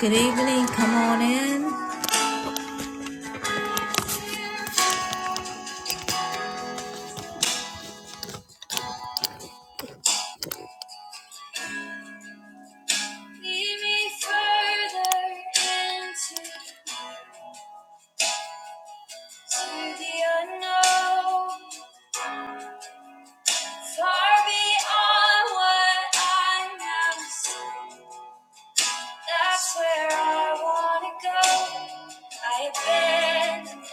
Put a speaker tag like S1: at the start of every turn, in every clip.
S1: Good evening. Come on in. Lead me further into to the unknown, far beyond what I now see. That's where I wanna go. I abandon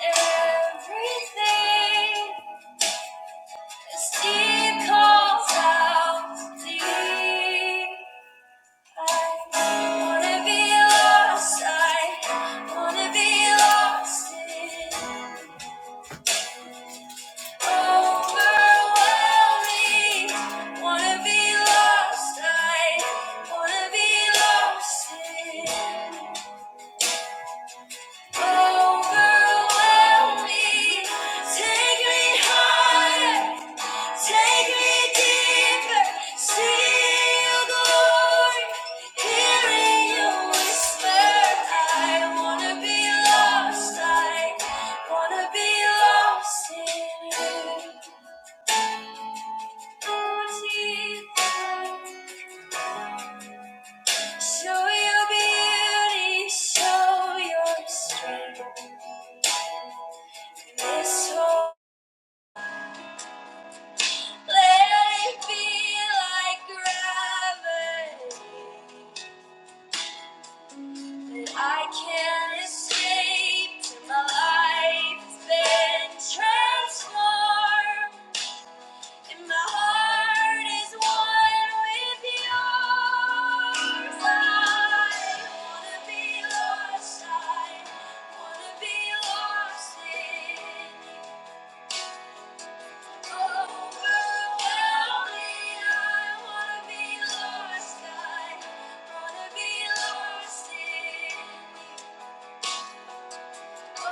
S1: everything. This deep calls out to thee. Wanna be lost, I wanna be lost in overwhelming. Wanna be lost, I wanna be lost in overwhelming. Take me higher. Take me deeper, see your glory, hearing you whisper. I wanna be lost, I wanna be lost in you. Show your beauty, show your strength. This whole let it be like gravity. But I can't escape till my life has been transformed, and my heart is one with yours. I wanna be lost, I wanna be lost in you. Overwhelm me, I wanna be lost, I wanna be lost in you. Jesus,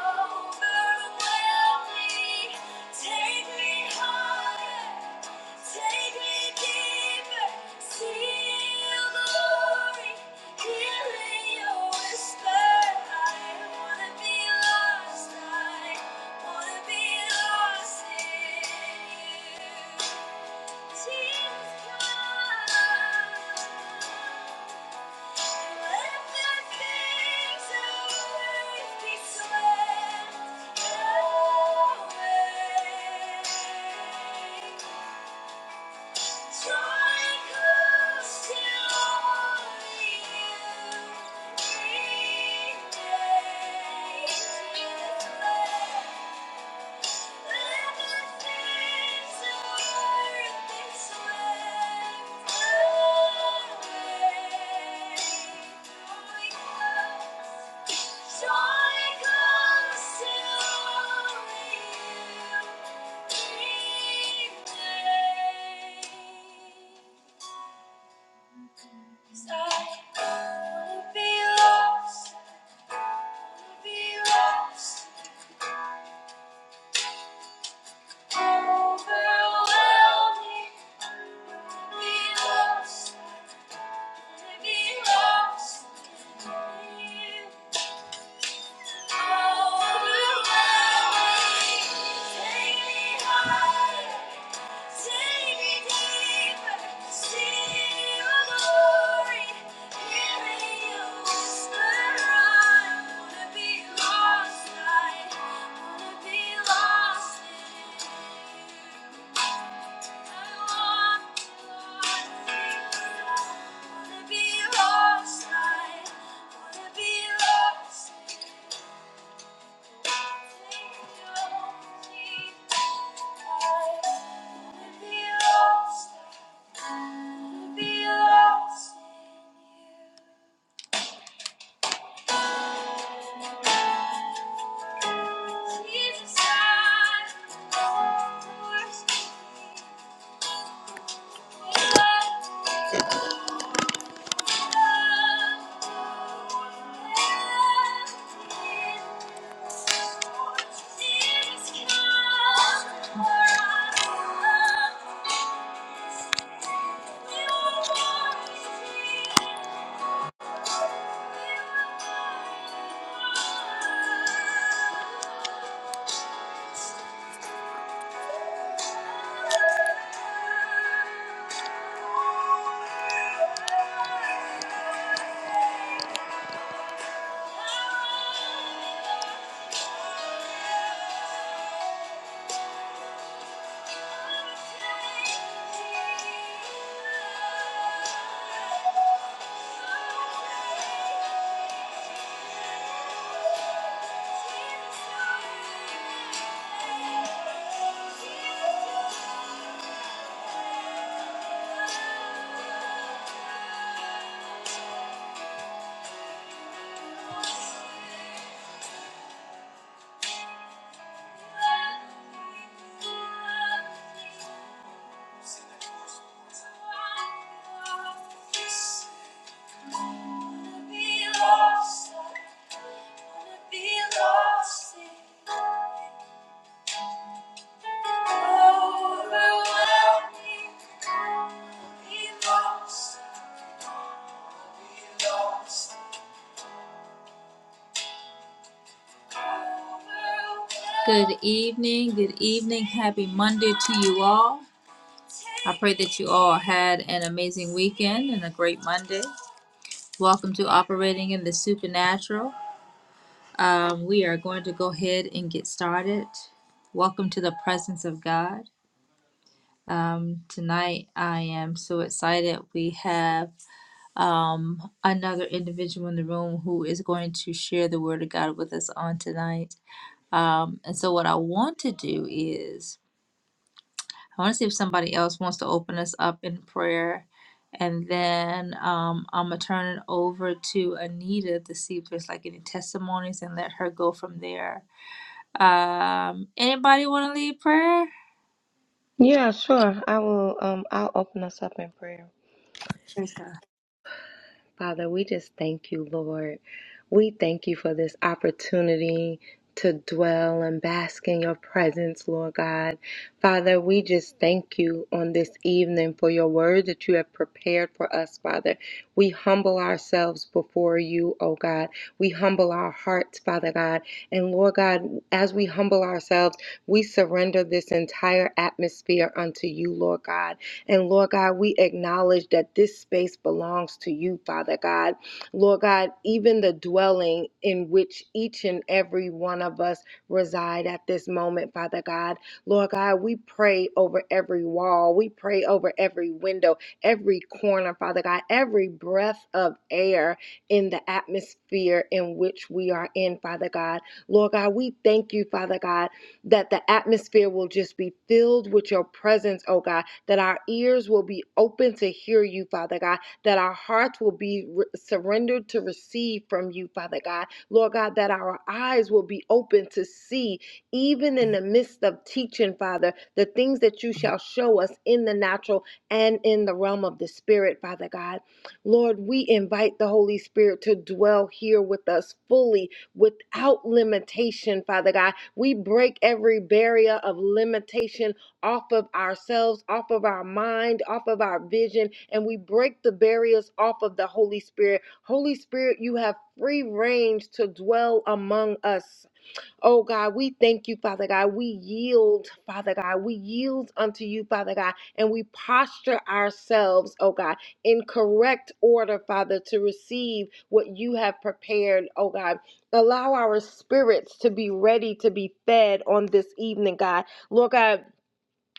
S1: come. Thank you. Joy comes to you. Cause I wanna be lost, wanna be lost, overwhelming. Wanna be lost, wanna be lost in you. Overwhelming, take me higher, to I wanna be Lost. Jesus, come. Thank you. Good evening, good evening. Happy Monday to you all. I pray that you all had an amazing weekend and a great Monday. Welcome to Operating in the Supernatural. Um, we are going to go ahead and get started. Welcome to the presence of God. Um, tonight, I am so excited. We have um, another individual in the room who is going to share the Word of God with us on tonight. Um, and so, what I want to do is, I want to see if somebody else wants to open us up in prayer. And then um, I'm going to turn it over to Anita to see if there's like any testimonies and let her go from there Um, anybody want to lead prayer?
S2: Yeah, sure. I will um I'll open us up in prayer.
S1: Praise God.
S2: Father, we just thank you, Lord. We thank you for this opportunity to dwell and bask in your presence, Lord God. Father, we just thank you on this evening for your word that you have prepared for us, Father. We humble ourselves before you, oh God. We humble our hearts, Father God. And Lord God, as we humble ourselves, we surrender this entire atmosphere unto you, Lord God. And Lord God, we acknowledge that this space belongs to you, Father God. Lord God, even the dwelling in which each and every one of us reside at this moment, Father God. Lord God, we pray over every wall, we pray over every window, every corner, Father God, every breath of air in the atmosphere in which we are in, Father God. Lord God, we thank you, Father God, that the atmosphere will just be filled with your presence, oh God that our ears will be open to hear you, Father God, that our hearts will be re- surrendered to receive from you, Father God. Lord God, that our eyes will be open to see, even in the midst of teaching, Father, the things that you shall show us in the natural and in the realm of the Spirit, Father God. Lord, we invite the Holy Spirit to dwell here with us fully without limitation, Father God. We break every barrier of limitation off of ourselves, off of our mind, off of our vision, and we break the barriers off of the Holy Spirit. Holy Spirit, you have free range to dwell among us. Oh God, we thank you, Father God. We yield, Father God. We yield unto you, Father God, and we posture ourselves, oh God, in correct order, Father, to receive what you have prepared, oh God. Allow our spirits to be ready to be fed on this evening, God. Lord God,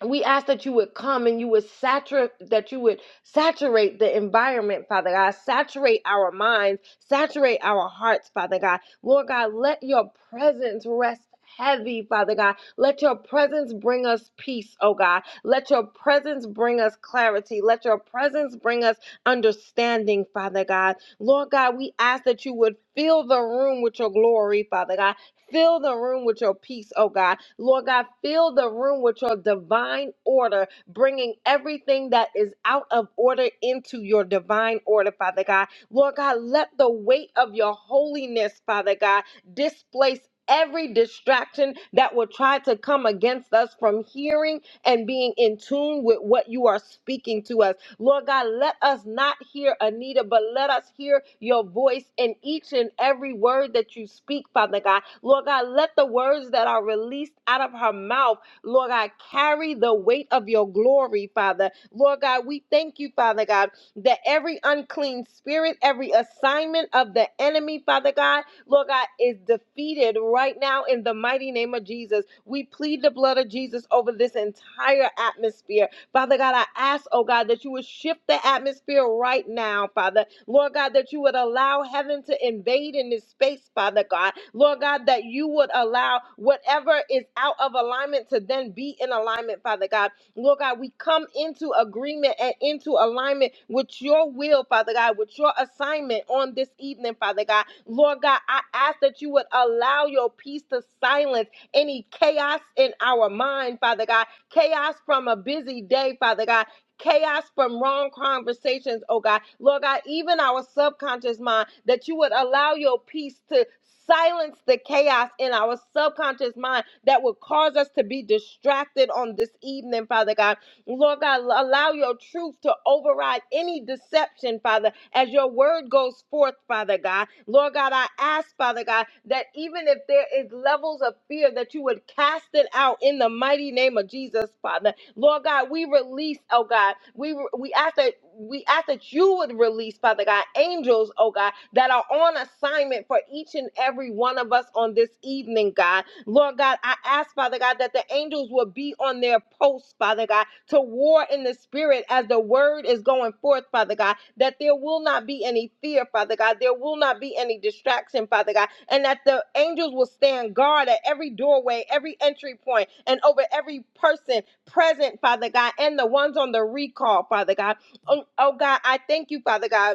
S2: we ask that you would come and you would saturate that you would saturate the environment father god saturate our minds saturate our hearts father god lord god let your presence rest Heavy, Father God. Let your presence bring us peace, oh God. Let your presence bring us clarity. Let your presence bring us understanding, Father God. Lord God, we ask that you would fill the room with your glory, Father God. Fill the room with your peace, oh God. Lord God, fill the room with your divine order, bringing everything that is out of order into your divine order, Father God. Lord God, let the weight of your holiness, Father God, displace every distraction that will try to come against us from hearing and being in tune with what you are speaking to us. Lord God, let us not hear Anita, but let us hear your voice in each and every word that you speak, Father God. Lord God, let the words that are released out of her mouth, Lord God, carry the weight of your glory, Father. Lord God, we thank you, Father God, that every unclean spirit, every assignment of the enemy, Father God, Lord God, is defeated right now in the mighty name of Jesus. We plead the blood of Jesus over this entire atmosphere. Father God, I ask, oh God, that you would shift the atmosphere right now, Father. Lord God, that you would allow heaven to invade in this space, Father God. Lord God, that you would allow whatever is out of alignment to then be in alignment, Father God. Lord God, we come into agreement and into alignment with your will, Father God, with your assignment on this evening, Father God. Lord God, I ask that you would allow your peace to silence any chaos in our mind, Father God chaos from a busy day, Father God. Chaos from wrong conversations, oh God. Lord God, even our subconscious mind, that you would allow your peace to silence the chaos in our subconscious mind that would cause us to be distracted on this evening, Father God. Lord God, allow your truth to override any deception, Father, as your word goes forth, Father God. Lord God, I ask, Father God, that even if there is levels of fear, that you would cast it out in the mighty name of Jesus, Father. Lord God, we release, oh God, we we ask that we ask that you would release, Father God, angels, oh God, that are on assignment for each and every one of us on this evening, God. Lord God, I ask, Father God, that the angels will be on their posts, Father God, to war in the spirit as the word is going forth, Father God that there will not be any fear, Father God. There will not be any distraction, Father God. And that the angels will stand guard at every doorway, every entry point, and over every person present, Father God, and the ones on the recall, Father God. Oh, oh God, I thank you, Father God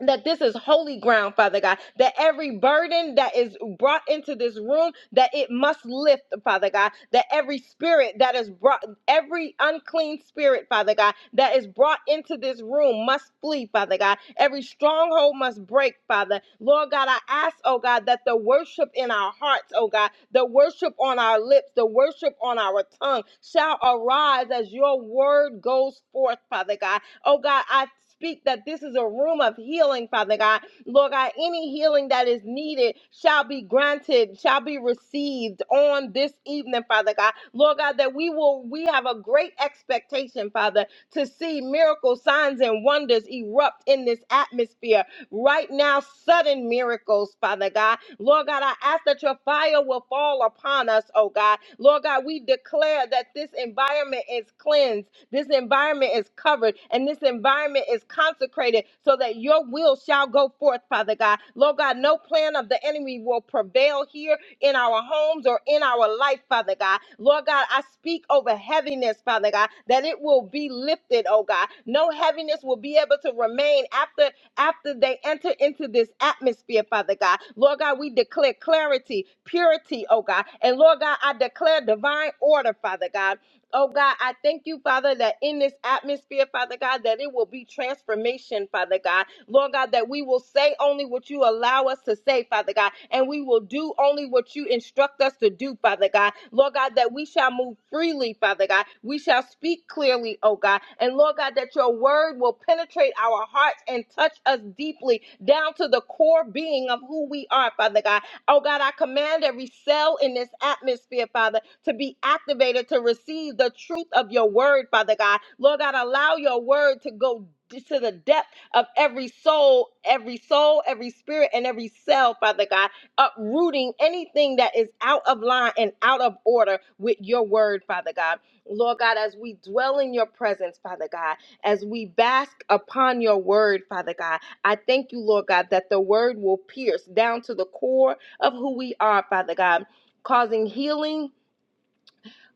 S2: that this is holy ground, Father God, that every burden that is brought into this room, that it must lift, Father God, that every spirit that is brought, every unclean spirit, Father God, that is brought into this room must flee, Father God. Every stronghold must break, Father. Lord God, I ask, oh God, that the worship in our hearts, oh God, the worship on our lips, the worship on our tongue shall arise as your word goes forth, Father God. Oh God, I speak that this is a room of healing, Father God. Lord God, any healing that is needed shall be granted, shall be received on this evening, Father God. Lord God, that we will, we have a great expectation, Father, to see miracles, signs, and wonders erupt in this atmosphere right now, sudden miracles, Father God. Lord God, I ask that your fire will fall upon us, oh God. Lord God, we declare that this environment is cleansed this environment is covered and this environment is consecrated so that your will shall go forth, Father God. Lord God, no plan of the enemy will prevail here in our homes or in our life, Father God. Lord God, I speak over heaviness, Father God, that it will be lifted, oh God. No heaviness will be able to remain after after they enter into this atmosphere, Father God. Lord God, we declare clarity, purity, oh God. And Lord God, I declare divine order, Father God. Oh God, I thank you, Father, that in this atmosphere, Father God, that it will be transformation, Father God. Lord God, that we will say only what you allow us to say, Father God, and we will do only what you instruct us to do, Father God. Lord God, that we shall move freely, Father God. We shall speak clearly, oh God. And Lord God, that your word will penetrate our hearts and touch us deeply down to the core being of who we are, Father God. Oh God, I command every cell in this atmosphere, Father, to be activated to receive the truth of your word, Father God. Lord God, allow your word to go d- to the depth of every soul, every soul, every spirit, and every cell, Father God, uprooting anything that is out of line and out of order with your word, Father God. Lord God, as we dwell in your presence, Father God, as we bask upon your word, Father God, I thank you, Lord God, that the word will pierce down to the core of who we are, Father God, causing healing,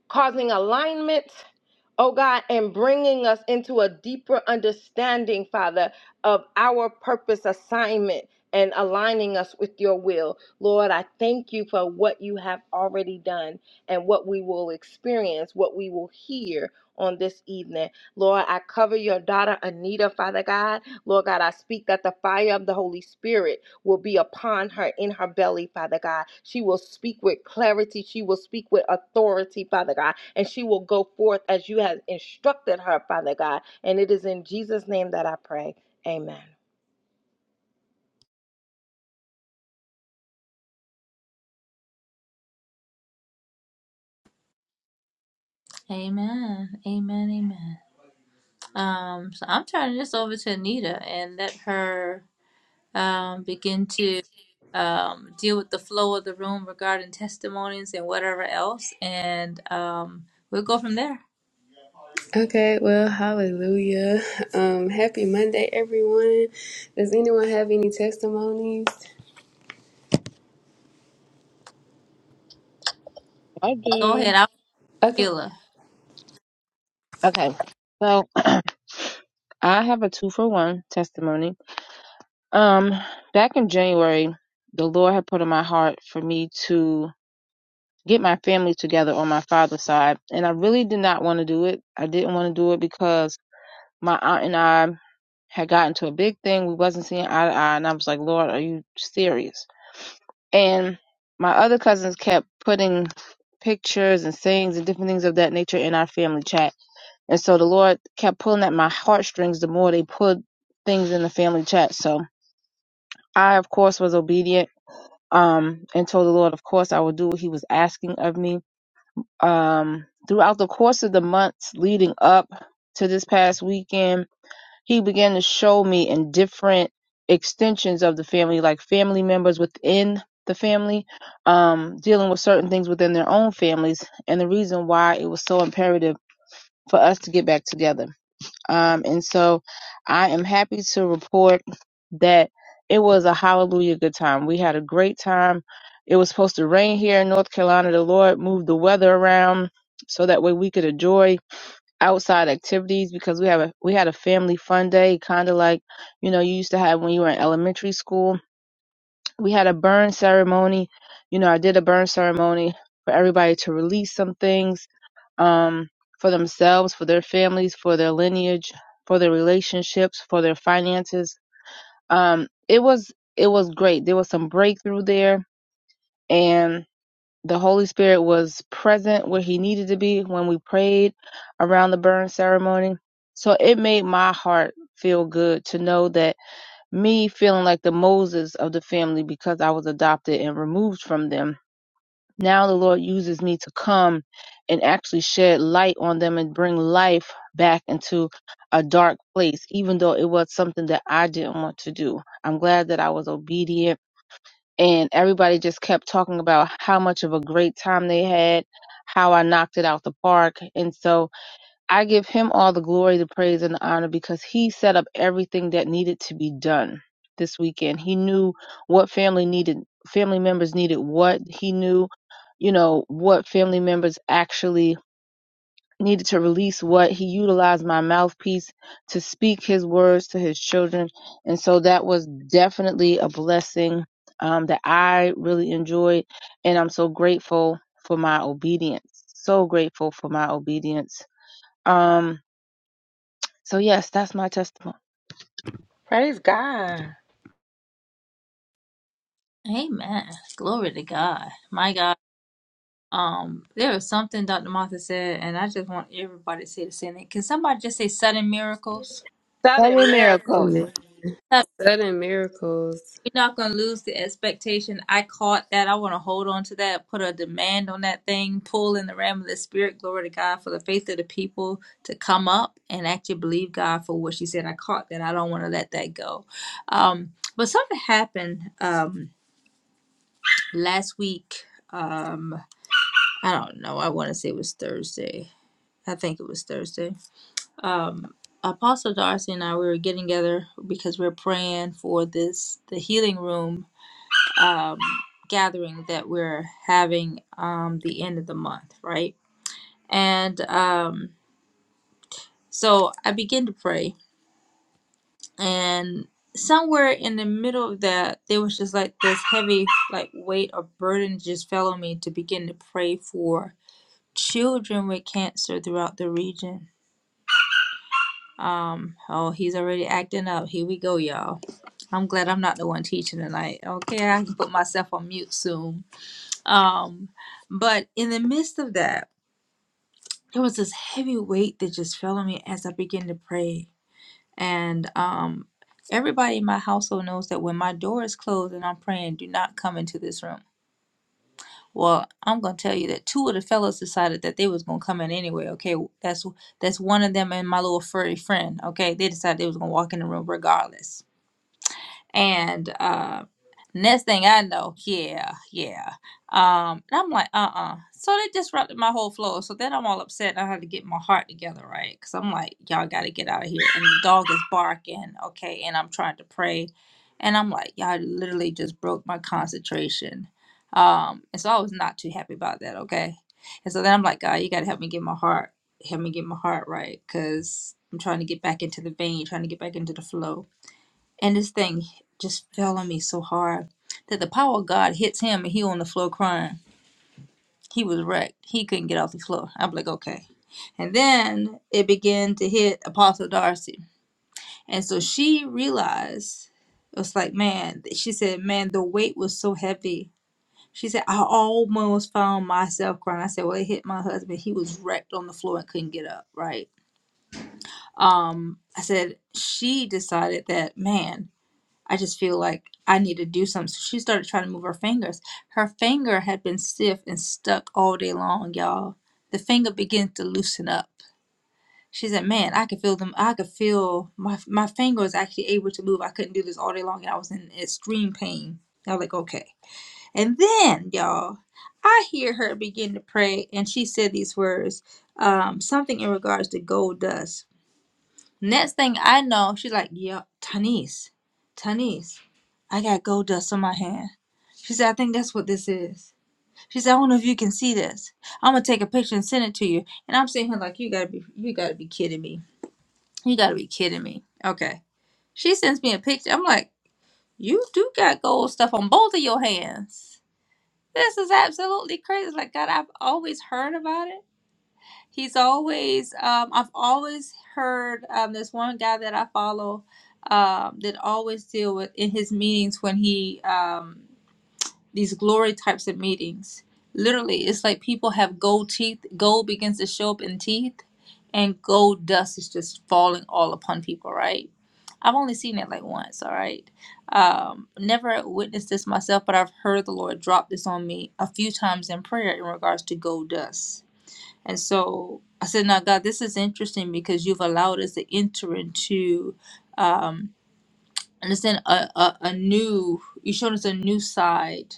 S2: causing alignment, oh God, and bringing us into a deeper understanding, Father, of our purpose assignment and aligning us with your will. Lord, I thank you for what you have already done and what we will experience, what we will hear on this evening. Lord, I cover your daughter Anita, Father God. Lord God, I speak that the fire of the Holy Spirit will be upon her in her belly, Father God. She will speak with clarity. She will speak with authority, Father God. And she will go forth as you have instructed her, Father God. And it is in Jesus' name that I pray. Amen.
S1: Amen. Amen. Amen. Um, so I'm turning this over to Anita and let her um begin to um deal with the flow of the room regarding testimonies and whatever else, and um we'll go from there.
S3: Okay, well, hallelujah. Um, happy Monday, everyone. Does anyone have any testimonies?
S4: I
S1: Go
S4: do.
S1: ahead, i am
S3: Okay.
S1: feel
S4: Okay. So I have a two for one testimony. Um, back in January, the Lord had put in my heart for me to get my family together on my father's side, and I really did not want to do it. I didn't want to do it because my aunt and I had gotten to a big thing. We wasn't seeing eye to eye, and I was like, Lord, are you serious? And my other cousins kept putting pictures and things and different things of that nature in our family chat And so the Lord kept pulling at my heartstrings the more they pulled things in the family chat. So I, of course, was obedient um, and told the Lord, of course, I would do what He was asking of me. Um, throughout the course of the months leading up to this past weekend, He began to show me in different extensions of the family, like family members within the family, um, dealing with certain things within their own families, and the reason why it was so imperative for us to get back together Um, and so I am happy to report that it was a hallelujah good time. We had a great time. It was supposed to rain here in North Carolina. The Lord moved the weather around so that way we could enjoy outside activities because we have a we had a family fun day, kind of like you know you used to have when you were in elementary school. We had a burn ceremony. You know, I did a burn ceremony for everybody to release some things um, for themselves, for their families, for their lineage, for their relationships, for their finances. Um, it was it was great. There was some breakthrough there, and the Holy Spirit was present where He needed to be when we prayed around the burn ceremony. So it made my heart feel good to know that me feeling like the Moses of the family because I was adopted and removed from them now the Lord uses me to come and actually shed light on them and bring life back into a dark place, even though it was something that I didn't want to do. I'm glad that I was obedient. And everybody just kept talking about how much of a great time they had, how I knocked it out the park. And so I give him all the glory, the praise, and the honor because he set up everything that needed to be done this weekend. He knew what family needed, family members needed what. He knew, you know, what family members actually needed to release what. He utilized my mouthpiece to speak his words to his children. And so that was definitely a blessing um, that I really enjoyed. And I'm so grateful for my obedience. So grateful for my obedience. Um, so yes, that's my testimony.
S2: Praise God.
S1: Amen. Glory to God. My God. Um, there was something Dr. Martha said, and I just want everybody to say the same thing. Can somebody just say sudden miracles?
S2: Southern
S4: Seven miracles.
S2: miracles.
S3: Amen. Sudden miracles.
S1: We're not gonna lose the expectation. I caught that. I want to hold on to that. Put a demand on that thing. Pull in the realm of the spirit. Glory to God for the faith of the people to come up and actually believe God for what she said. I caught that. I don't want to let that go. Um, but something happened um, last week. Um, I don't know. I want to say it was Thursday. I think it was Thursday. Um, Apostle Darcy and I we were getting together because we're praying for this the healing room um, gathering that we're having um, the end of the month, right? And um, so I began to pray, and somewhere in the middle of that, there was just like this heavy like weight or burden just fell on me to begin to pray for children with cancer throughout the region. Um, oh, he's already acting up. Here we go, y'all. I'm glad I'm not the one teaching tonight. Okay, I can put myself on mute soon. Um, but in the midst of that. there was this heavy weight that just fell on me as I began to pray. And um, everybody in my household knows that when my door is closed and I'm praying, do not come into this room. Well, I'm gonna tell you that two of the fellas decided that they was gonna come in anyway. Okay, that's that's one of them and my little furry friend. Okay, they decided they was gonna walk in the room regardless and uh, next thing I know, yeah, yeah. Um, and I'm like, uh uh So they disrupted my whole flow. So then I'm all upset. I had to get my heart together, right? Because I'm like, y'all got to get out of here. And the dog is barking, okay? And I'm trying to pray. And I'm like, y'all literally just broke my concentration. Um, and so I was not too happy about that, okay? And so then I'm like, God, you got to help me get my heart, help me get my heart right. Because I'm trying to get back into the vein, trying to get back into the flow. And this thing just fell on me so hard that the power of God hits him and he on the floor crying. He was wrecked. He couldn't get off the floor. I'm like, okay. And then it began to hit Apostle Darcy. And so she realized, it was like, man, she said, man, the weight was so heavy. She said, I almost found myself crying. I said, well, it hit my husband. He was wrecked on the floor and couldn't get up, right? Um, I said, she decided that, man, I just feel like I need to do something. So she started trying to move her fingers. Her finger had been stiff and stuck all day long, y'all. The finger began to loosen up. She said, "Man, I could feel them. I could feel my my finger was actually able to move. I couldn't do this all day long, and I was in extreme pain." I was like, "Okay." And then, y'all, I hear her begin to pray, and she said these words, um, something in regards to gold dust. Next thing I know, she's like, "Yo, Tanis, Tanis, I got gold dust on my hand." She said, "I think that's what this is." She said, "I don't know if you can see this. I'm gonna take a picture and send it to you." And I'm sitting here like, "You gotta be, you gotta be kidding me. You gotta be kidding me." Okay. She sends me a picture. I'm like, "You do got gold stuff on both of your hands. This is absolutely crazy." Like, God, I've always heard about it He's always, um, I've always heard um, there's one guy that I follow um, that always deal with in his meetings when he, um, these glory types of meetings. Literally, it's like people have gold teeth, gold begins to show up in teeth, and gold dust is just falling all upon people, right? I've only seen it like once, all right? Um, never witnessed this myself, but I've heard the Lord drop this on me a few times in prayer in regards to gold dust and so I said, Now, God, this is interesting because you've allowed us to enter into, um, understand, a, a, a new, you showed us a new side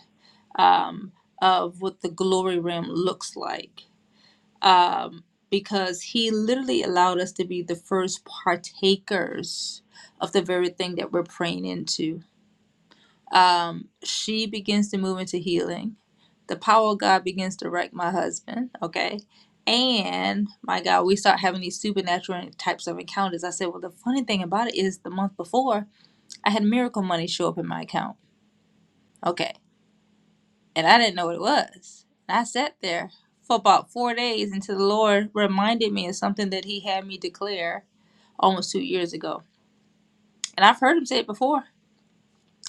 S1: um, of what the glory realm looks like. Um, because he literally allowed us to be the first partakers of the very thing that we're praying into um, she begins to move into healing. The power of God begins to wreck my husband, okay? And my God, we start having these supernatural types of encounters. I said, well, the funny thing about it is the month before, I had miracle money show up in my account, okay? And I didn't know what it was. And I sat there for about four days until the Lord reminded me of something that He had me declare almost two years ago. And I've heard Him say it before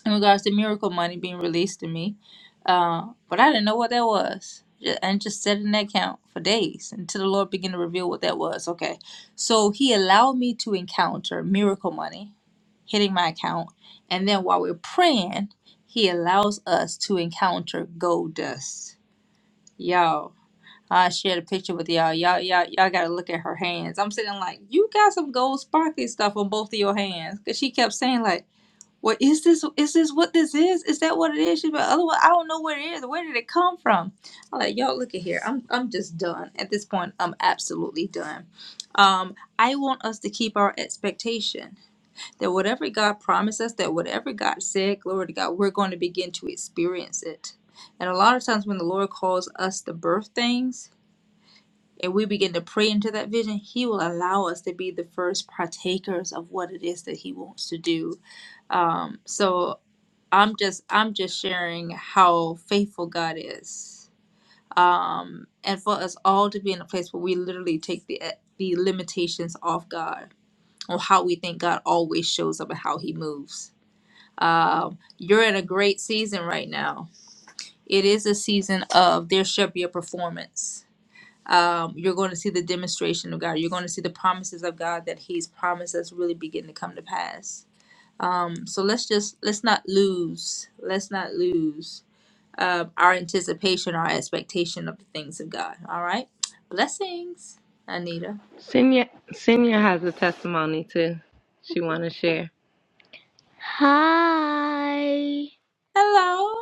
S1: in regards to miracle money being released to me. Uh, but I didn't know what that was. Ju- And just sat in that account for days until the Lord began to reveal what that was. Okay. So he allowed me to encounter miracle money hitting my account. And then while we're praying, he allows us to encounter gold dust. Y'all. I shared a picture with y'all. Y'all, y'all, y'all gotta look at her hands. I'm sitting like, you got some gold sparkly stuff on both of your hands. Cause she kept saying like well, is this is this what this is? Is that what it is? She's like, otherwise, I don't know what it is. Where did it come from? I'm like, y'all, look at here. I'm I'm just done at this point. I'm absolutely done. Um, I want us to keep our expectation that whatever God promised us, that whatever God said, glory to God, we're going to begin to experience it. And a lot of times when the Lord calls us to birth things and we begin to pray into that vision, He will allow us to be the first partakers of what it is that He wants to do. Um, so I'm just I'm just sharing how faithful God is. Um and for us all to be in a place where we literally take the the limitations off God on how we think God always shows up and how he moves. Um you're in a great season right now. It is a season of there should be a performance. Um, you're going to see the demonstration of God. You're going to see the promises of God that He's promised us really begin to come to pass. So let's just let's not lose. Let's not lose um, our anticipation, our expectation of the things of God. All right. Blessings, Anita.
S2: Senior, Senior has a testimony too. She want to share. Hi.
S1: Hello.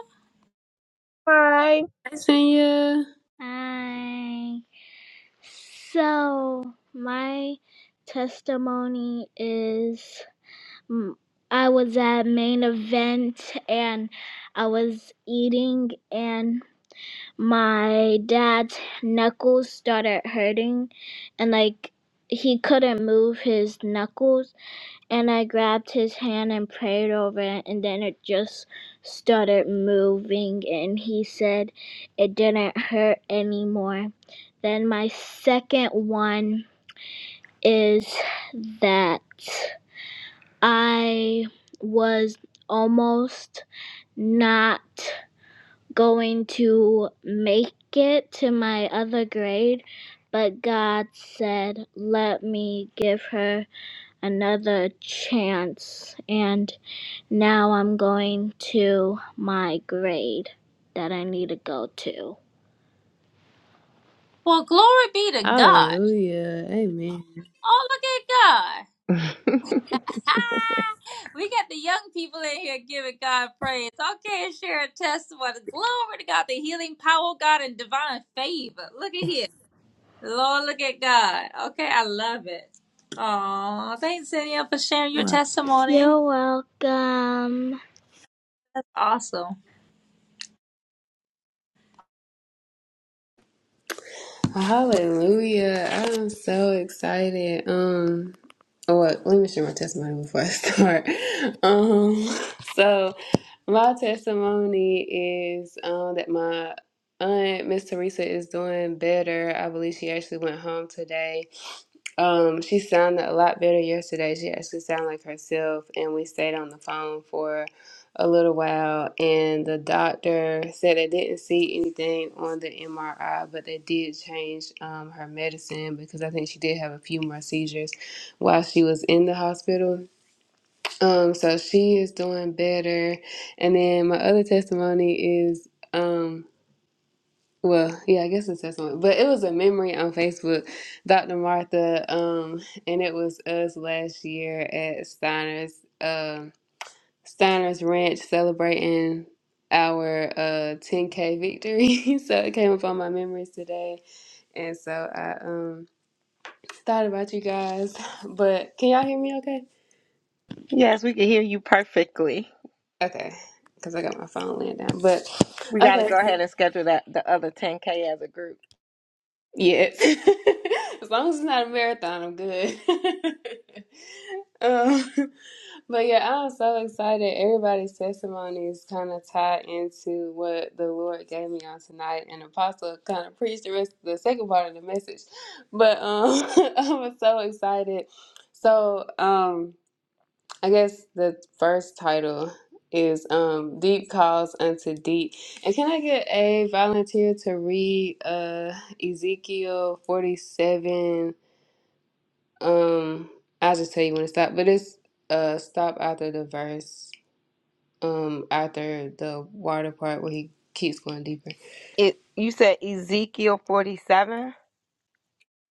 S4: Hi.
S3: Thanks, Sonia.
S2: Hi. So, my testimony is Mm, I was at main event and I was eating and my dad's knuckles started hurting and like he couldn't move his knuckles and I grabbed his hand and prayed over it and then it just started moving and he said it didn't hurt anymore. Then my second one is that I was almost not going to make it to my other grade, but God said, let me give her another chance. And now I'm going to my grade that I need to go to.
S1: Well, glory be to God.
S3: Hallelujah. Amen.
S1: Oh, look at God. we got the young people in here giving God praise. Okay, and share a testimony. Glory to God, the healing power of God and divine favor. Look at here. Lord, look at God. Okay, I love it. Aw, thanks, Cynthia, for sharing your testimony.
S2: You're welcome.
S1: Awesome.
S3: Hallelujah. I'm so excited. Um oh, well, let me share my testimony before I start. Um so my testimony is um that my aunt Miss Teresa is doing better. I believe she actually went home today. Um, she sounded a lot better yesterday. She actually sounded like herself, and we stayed on the phone for a little while. And the doctor said they didn't see anything on the MRI, but they did change um, her medicine because I think she did have a few more seizures while she was in the hospital. Um, so she is doing better. And then my other testimony is. Um, well, yeah, I guess it says something, but it was a memory on Facebook, Dr. Martha, um, and it was us last year at Steiner's, um, Steiner's Ranch celebrating our uh 10K victory. So it came up on my memories today, and so I um thought about you guys. But can y'all hear me okay?
S2: Yes, we can hear you perfectly.
S3: Okay, because I got my phone laying down. But
S2: We got to
S3: okay,
S2: go ahead and schedule that the other 10K as a group.
S3: Yeah. as long as it's not a marathon, I'm good. um, but yeah, I'm so excited. Everybody's testimony is kind of tied into what the Lord gave me on tonight, and Apostle kind of preached the rest the second part of the message. But um, I'm so excited. So um. I guess the first title is um Deep Calls Unto Deep. And can I get a volunteer to read uh Ezekiel 47? Um I'll just tell you when to stop, but it's uh stop after the verse, um after the water part where he keeps going deeper.
S2: It you said Ezekiel forty seven?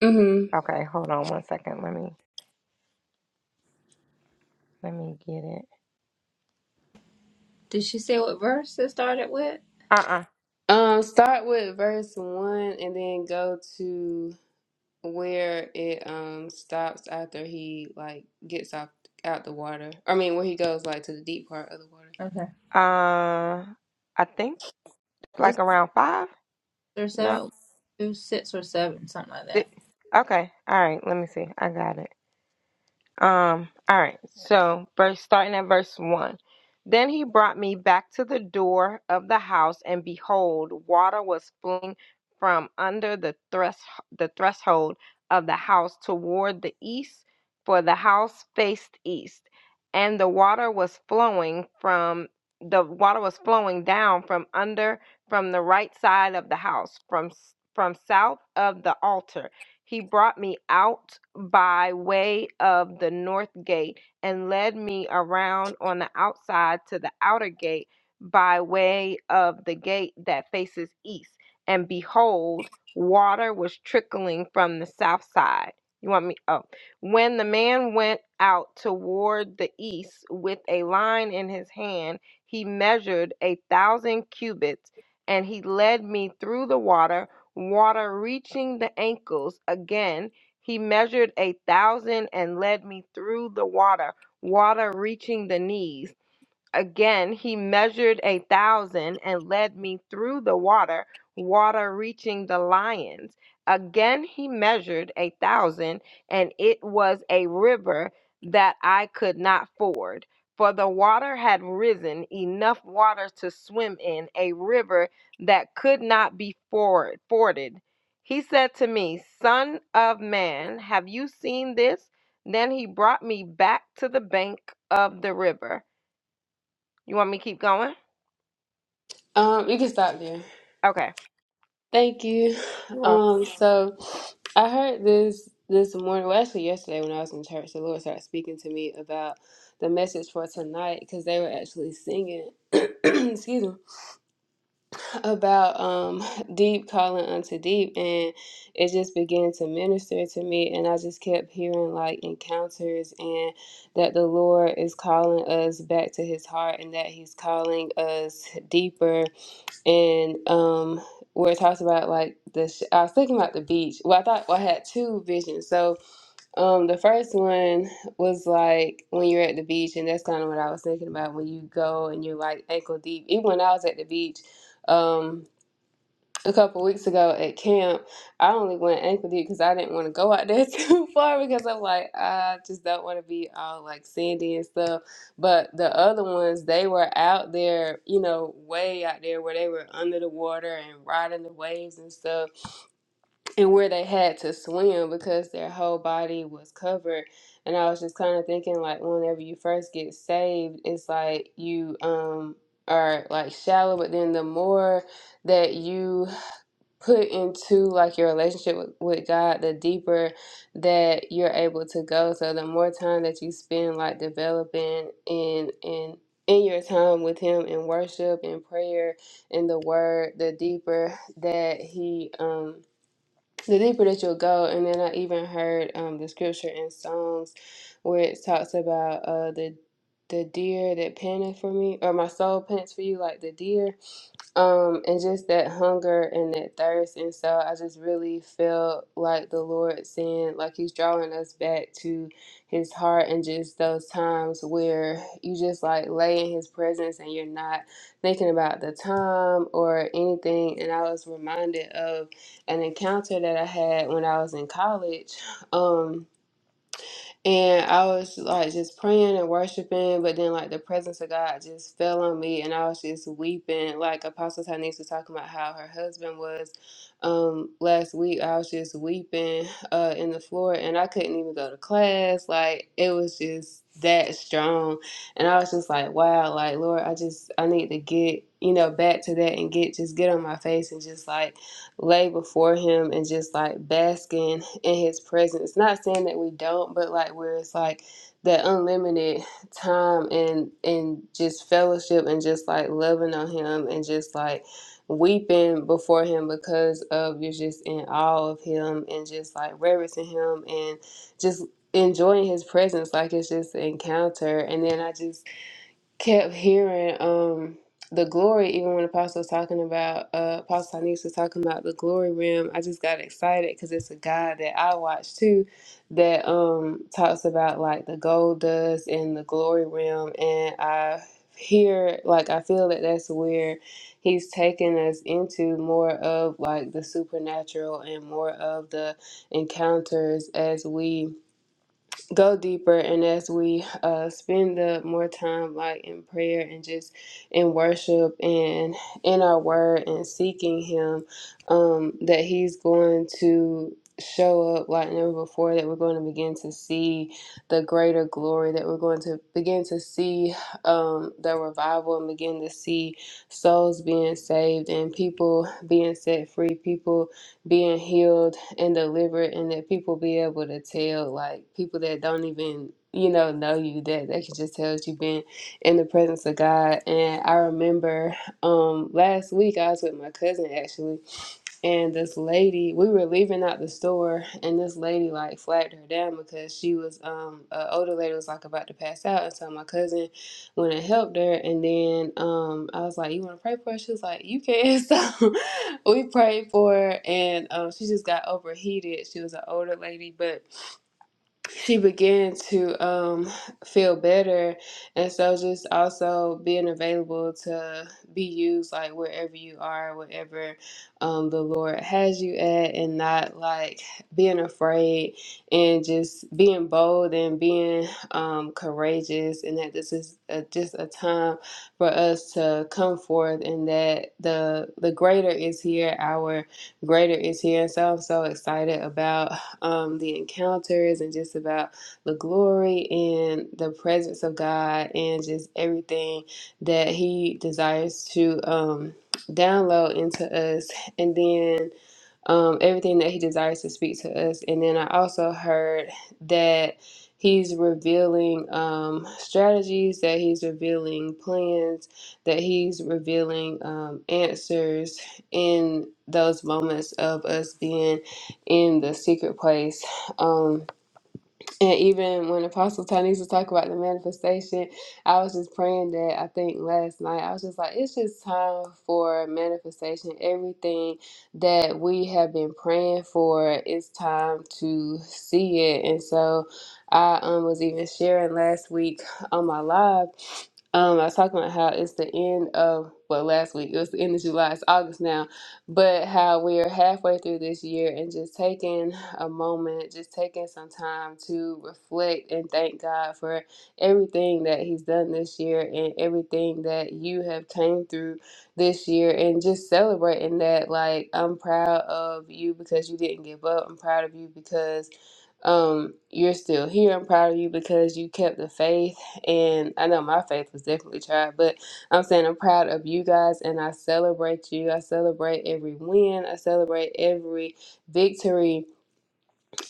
S3: Mm-hmm.
S2: Okay, hold on one second. Let me let me get it.
S1: Did she say what verse it started with?
S2: Uh
S3: Um start with verse one and then go to where it um stops after he like gets off out the water. I mean, where he goes like to the deep part of the water.
S1: Okay.
S2: uh Uh I think
S1: Let's
S2: like around five?
S1: or
S2: No.
S1: seven, two, six or seven, something like that.
S2: Six. Okay. All right, let me see. I got it. Um, all right. So, verse starting at verse 1. Then he brought me back to the door of the house and behold, water was flowing from under the thresh the threshold of the house toward the east, for the house faced east. And the water was flowing from the water was flowing down from under from the right side of the house from s- from south of the altar he brought me out by way of the north gate and led me around on the outside to the outer gate by way of the gate that faces east. And behold, water was trickling from the south side. You want me? Oh. When the man went out toward the east with a line in his hand, he measured a thousand cubits and he led me through the water water reaching the ankles. Again, he measured a thousand and led me through the water, water reaching the knees. Again, he measured a thousand and led me through the water, water reaching the lions. Again, he measured a thousand, and it was a river that I could not ford. For the water had risen, enough water to swim in, a river that could not be ford- forded. He said to me, Son of man, have you seen this? Then he brought me back to the bank of the river. You want me to keep going?
S3: Um, you can stop there.
S2: Okay.
S3: Thank you.
S2: You're welcome.
S3: Um, so I heard this this morning, well, actually yesterday when I was in church, the Lord started speaking to me about the message for tonight because they were actually singing. excuse me. about um deep calling unto deep and it just began to minister to me and I just kept hearing like encounters and that the Lord is calling us back to his heart and that he's calling us deeper and um where it talks about like the sh- I was thinking about the beach. Well, I thought well, I had two visions. So um the first one was like when you're at the beach and that's kind of what I was thinking about when you go and you're like ankle deep. Even when I was at the beach, um a couple weeks ago at camp, I only went ankle deep because I didn't want to go out there too far because I'm like, I just don't want to be all like sandy and stuff. But the other ones, they were out there, you know, way out there where they were under the water and riding the waves and stuff, and where they had to swim because their whole body was covered. And I was just kind of thinking, like, whenever you first get saved, it's like you um are like shallow, but then the more that you put into like your relationship with, with God, the deeper that you're able to go. So the more time that you spend like developing in in in your time with him in worship and prayer and the word, the deeper that he um the deeper that you'll go. And then I even heard um the scripture in Psalms where it talks about uh the the deer that panteth for me or my soul pants for you like the deer um and just that hunger and that thirst and so i just really feel like the lord saying like he's drawing us back to his heart and just those times where you just like lay in his presence and you're not thinking about the time or anything and i was reminded of an encounter that i had when i was in college um and I was like just praying and worshiping, but then like the presence of God just fell on me, and I was just weeping. Like Apostle Tanis was talking about how her husband was um, last week. I was just weeping uh, in the floor, and I couldn't even go to class. Like it was just that strong, and I was just like, wow, like Lord, I just I need to get you know back to that and get just get on my face and just like lay before him and just like basking in his presence. It's Not saying that we don't, but like where it's like that unlimited time and and just fellowship and just like loving on him and just like weeping before him because of you're just in awe of him and just like reverencing him and just enjoying his presence like it's just an encounter and then I just kept hearing um the glory even when apostle was talking about uh apostle Tanis was talking about the glory realm. i just got excited because it's a guy that i watch too that um talks about like the gold dust and the glory realm, and i hear like i feel that that's where he's taking us into more of like the supernatural and more of the encounters as we go deeper and as we uh, spend the more time like in prayer and just in worship and in our word and seeking him um, that he's going to show up like never before that we're going to begin to see the greater glory that we're going to begin to see um, the revival and begin to see souls being saved and people being set free people being healed and delivered and that people be able to tell like people that don't even you know know you that they can just tell that you've been in the presence of god and i remember um last week i was with my cousin actually and this lady we were leaving out the store and this lady like flagged her down because she was um an older lady was like about to pass out and so my cousin went and helped her. And then um, I was like, "You want to pray for her?" She was like, "You can." So we prayed for her, and um, she just got overheated. She was an older lady, but she began to um, feel better and so just also being available to be used like wherever you are wherever um, the lord has you at and not like being afraid and just being bold and being um, courageous and that this is a, just a time for us to come forth and that the the greater is here our greater is here and so i'm so excited about um, the encounters and just about the glory and the presence of God and just everything that He desires to um, download into us. And then um, everything that he desires to speak to us. And then I also heard that he's revealing um, strategies, that he's revealing plans, that he's revealing um, answers in those moments of us being in the secret place. Um, and even when Apostle Tony was talking about the manifestation, I was just praying that I think last night, I was just like, it's just time for manifestation. Everything that we have been praying for, it's time to see it. And so I um, was even sharing last week on my live. Um, I was talking about how it's the end of, well, last week, it was the end of July, it's August now but how we are halfway through this year and just taking a moment, just taking some time to reflect and thank God for everything that He's done this year and everything that you have came through this year and just celebrating that. Like, I'm proud of you because you didn't give up. I'm proud of you because um, you're still here. I'm proud of you because you kept the faith. And I know my faith was definitely tried, but I'm saying I'm proud of you guys and I celebrate you. I celebrate every win, I celebrate every victory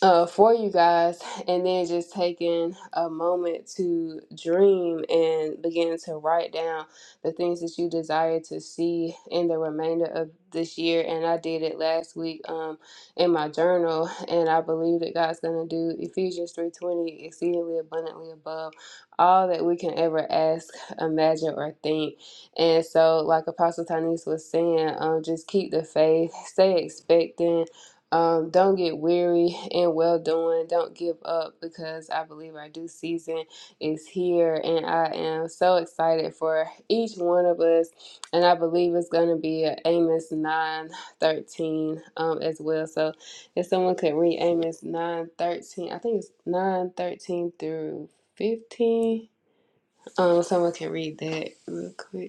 S3: uh, for you guys, and then just taking a moment to dream and begin to write down the things that you desire to see in the remainder of this year. And I did it last week um, in my journal, and I believe that God's going to do Ephesians three twenty exceedingly abundantly above all that we can ever ask, imagine, or think. And so, like Apostle Tanis was saying, um, just keep the faith, stay expectant um, don't get weary and well doing. Don't give up because I believe our due season is here, and I am so excited for each one of us. And I believe it's going to be a Amos nine thirteen um, as well. So if someone could read Amos nine thirteen, I think it's nine thirteen through fifteen. Um, someone can read that real quick.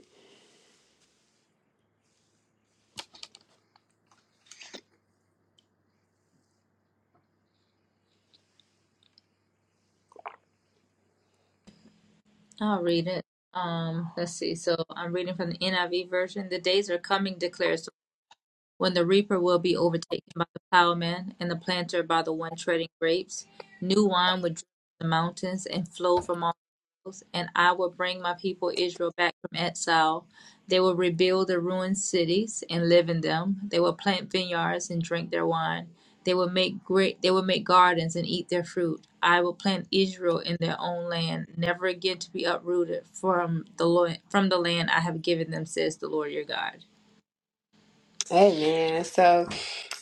S1: I'll read it. Um, let's see. So I'm reading from the NIV version. The days are coming, declares the- Lord, when the reaper will be overtaken by the plowman and the planter by the one treading grapes. New wine would drip from the mountains and flow from and I will bring my people Israel back from exile. They will rebuild the ruined cities and live in them. They will plant vineyards and drink their wine. They will make great they will make gardens and eat their fruit. I will plant Israel in their own land, never again to be uprooted from the lo- from the land I have given them, says the Lord your God.
S3: Hey man, so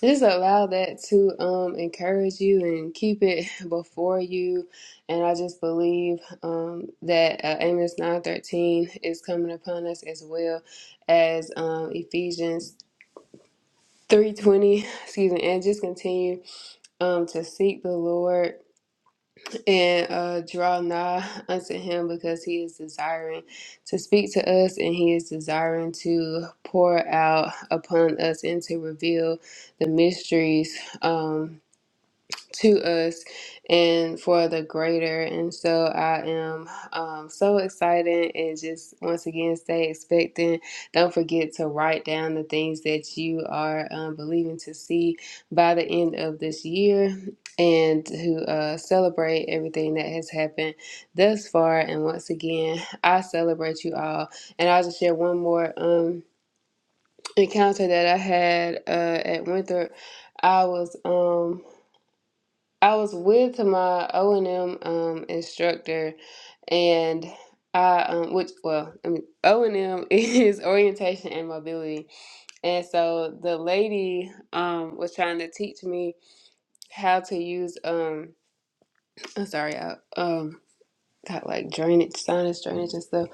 S3: just allow that to um encourage you and keep it before you. And I just believe um that uh, Amos nine thirteen is coming upon us as well as um Ephesians three twenty. Excuse me, and just continue um to seek the Lord and uh, draw nigh unto him because he is desiring to speak to us and he is desiring to pour out upon us and to reveal the mysteries. Um, to us and for the greater. And so I am um, so excited and just once again stay expectant. Don't forget to write down the things that you are um, believing to see by the end of this year and to uh, celebrate everything that has happened thus far. And once again, I celebrate you all. And I'll just share one more um, encounter that I had uh, at Winthrop. I was. Um, I was with my O and M um, instructor, and I um, which well, I mean O and M is orientation and mobility, and so the lady um, was trying to teach me how to use um I'm sorry I um got like drainage sinus drainage and stuff,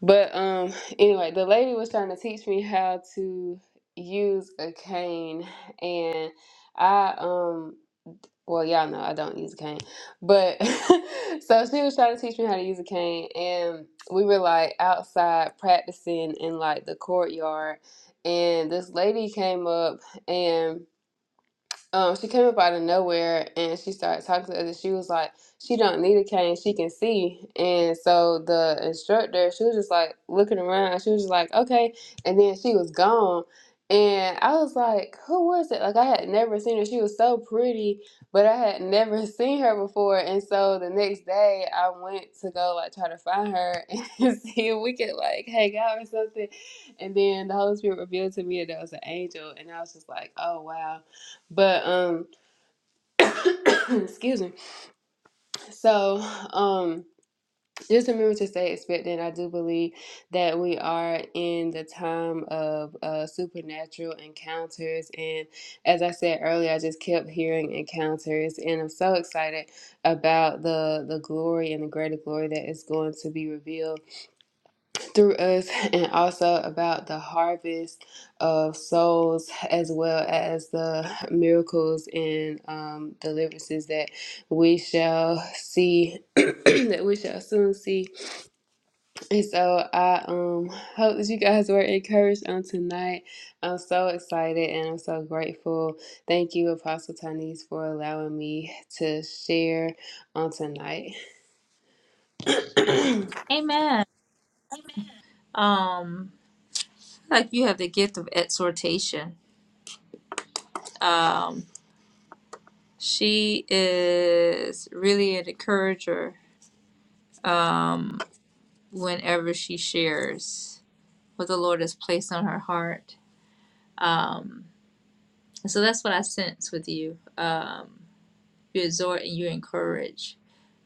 S3: but um anyway the lady was trying to teach me how to use a cane and I um. Well, y'all know I don't use a cane. But so she was trying to teach me how to use a cane and we were like outside practicing in like the courtyard and this lady came up and um, she came up out of nowhere and she started talking to us. She was like, she don't need a cane, she can see. And so the instructor, she was just like looking around. She was just like, okay. And then she was gone. And I was like, who was it? Like I had never seen her. She was so pretty, but I had never seen her before. And so the next day I went to go like try to find her and see if we could like hang out or something. And then the Holy Spirit revealed to me that it was an angel. And I was just like, oh wow. But um excuse me. So um just remember to stay expectant. I do believe that we are in the time of uh supernatural encounters and as I said earlier, I just kept hearing encounters and I'm so excited about the the glory and the greater glory that is going to be revealed through us and also about the harvest of souls as well as the miracles and um, deliverances that we shall see that we shall soon see and so i um hope that you guys were encouraged on tonight i'm so excited and i'm so grateful thank you apostle tanis for allowing me to share on tonight
S1: Amen. Um like you have the gift of exhortation. Um she is really an encourager. Um whenever she shares what the Lord has placed on her heart. Um, and so that's what I sense with you. Um, you exhort and you encourage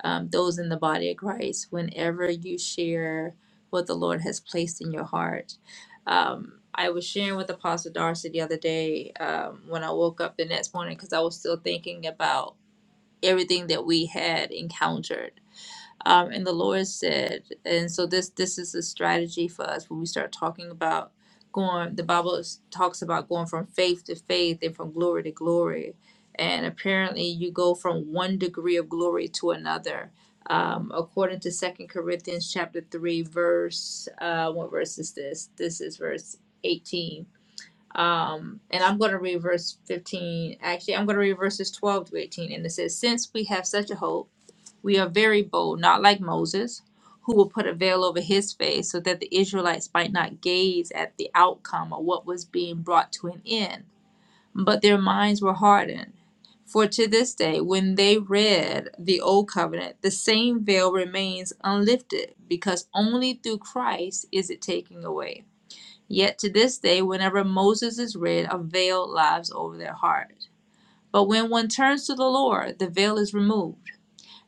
S1: um, those in the body of Christ whenever you share what the Lord has placed in your heart. Um, I was sharing with Apostle Darcy the other day um, when I woke up the next morning because I was still thinking about everything that we had encountered um, and the Lord said, and so this this is a strategy for us when we start talking about going. The Bible is- talks about going from faith to faith and from glory to glory. And apparently, you go from one degree of glory to another. Um, according to Second Corinthians chapter three, verse uh, what verse is this? This is verse eighteen. Um, and I'm going to read verse 15. Actually, I'm going to read verses 12 to 18. And it says, Since we have such a hope, we are very bold, not like Moses, who will put a veil over his face so that the Israelites might not gaze at the outcome of what was being brought to an end. But their minds were hardened. For to this day, when they read the Old Covenant, the same veil remains unlifted, because only through Christ is it taken away. Yet to this day, whenever Moses is read, a veil lies over their heart. But when one turns to the Lord, the veil is removed.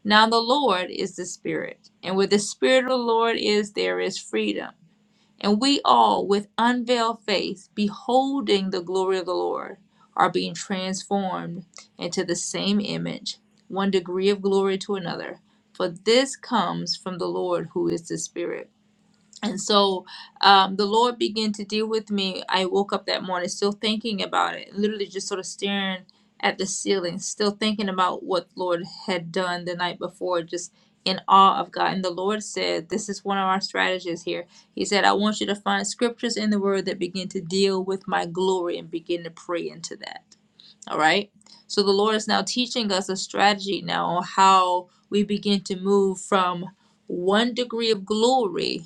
S1: Now the Lord is the Spirit, and where the Spirit of the Lord is, there is freedom. And we all, with unveiled face, beholding the glory of the Lord, are being transformed into the same image, one degree of glory to another. For this comes from the Lord who is the Spirit. And so um, the Lord began to deal with me. I woke up that morning still thinking about it, literally just sort of staring at the ceiling, still thinking about what the Lord had done the night before, just in awe of God. And the Lord said, This is one of our strategies here. He said, I want you to find scriptures in the Word that begin to deal with my glory and begin to pray into that. All right. So the Lord is now teaching us a strategy now on how we begin to move from one degree of glory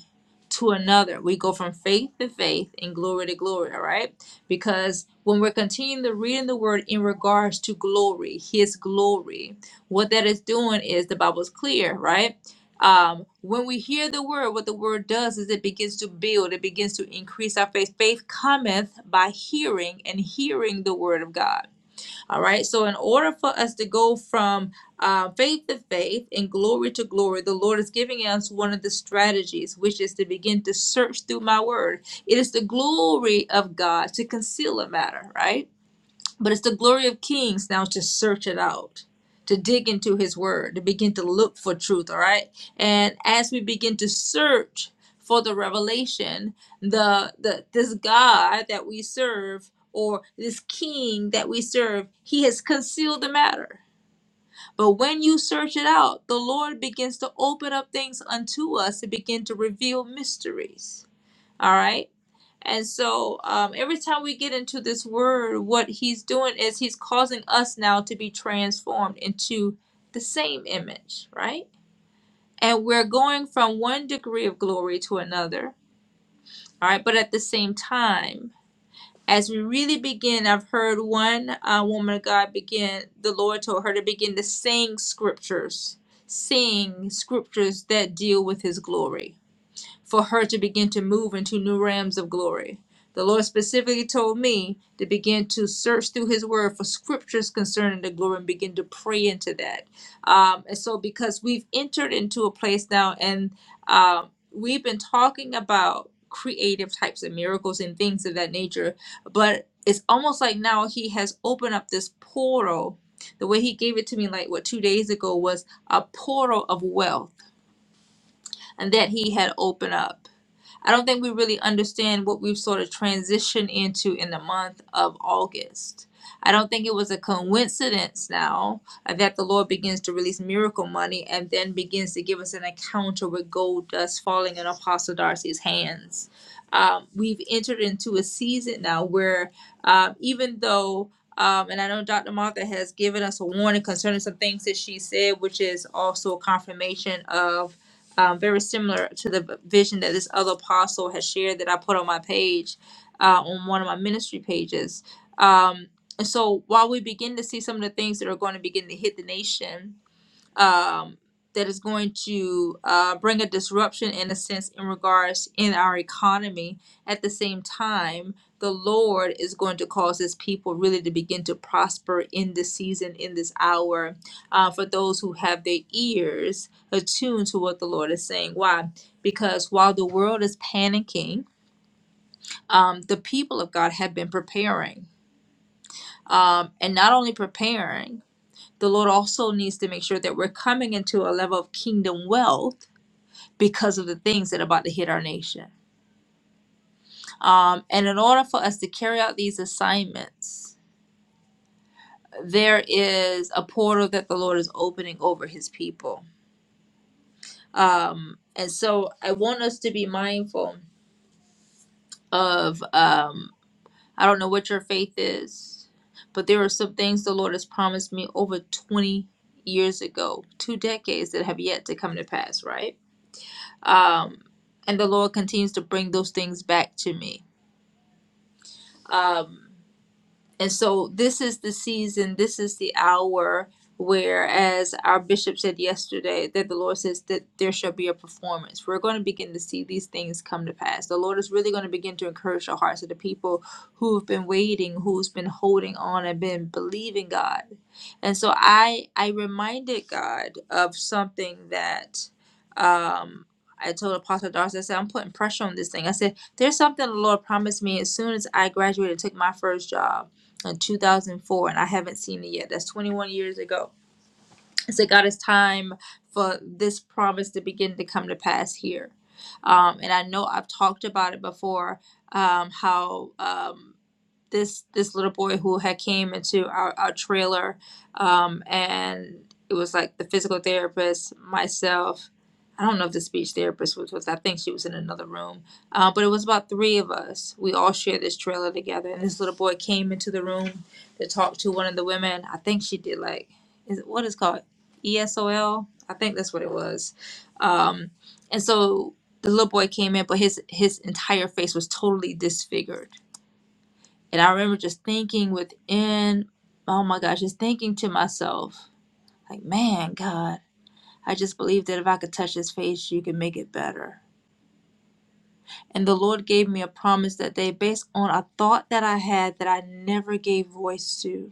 S1: to another. We go from faith to faith and glory to glory. All right. Because when we're continuing to read in the word in regards to glory, his glory, what that is doing is the Bible is clear, right? Um, when we hear the word, what the word does is it begins to build, it begins to increase our faith. Faith cometh by hearing and hearing the word of God. All right. So, in order for us to go from uh, faith to faith and glory to glory, the Lord is giving us one of the strategies, which is to begin to search through my word. It is the glory of God to conceal a matter, right? But it's the glory of kings now to search it out, to dig into his word, to begin to look for truth, all right? And as we begin to search for the revelation, the the this God that we serve or this king that we serve, he has concealed the matter. But when you search it out, the Lord begins to open up things unto us to begin to reveal mysteries. All right? And so um, every time we get into this word, what he's doing is he's causing us now to be transformed into the same image, right? And we're going from one degree of glory to another, all right? But at the same time, as we really begin, I've heard one uh, woman of God begin, the Lord told her to begin to sing scriptures, sing scriptures that deal with his glory for her to begin to move into new realms of glory. The Lord specifically told me to begin to search through His Word for scriptures concerning the glory and begin to pray into that. Um, and so, because we've entered into a place now, and um, we've been talking about creative types of miracles and things of that nature, but it's almost like now He has opened up this portal. The way He gave it to me, like what two days ago, was a portal of wealth, and that He had opened up. I don't think we really understand what we've sort of transitioned into in the month of August. I don't think it was a coincidence now uh, that the Lord begins to release miracle money and then begins to give us an encounter with gold dust falling in Apostle Darcy's hands. Um, we've entered into a season now where um, even though um, and I know Dr. Martha has given us a warning concerning some things that she said, which is also a confirmation of um, very similar to the vision that this other apostle has shared that I put on my page, uh, on one of my ministry pages. Um, and so while we begin to see some of the things that are going to begin to hit the nation, um, that is going to uh, bring a disruption in a sense in regards in our economy. At the same time, the Lord is going to cause His people really to begin to prosper in this season, in this hour, uh, for those who have their ears attuned to what the Lord is saying. Why? Because while the world is panicking, um, the people of God have been preparing. Um, and not only preparing, the Lord also needs to make sure that we're coming into a level of kingdom wealth because of the things that are about to hit our nation. Um, and in order for us to carry out these assignments, there is a portal that the Lord is opening over his people. Um, and so I want us to be mindful of, um, I don't know what your faith is, but there are some things the Lord has promised me over 20 years ago, two decades that have yet to come to pass, right? um, and the Lord continues to bring those things back to me. Um, and so this is the season, this is the hour where, as our bishop said yesterday, that the Lord says that there shall be a performance. We're going to begin to see these things come to pass. The Lord is really going to begin to encourage the hearts of the people who have been waiting, who's been holding on and been believing God. And so I I reminded God of something that um I told Apostle Darcy, I said, I'm putting pressure on this thing. I said, there's something the Lord promised me as soon as I graduated and took my first job in 2004 and I haven't seen it yet. That's 21 years ago. So, God, it's time for this promise to begin to come to pass here. Um, and I know I've talked about it before um, how. Um, this this little boy who had came into our, our trailer um, and it was like the physical therapist myself i don't know if the speech therapist was with i think she was in another room uh, but it was about three of us we all shared this trailer together and this little boy came into the room to talk to one of the women i think she did like is it what is it called esol i think that's what it was um, and so the little boy came in but his his entire face was totally disfigured and I remember just thinking within, oh my gosh, just thinking to myself, like, man, God, I just believe that if I could touch his face, you can make it better. And the Lord gave me a promise that day based on a thought that I had that I never gave voice to.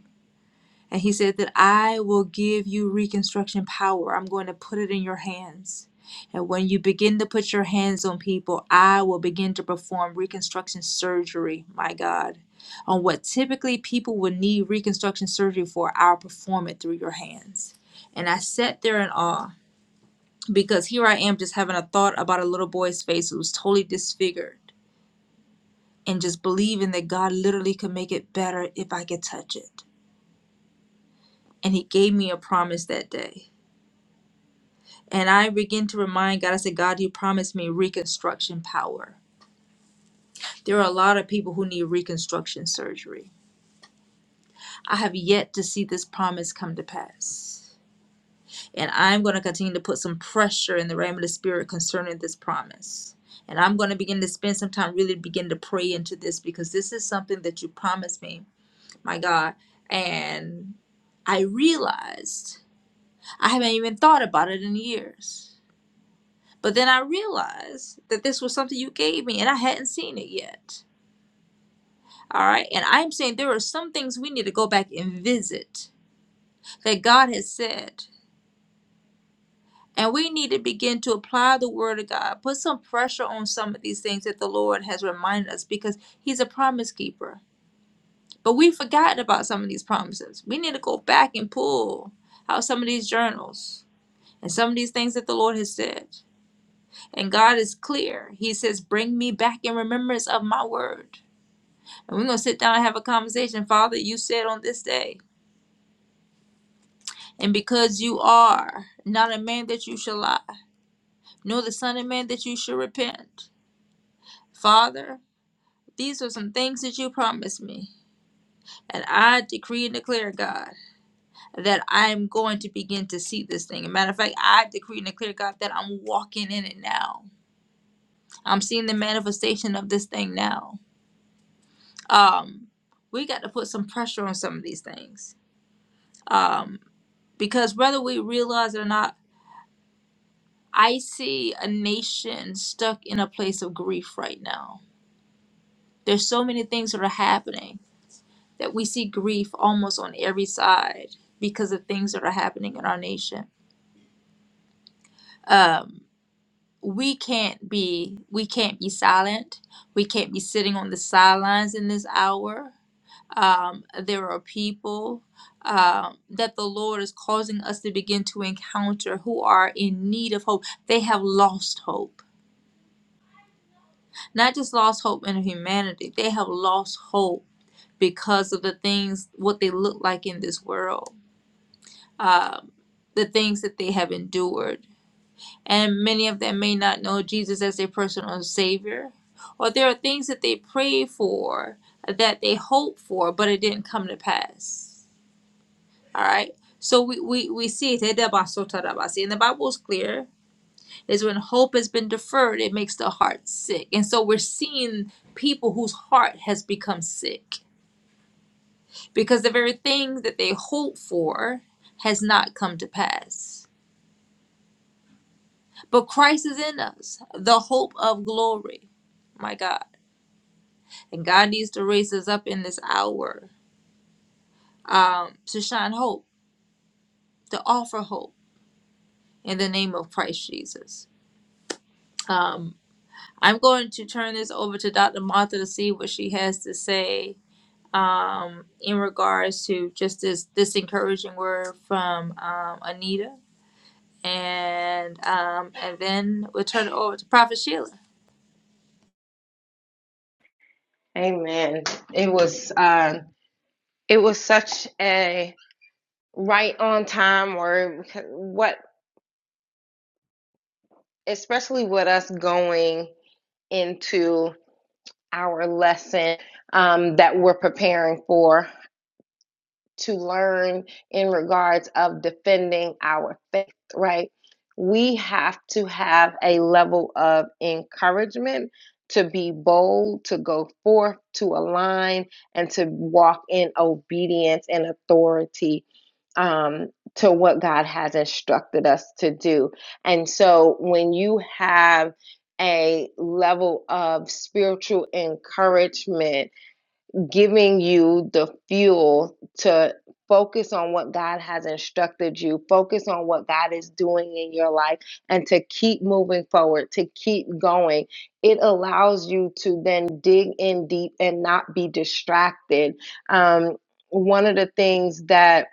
S1: And he said that I will give you reconstruction power. I'm going to put it in your hands. And when you begin to put your hands on people, I will begin to perform reconstruction surgery, my God. On what typically people would need reconstruction surgery for, I'll perform it through your hands. And I sat there in awe because here I am just having a thought about a little boy's face who was totally disfigured and just believing that God literally could make it better if I could touch it. And he gave me a promise that day And I begin to remind God, I said, God, you promised me reconstruction power. There are a lot of people who need reconstruction surgery. I have yet to see this promise come to pass. And I'm going to continue to put some pressure in the realm of the spirit concerning this promise. And I'm going to begin to spend some time really begin to pray into this because this is something that you promised me, my God. And I realized I haven't even thought about it in years But then I realized that this was something you gave me and I hadn't seen it yet. All right. And I'm saying there are some things we need to go back and visit that God has said. And we need to begin to apply the word of God, put some pressure on some of these things that the Lord has reminded us because He's a promise keeper. But we've forgotten about some of these promises. We need to go back and pull out some of these journals and some of these things that the Lord has said. And God is clear. He says, Bring me back in remembrance of my word. And we're going to sit down and have a conversation. Father, you said on this day, and because you are not a man that you shall lie, nor the son of man that you shall repent. Father, these are some things that you promised me. And I decree and declare, God, that I am going to begin to see this thing. As a matter of fact, I decree and declare, God, that I'm walking in it now. I'm seeing the manifestation of this thing now. Um, we got to put some pressure on some of these things. Um, because whether we realize it or not, I see a nation stuck in a place of grief right now. There's so many things that are happening that we see grief almost on every side because of things that are happening in our nation. Um, we can't be we can't be silent. We can't be sitting on the sidelines in this hour. Um, there are people um, that the Lord is causing us to begin to encounter who are in need of hope. They have lost hope not just lost hope in humanity, they have lost hope because of the things, what they look like in this world, um, the things that they have endured. And many of them may not know Jesus as their personal Savior, or there are things that they pray for, that they hope for, but it didn't come to pass. All right? So we, we, we see it. And the Bible is clear is when hope has been deferred, it makes the heart sick. And so we're seeing people whose heart has become sick because the very thing that they hope for has not come to pass. But Christ is in us, the hope of glory. My God. And God needs to raise us up in this hour um, to shine hope, to offer hope in the name of Christ Jesus. Um, I'm going to turn this over to Dr. Martha to see what she has to say um, in regards to just this this encouraging word from um, Anita, and um, and then we'll turn it over to Prophet Sheila.
S2: Amen. It was um it was such a right on time word. What especially with us going into our lesson um, that we're preparing for. to learn in regards of defending our faith, right? We have to have a level of encouragement to be bold, to go forth, to align, and to walk in obedience and authority um, to what God has instructed us to do. And so when you have a level of spiritual encouragement giving you the fuel to focus on what God has instructed you, focus on what God is doing in your life, and to keep moving forward, to keep going. It allows you to then dig in deep and not be distracted. Um, one of the things that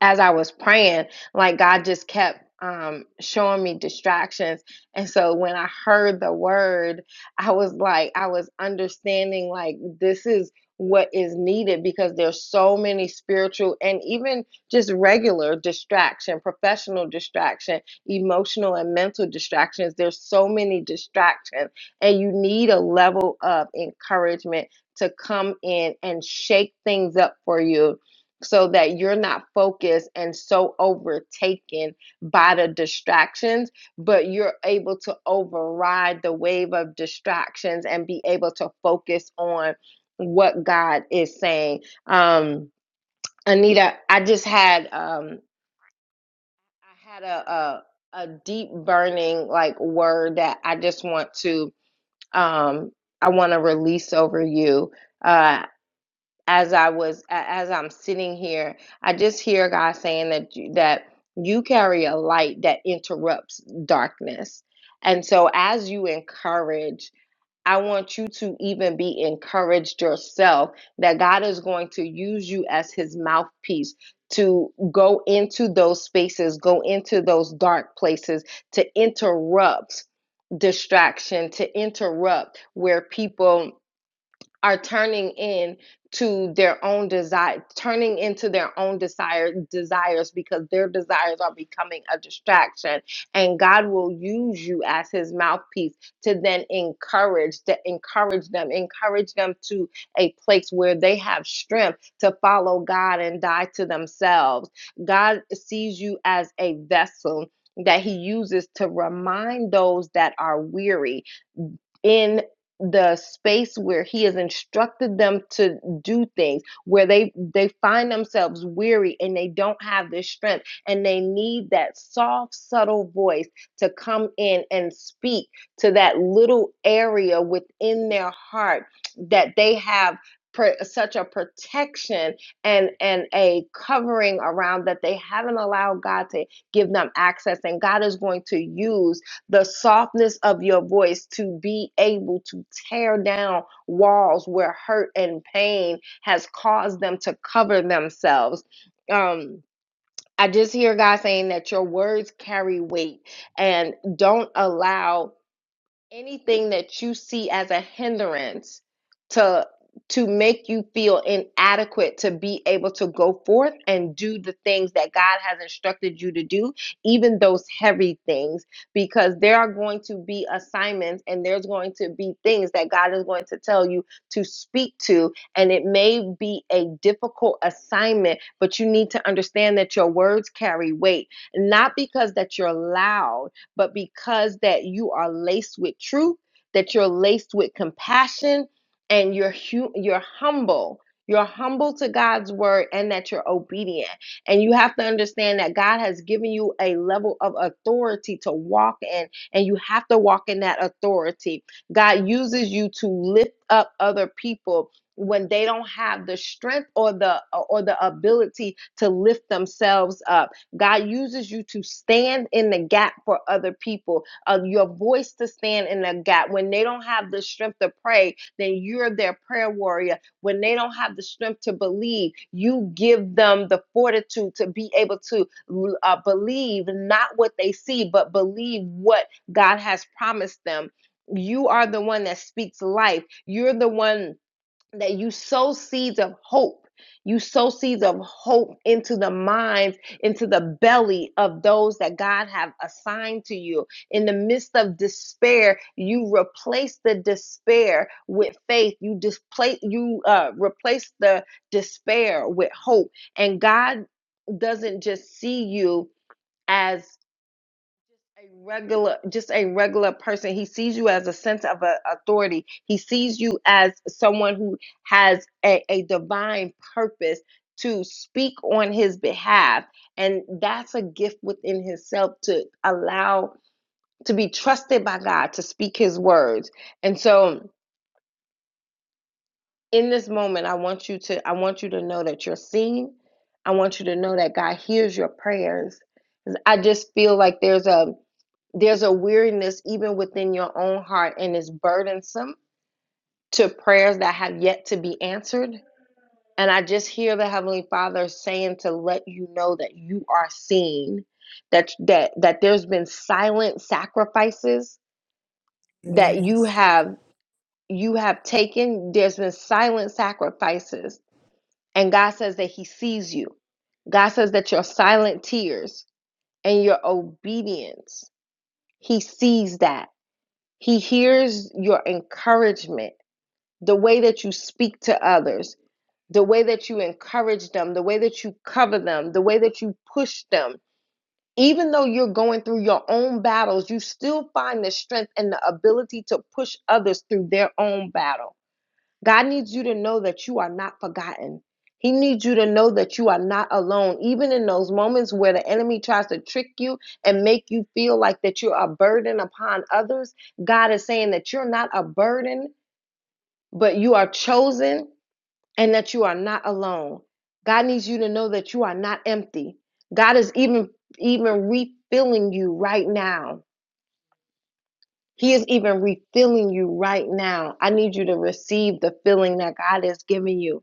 S2: as I was praying, like God just kept um showing me distractions. And so when I heard the word, I was like, I was understanding like this is what is needed because there's so many spiritual and even just regular distraction, professional distraction, emotional and mental distractions. There's so many distractions and you need a level of encouragement to come in and shake things up for you so that you're not focused and so overtaken by the distractions, but you're able to override the wave of distractions and be able to focus on what God is saying. Um, Anita, I just had um, I had a, a a deep burning like word that I just want to um, I want to release over you. Uh, as I was as I'm sitting here, I just hear God saying that you, that you carry a light that interrupts darkness. And so as you encourage, I want you to even be encouraged yourself that God is going to use you as his mouthpiece to go into those spaces, go into those dark places to interrupt distraction, to interrupt where people are turning in to their own desire turning into their own desire desires because their desires are becoming a distraction and God will use you as his mouthpiece to then encourage to encourage them encourage them to a place where they have strength to follow God and die to themselves God sees you as a vessel that he uses to remind those that are weary in the space where he has instructed them to do things where they they find themselves weary and they don't have the strength and they need that soft subtle voice to come in and speak to that little area within their heart that they have per, such a protection and and a covering around that they haven't allowed God to give them access and God is going to use the softness of your voice to be able to tear down walls where hurt and pain has caused them to cover themselves. Um, I just hear God saying that your words carry weight and don't allow anything that you see as a hindrance to to make you feel inadequate to be able to go forth and do the things that God has instructed you to do, even those heavy things, because there are going to be assignments and there's going to be things that God is going to tell you to speak to. And it may be a difficult assignment, but you need to understand that your words carry weight, not because that you're loud but because that you are laced with truth, that you're laced with compassion and you're hu- you're humble. You're humble to God's word and that you're obedient. And you have to understand that God has given you a level of authority to walk in, and you have to walk in that authority. God uses you to lift up other people when they don't have the strength or the or the ability to lift themselves up God uses you to stand in the gap for other people, uh, your voice to stand in the gap. When they don't have the strength to pray, then you're their prayer warrior. When they don't have the strength to believe, you give them the fortitude to be able to uh, believe not what they see, but believe what God has promised them. You are the one that speaks life. You're the one that you sow seeds of hope. You sow seeds of hope into the minds, into the belly of those that God have assigned to you. In the midst of despair, you replace the despair with faith. You displace, you uh, replace the despair with hope. And God doesn't just see you as a regular just a regular person he sees you as a sense of a, authority he sees you as someone who has a, a divine purpose to speak on his behalf and that's a gift within himself to allow to be trusted by god to speak his words and so in this moment i want you to i want you to know that you're seen i want you to know that god hears your prayers. i just feel like there's a there's a weariness even within your own heart, and it's burdensome to prayers that have yet to be answered. And I just hear the Heavenly Father saying to let you know that you are seen, that that that there's been silent sacrifices that you
S3: yes
S2: have you have taken. There's been silent sacrifices. And God says that He sees you. God says that your silent tears and your obedience, He sees that He hears your encouragement, the way that you speak to others, the way that you encourage them, the way that you cover them, the way that you push them. Even though you're going through your own battles, you still find the strength and the ability to push others through their own battle. God needs you to know that you are not forgotten. He needs you to know that you are not alone, even in those moments where the enemy tries to trick you and make you feel like that you're a burden upon others. God is saying that you're not a burden, but you are chosen and that you are not alone. God needs you to know that you are not empty. God is even even refilling you right now. He is even refilling you right now. I need you to receive the filling that God is giving you.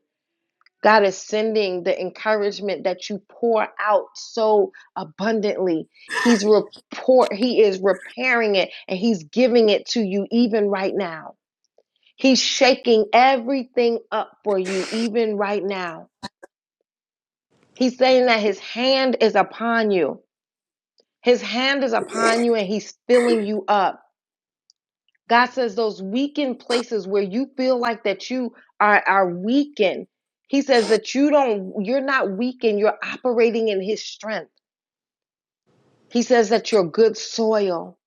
S2: God is sending the encouragement that you pour out so abundantly. He's report he is repairing it and he's giving it to you even right now. He's shaking everything up for you even right now. He's saying that his hand is upon you. His hand is upon you and he's filling you up. God says those weakened places where you feel like that you are are weakened. He says that you don't you're not weakened, you're operating in his strength. He says that you're good soil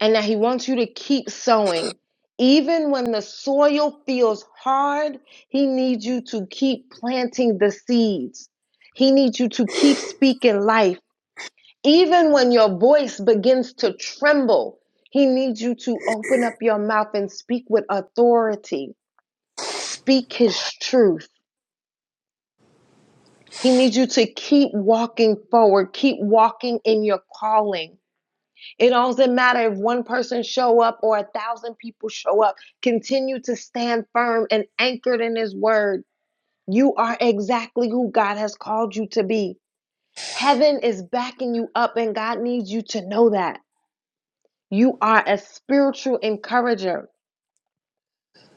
S2: and that he wants you to keep sowing. Even when the soil feels hard, he needs you to keep planting the seeds. He needs you to keep speaking life. Even when your voice begins to tremble, he needs you to open up your mouth and speak with authority. Speak his truth. He needs you to keep walking forward, keep walking in your calling. It doesn't matter if one person show up or a thousand people show up. Continue to stand firm and anchored in his word. You are exactly who God has called you to be. Heaven is backing you up and God needs you to know that. You are a spiritual encourager.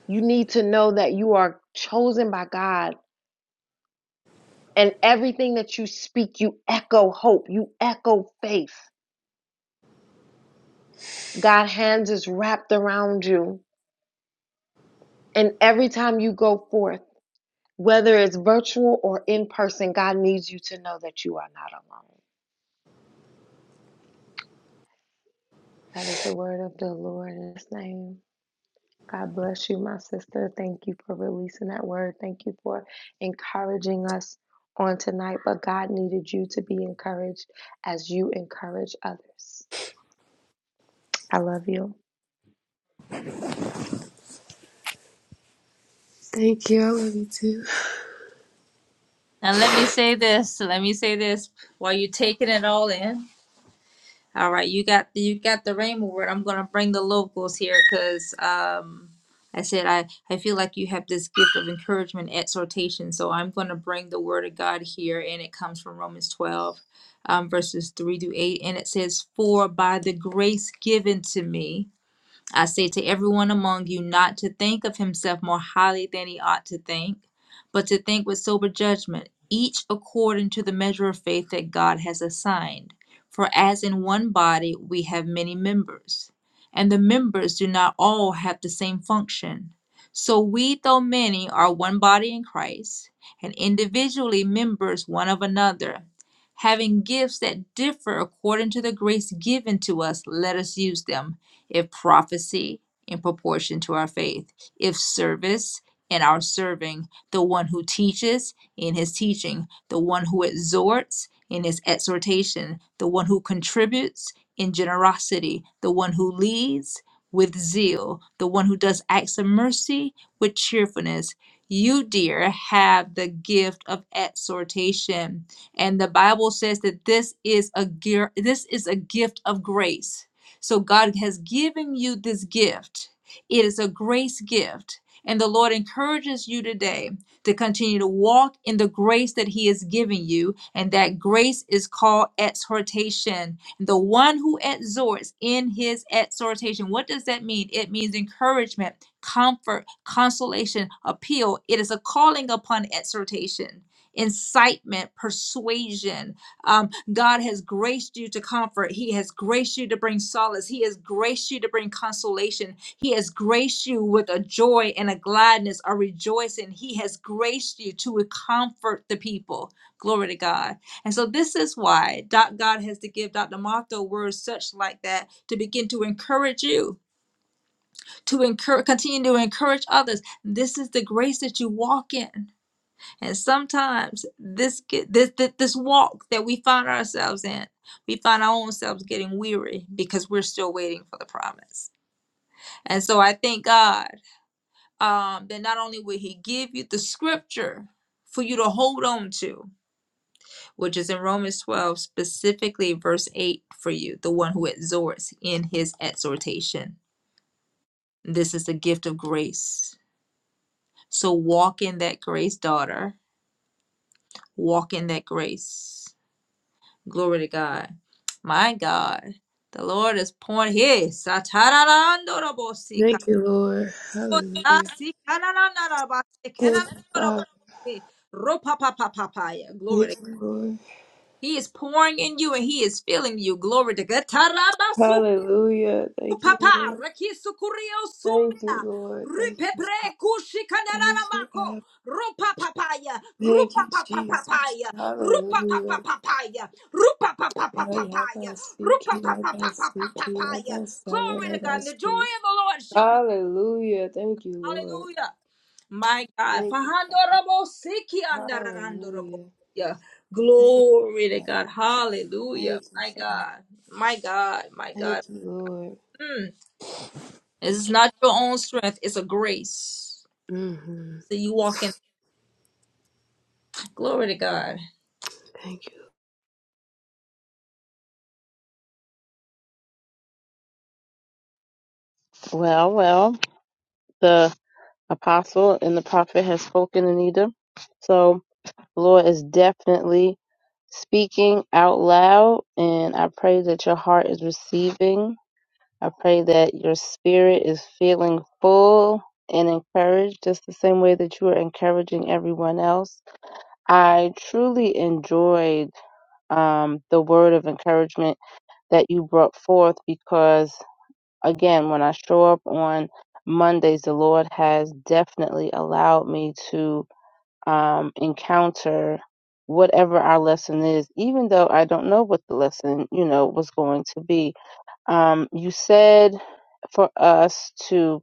S2: You need to know that you are chosen by God, and everything that you speak, you echo hope, you echo faith. God's hands is wrapped around you, and every time you go forth, whether it's virtual or in person, God needs you to know that you are not alone. That is the word of the Lord in His name. God bless you, my sister. Thank you for releasing that word. Thank you for encouraging us on tonight. But God needed you to be encouraged as you encourage others. I love you.
S3: thank you i love you too
S1: And let me say this. Let me say this while you're taking it all in. All right, you got the you got the Rhema word. I'm gonna bring the locals here because um I said I I feel like you have this gift of encouragement, exhortation. So I'm gonna bring the word of God here, and it comes from Romans 12, um, verses three through eight, and it says, "For by the grace given to me." I say to everyone among you not to think of himself more highly than he ought to think, but to think with sober judgment, each according to the measure of faith that God has assigned. For as in one body we have many members, and the members do not all have the same function. So we, though many, are one body in Christ, and individually members one of another. Having gifts that differ according to the grace given to us, let us use them if prophecy in proportion to our faith, if service in our serving, the one who teaches in his teaching, the one who exhorts in his exhortation, the one who contributes in generosity, the one who leads with zeal, the one who does acts of mercy with cheerfulness. You, dear, have the gift of exhortation, and the Bible says that this is a gear, this is a gift of grace so God has given you this gift. It is a grace gift. And the Lord encourages you today to continue to walk in the grace that He has given you. And that grace is called exhortation. The one who exhorts in his exhortation, what does that mean? It means encouragement, comfort, consolation, appeal. It is a calling upon exhortation, incitement, persuasion. Um, God has graced you to comfort. He has graced you to bring solace. He has graced you to bring consolation. He has graced you with a joy and a gladness, a rejoicing. He has graced you to comfort the people. Glory to God. And so this is why Doc God has to give Dr. Martha words such like that to begin to encourage you, to encourage, continue to encourage others. This is the grace that you walk in. And sometimes this get this this, this walk that we find ourselves in, we find our own selves getting weary because we're still waiting for the promise. And so I thank God um, that not only will He give you the scripture for you to hold on to, which is in Romans 12, specifically verse 8 for you, the one who exhorts in his exhortation. This is the gift of grace. So walk in that grace, daughter. Walk in that grace. Glory to God. My God. The Lord is pouring here. Satararandorobosi,
S3: thank you lord hallelujah
S1: karodasi, kanananarabasi,
S3: Thank you, Father.
S1: kenanorobosi, ropapapapapaya. Glory to
S3: Thank
S1: God.
S3: you, Lord.
S1: He is pouring in you and he is filling you. Glory to God.
S3: Hallelujah. Thank you,
S1: Papa,
S3: Lord.
S1: rakisukurio
S3: Thank
S1: sumbia,
S3: you, Lord. Thank you, Father.
S1: ripepre
S3: Thank
S1: kushikanana
S3: you,
S1: mako,
S3: Abba.
S1: rupa papaya,
S3: Thank
S1: rupa
S3: you,
S1: papa
S3: Jesus.
S1: papaya, rupa papa
S3: Hallelujah.
S1: papaya, rupa papa
S3: Hallelujah.
S1: papaya, rupa papa papa papaya. Glory to God. And the joy of the Lord shall be.
S3: Hallelujah. Thank you, Lord.
S1: Hallelujah. My God.
S3: Thank you.
S1: Fahandorobo siki andarandorobo.
S3: Hallelujah.
S1: Yeah.
S3: Thank you,
S1: Glory to
S3: Father.
S1: God. Hallelujah.
S3: Thank you,
S1: My
S3: Father.
S1: God. My God. My God.
S3: Thank you, Lord.
S1: Mm. It's not your own strength, it's a grace.
S3: hmm
S1: So you walk in glory to God.
S3: Thank
S4: Well, well, the apostle and the prophet has spoken, Anita. So the Lord is definitely speaking out loud, and I pray that your heart is receiving. I pray that your spirit is feeling full and encouraged, just the same way that you are encouraging everyone else. I truly enjoyed um, the word of encouragement that you brought forth because again, when I show up on Mondays, the Lord has definitely allowed me to um, encounter whatever our lesson is, even though I don't know what the lesson, you know, was going to be. Um, you said for us to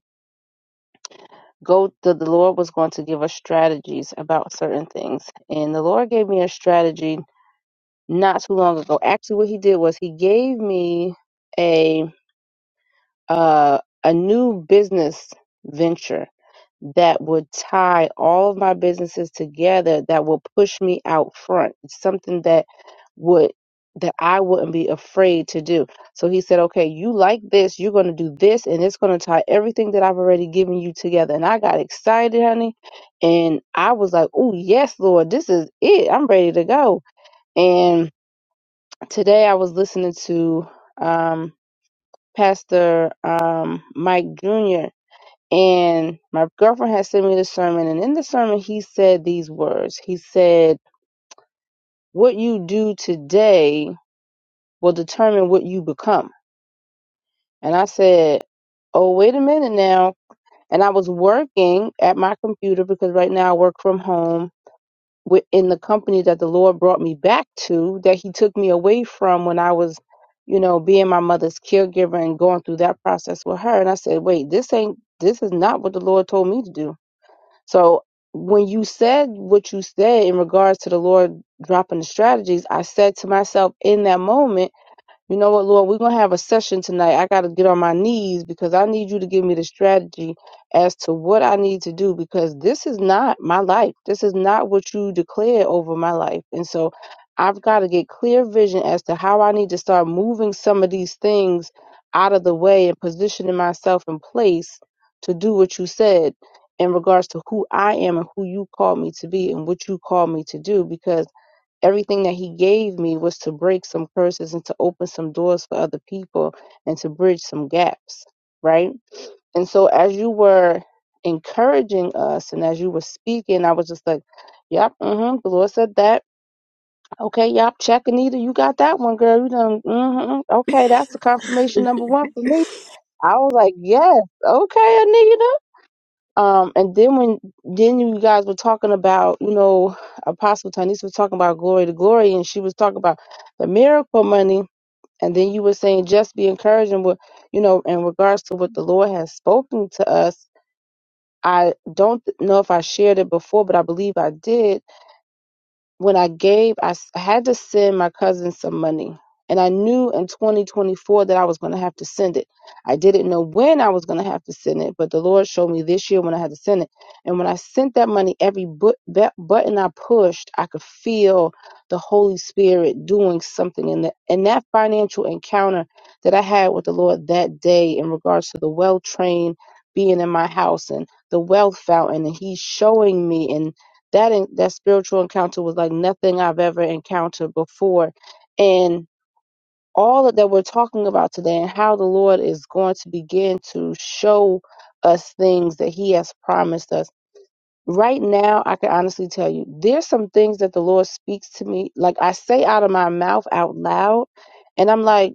S4: go, that the Lord was going to give us strategies about certain things. And the Lord gave me a strategy not too long ago. Actually, what He did was He gave me a. uh, a new business venture that would tie all of my businesses together that will push me out front. It's something that would that I wouldn't be afraid to do. So he said, "Okay, you like this, you're going to do this and it's going to tie everything that I've already given you together." And I got excited, honey, and I was like, "Oh, yes, Lord, this is it. I'm ready to go." And today I was listening to um Pastor um, Mike Jr. And my girlfriend had sent me the sermon. And in the sermon, he said these words He said, What you do today will determine what you become. And I said, Oh, wait a minute now. And I was working at my computer because right now I work from home within the company that the Lord brought me back to, that He took me away from when I was, you know, being my mother's caregiver and going through that process with her. And I said, wait, this ain't, this is not what the Lord told me to do. So when you said what you said in regards to the Lord dropping the strategies, I said to myself in that moment, you know what, Lord? We're going to have a session tonight. I got to get on my knees because I need you to give me the strategy as to what I need to do because this is not my life. This is not what you declared over my life. And so I've got to get clear vision as to how I need to start moving some of these things out of the way and positioning myself in place to do what you said in regards to who I am and who you called me to be and what you called me to do because everything that he gave me was to break some curses and to open some doors for other people and to bridge some gaps right and so as you were encouraging us and as you were speaking i was just like yep mm-hmm the lord said that okay yep check anita you got that one girl you done mm-hmm okay that's the confirmation number
S3: you.
S4: one for me i was like yes okay Anita. Um, and then when then you guys were talking about, you know, Apostle Tanis was talking about glory to glory, and she was talking about the miracle money, and then you were saying just be encouraging with, you know, in regards to what the Lord has spoken to us. I don't know if I shared it before, but I believe I did when I gave, I s- I had to send my cousin some money. And I knew in 2024 that I was going to have to send it. I didn't know when I was going to have to send it, but the Lord showed me this year when I had to send it. And when I sent that money, every bu- bu- button I pushed, I could feel the Holy Spirit doing something in that. And that financial encounter that I had with the Lord that day in regards to the well trained being in my house and the wealth fountain, and He's showing me. and that en- that spiritual encounter was like nothing I've ever encountered before, and all of that we're talking about today, and how the Lord is going to begin to show us things that He has promised us. Right now, I can honestly tell you, there's some things that the Lord speaks to me, like I say out of my mouth out loud, and I'm like,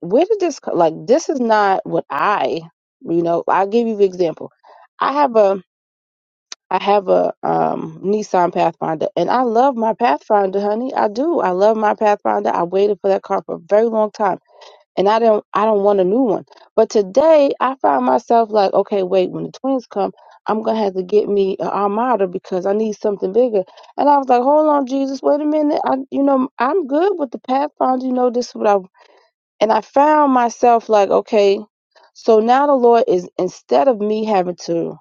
S4: where did this co- like? This is not what I, you know. I'll give you the example. I have a I have a um, Nissan Pathfinder, and I love my Pathfinder, honey. I do. I love my Pathfinder. I waited for that car for a very long time, and I don't. I don't want a new one. But today, I find myself like, okay, wait. When the twins come, I'm gonna have to get me an Armada because I need something bigger. And I was like, hold on, Jesus, wait a minute. I, you know, I'm good with the Pathfinder. You know, this is what I and I found myself like, okay, so now the Lord is, instead of me having to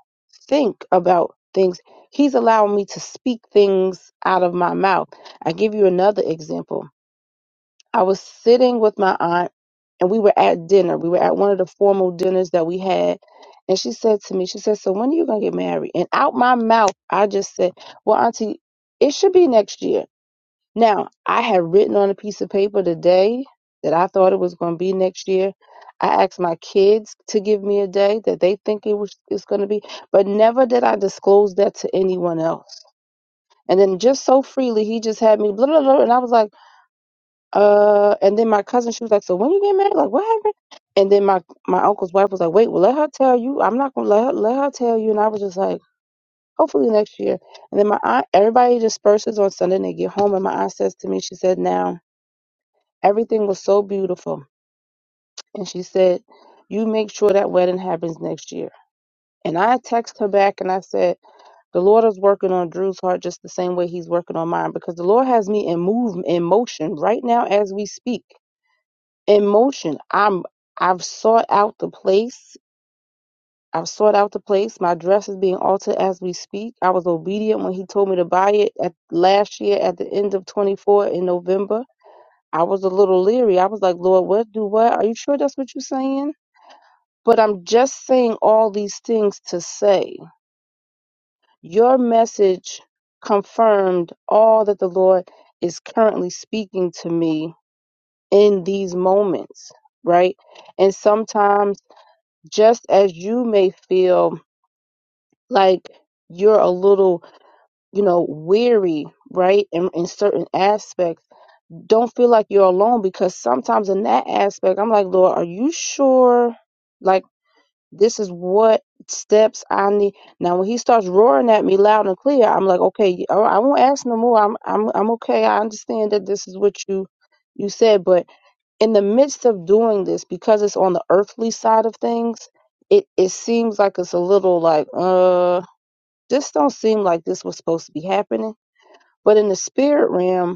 S4: think about things, He's allowing me to speak things out of my mouth. I give you another example. I was sitting with my aunt and we were at dinner. We were at one of the formal dinners that we had. And she said to me, she said, so when are you going to get married? And out my mouth, I just said, well, auntie, it should be next year. Now, I had written on a piece of paper the day that I thought it was going to be next year. I asked my kids to give me a day that they think it was it's going to be, but never did I disclose that to anyone else. And then just so freely, he just had me blah blah blah, and I was like, uh. And then my cousin, she was like, "So when you get married, like what happened?" And then my my uncle's wife was like, "Wait, well let her tell you. I'm not gonna let her, let her tell you." And I was just like, "Hopefully next year." And then my aunt, everybody disperses on Sunday and they get home, and my aunt says to me, she said, "Now." Everything was so beautiful. And she said, You make sure that wedding happens next year. And I texted her back and I said, The Lord is working on Drew's heart just the same way he's working on mine because the Lord has me in move in motion right now as we speak. In motion. I'm I've sought out the place. I've sought out the place. My dress is being altered as we speak. I was obedient when he told me to buy it at last year at the end of 24 in November. I was a little leery. I was like, Lord, what do what? Are you sure that's what you're saying? But I'm just saying all these things to say your message confirmed all that the Lord is currently speaking to me in these moments, right? And sometimes, just as you may feel like you're a little, you know, weary, right? In, in certain aspects, don't feel like you're alone because sometimes in that aspect, I'm like, Lord, are you sure? Like, This is what steps I need. Now, when he starts roaring at me loud and clear, I'm like, okay, all right, I won't ask no more. I'm, I'm, I'm okay. I understand that this is what you, you said. But in the midst of doing this, because it's on the earthly side of things, it, it seems like it's a little like, uh, this don't seem like this was supposed to be happening. But in the spirit realm,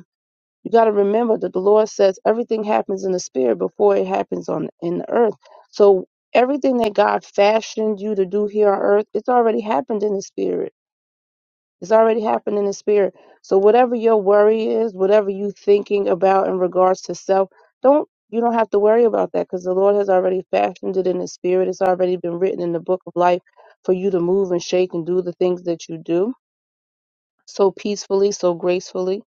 S4: you got to remember that the Lord says everything happens in the spirit before it happens on in the earth. So everything that God fashioned you to do here on earth, it's already happened in the spirit. It's already happened in the spirit. So whatever your worry is, whatever you thinking about in regards to self, don't you don't have to worry about that because the Lord has already fashioned it in the spirit. It's already been written in the book of life for you to move and shake and do the things that you do so peacefully, so gracefully.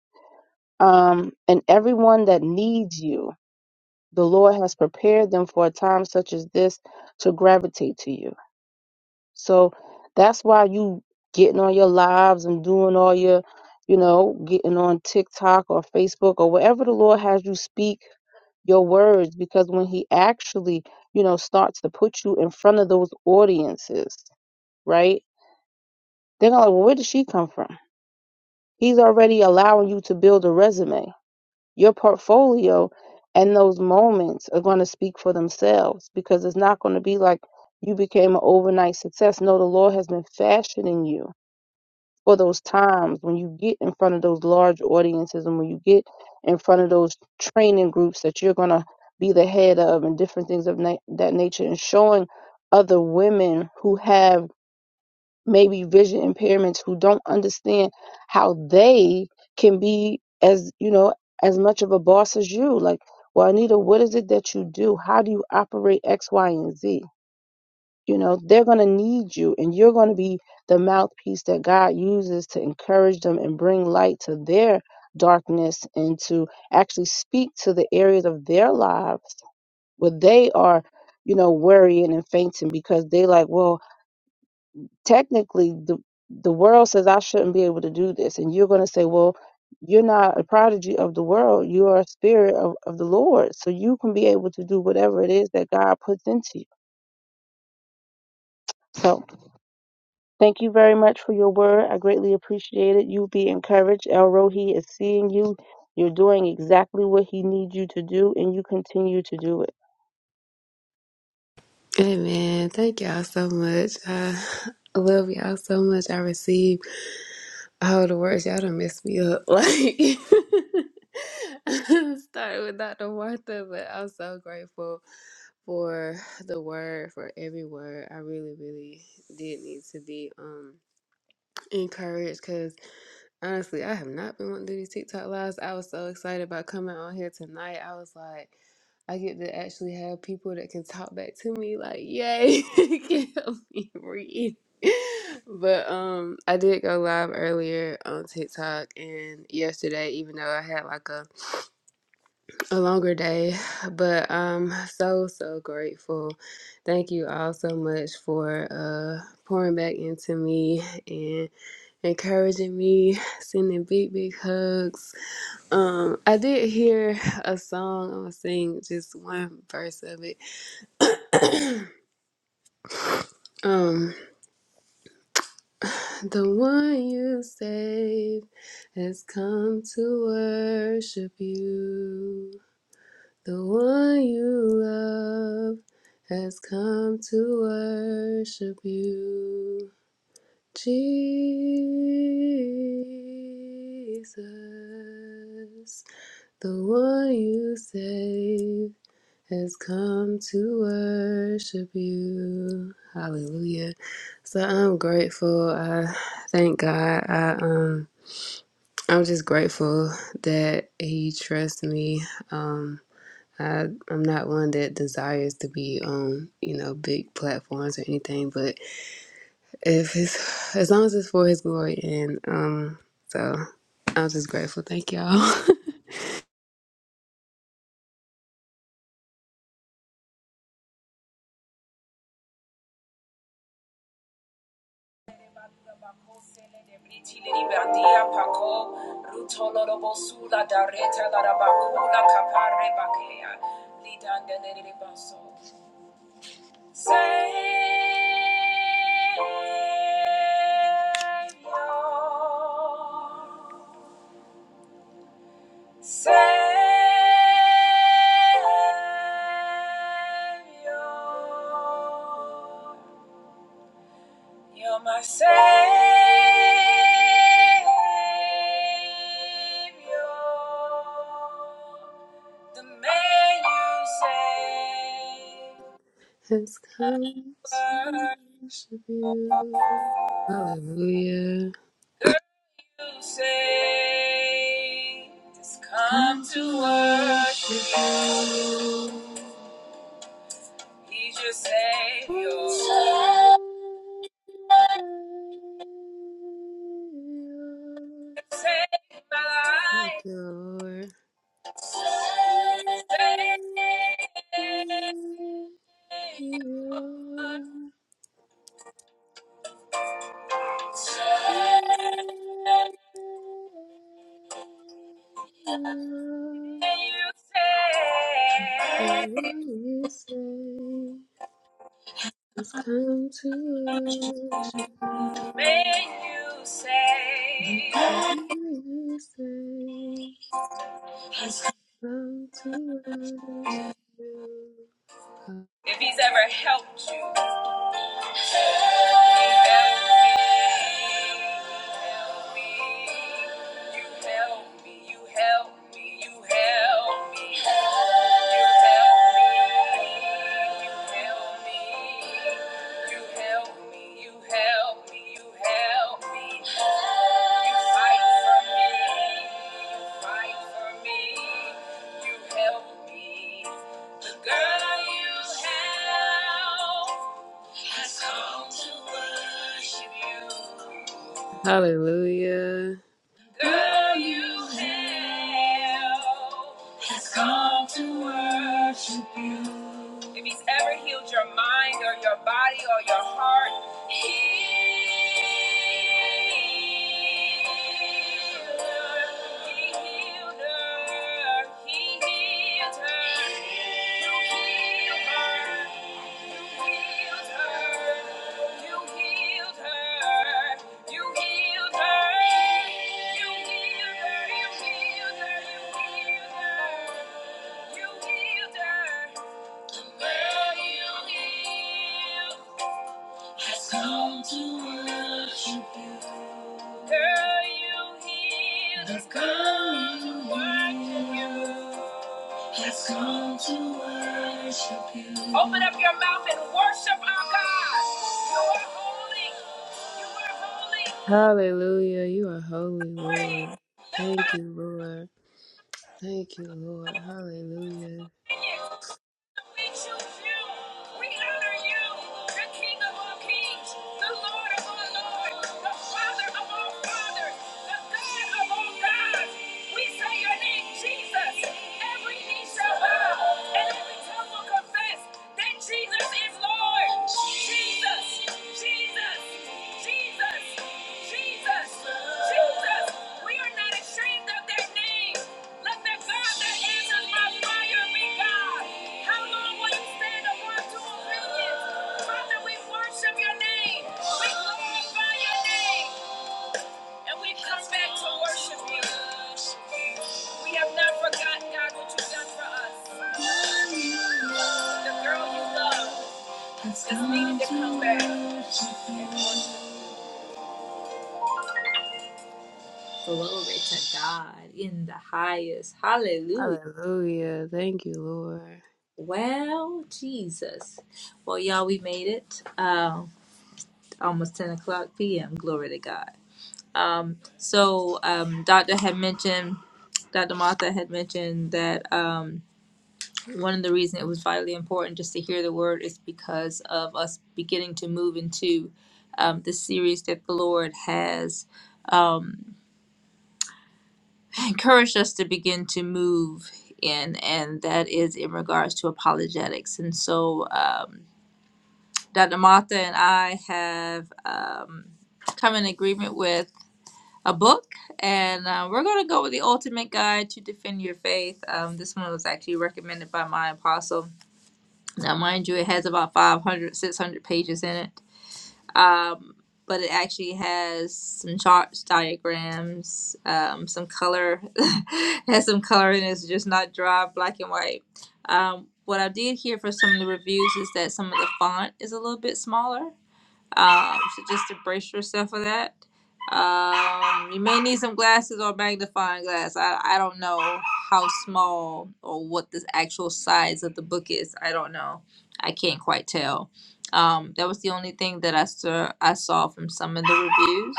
S4: Um, and everyone that needs you the Lord has prepared them for a time such as this to gravitate to you. So that's why you getting on your lives and doing all your, you know, getting on TikTok or Facebook or wherever the Lord has you speak your words because when he actually, you know, starts to put you in front of those audiences, right? They're gonna like, well, where did she come from? He's already allowing you to build a resume your portfolio and those moments are going to speak for themselves because it's not going to be like you became an overnight success. No, the Lord has been fashioning you for those times when you get in front of those large audiences and when you get in front of those training groups that you're going to be the head of and different things of na- that nature and showing other women who have maybe vision impairments who don't understand how they can be as you know as much of a boss as you like well anita what is it that you do how do you operate x y and z you know they're going to need you and you're going to be the mouthpiece that god uses to encourage them and bring light to their darkness and to actually speak to the areas of their lives where they are you know worrying and fainting because they like well technically the the world says I shouldn't be able to do this, and you're going to say, well, you're not a prodigy of the world. You are a spirit of, of the Lord, so you can be able to do whatever it is that God puts into you. So, thank you very much for your word. I greatly appreciate it. You be encouraged. El Rohi is seeing you. You're doing exactly what he needs you to do, and you continue to do it.
S3: Amen. Thank y'all so much. I I love y'all so much. I receive all the words. Y'all done messed me up. Like started with Dr. Martha, but I'm so grateful for the word, for every word. I really, really did need to be um encouraged Honestly, I have not been wanting to do these TikTok lives. I was so excited about coming on here tonight. I was like, I get to actually have people that can talk back to me, like, yay, can help me breathe. But um, I did go live earlier on TikTok and yesterday, even though I had like a, a longer day. But I'm so, so grateful. Thank you all so much for uh pouring back into me and encouraging me, sending big, big hugs. Um, I did hear a song. I'm gonna sing just one verse of it. Um, the one you saved has come to worship you. The one you love has come to worship you. Jesus. The one you save has come to worship you. Hallelujah. So I'm grateful. I thank God. I um I'm just grateful that he trusts me. Um I I'm not one that desires to be on, you know, big platforms or anything, but if it's as long as it's for his glory and um so I'm just grateful. Thank y'all.
S1: Savior, Savior. You're my savior, the man you saved,
S3: has come to
S1: girl
S3: worship you. Hallelujah.
S1: you saved. Has come to worship you. He's your savior. Save my
S3: Thank
S1: life.
S3: you, Lord.
S1: Save. save. May you say,
S3: You say, has come to worship you.
S1: may you
S3: You say
S1: say.
S3: how to worship you.
S1: If he's ever helped you, help me, you help me, you help me, you help me, you help me, you help me, you help me, you help me, you help me, you fight for me, you fight for me, you help me. Girl, you have has come to worship you.
S3: Hallelujah.
S1: Girl, you have has come to worship you. If he's ever healed your mind or your body or your heart, healer, he healed her, he healed her, you healed her. Has Come to worship you. I've come to worship you. I've come to worship you. Open up your mouth and worship our God. You are holy. You are
S3: Hallelujah. You are holy,
S1: holy.
S3: Lord. Thank you, Lord. Thank you, Lord. Hallelujah.
S1: We choose you. We honor you, the King of all kings, the Lord of all lords, the Father of all fathers, the God of all gods. We say your name, Jesus. Every knee shall bow and every tongue will confess that Jesus is Lord. Jesus, Jesus, Jesus. Jesus, Jesus, we are not ashamed of their name. Let the God that answers by fire be God. How long will you stand upon two opinions? Father, we worship your name. We glorify your name. And we come back to We have not forgotten, God, what you've for us. The girl you love is needed to come back. Glory to God in the highest. Hallelujah.
S3: Hallelujah. Thank you, Lord.
S1: Well, Jesus. Well, y'all, we made it. Um, almost 10 o'clock p.m. Glory to God. Um, so, um, Doctor had mentioned, Dr. Martha had mentioned that um, one of the reasons it was vitally important just to hear the word is because of us beginning to move into um, the series that the Lord has um, encouraged us to begin to move in, and that is in regards to apologetics. And so, um, Dr. Martha and I have um, come in agreement with a book, and uh, we're going to go with The Ultimate Guide to Defend Your Faith. Um, this one was actually recommended by my apostle. Now, mind you, it has about 500, 600 pages in it, um, but it actually has some charts, diagrams, um, some color. it has some color, and it's just not dry, black and white. Um, what I did hear for some of the reviews is that some of the font is a little bit smaller um, so just embrace yourself for that. Um, you may need some glasses or magnifying glass. I, I don't know how small or what the actual size of the book is. I don't know. I can't quite tell. Um, that was the only thing that I saw, I saw from some of the reviews.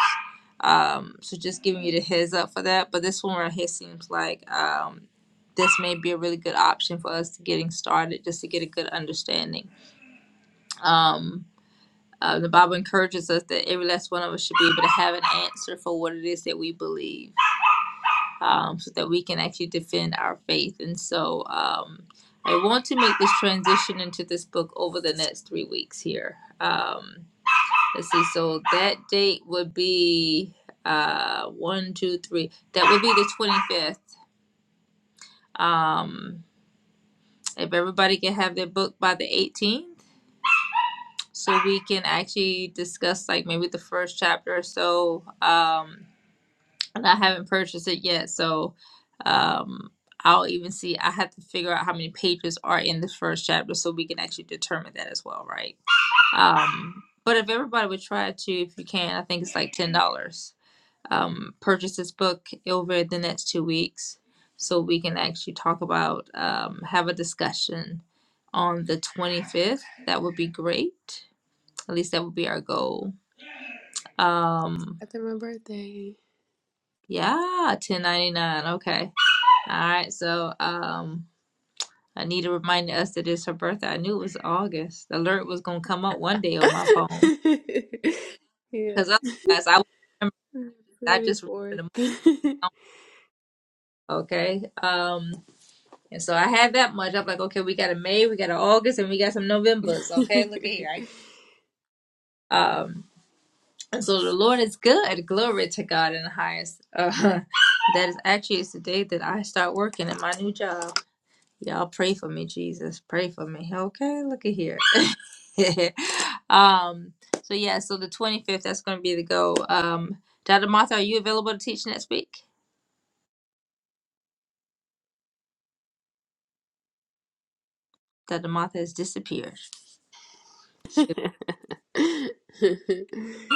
S1: Um, so just giving you the heads up for that. But this one right here seems like um, this may be a really good option for us to getting started, just to get a good understanding. Um, uh, the Bible encourages us that every last one of us should be able to have an answer for what it is that we believe, um, so that we can actually defend our faith. And so, um, I want to make this transition into this book over the next three weeks here. Um, let's see. So that date would be uh, one, two, three. That would be the twenty fifth. Um, if everybody can have their book by the eighteenth. So we can actually discuss like maybe the first chapter or so. Um, and I haven't purchased it yet, so um I'll even see I have to figure out how many pages are in the first chapter so we can actually determine that as well, right? Um but if everybody would try to, if you can, I think it's like ten dollars. Um purchase this book over the next two weeks so we can actually talk about um have a discussion on the twenty fifth. That would be great. At least that would be our goal. Um
S3: After my birthday.
S1: yeah, ten ninety nine. Okay. All right, so um, Anita reminded us that it's her birthday. I knew it was August. The alert was gonna come up one day on my phone
S3: yeah.
S1: because otherwise I would remember. I just remember the month. Okay, um, and so I had that much. I'm like, okay, we got a May, we got an August, and we got some Novembers. Okay, look at here. I
S3: 24th.
S1: got, um, and so the Lord is good. Glory to God in the highest. Uh, that is actually it's the day that I start working at my new job. Y'all pray for me, Jesus. Pray for me. Okay, look at here. um, so yeah, so the 25th, that's gonna be the go. Um, Dr. Martha, are you available to teach next week? Dr. Martha has disappeared. She-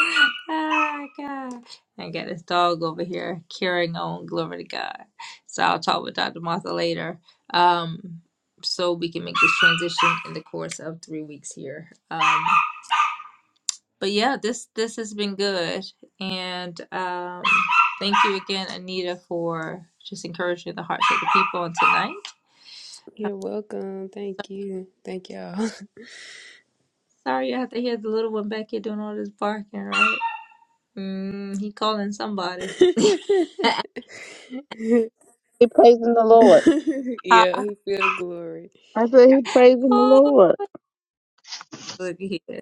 S1: ah, God. I got this dog over here carrying on, glory to God. So I'll talk with Dr. Martha later. Um, so we can make this transition in the course of three weeks here. Um, but yeah, this this has been good, and um, thank you again, Anita, for just encouraging the hearts of the people on tonight.
S3: You're welcome. Thank you. Thank y'all.
S1: Sorry, I have to hear the little one back here doing all this barking, right? Mm, he calling somebody.
S4: He praising the Lord.
S1: Hi.
S3: yeah, he feel the glory.
S4: I said he praising the
S1: Oh,
S4: Lord.
S1: look at here,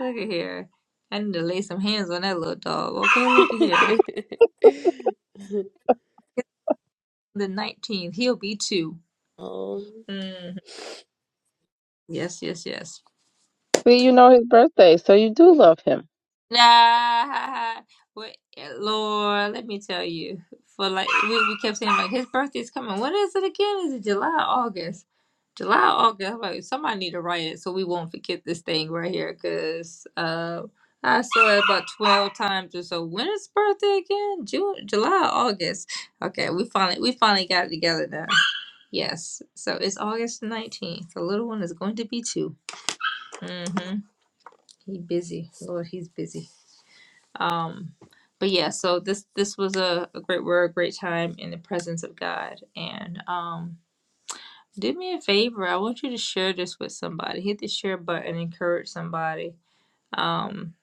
S1: look at here. I need to lay some hands on that little dog. Okay, look at here. The nineteenth, he'll be two.
S3: oh,
S1: Mm, yes, yes, yes.
S4: See, you know his birthday, so you do love him.
S1: Nah, wait, Lord, let me tell you. For like we, we kept saying like his birthday's coming. When is it again? Is it July, August? July, August. I'm like somebody need to write it so we won't forget this thing right here. Cause uh, I saw it about twelve times or so. When is birthday again? June, July, August. Okay, we finally we finally got it together now. Yes, so it's August nineteenth. The little one is going to be 2 Mm-hmm. He busy. Lord, he's busy. Um, but yeah, so this this was a, a great word, a great time in the presence of God. And um, do me a favor. I want you to share this with somebody. Hit the share button. Encourage somebody. Um,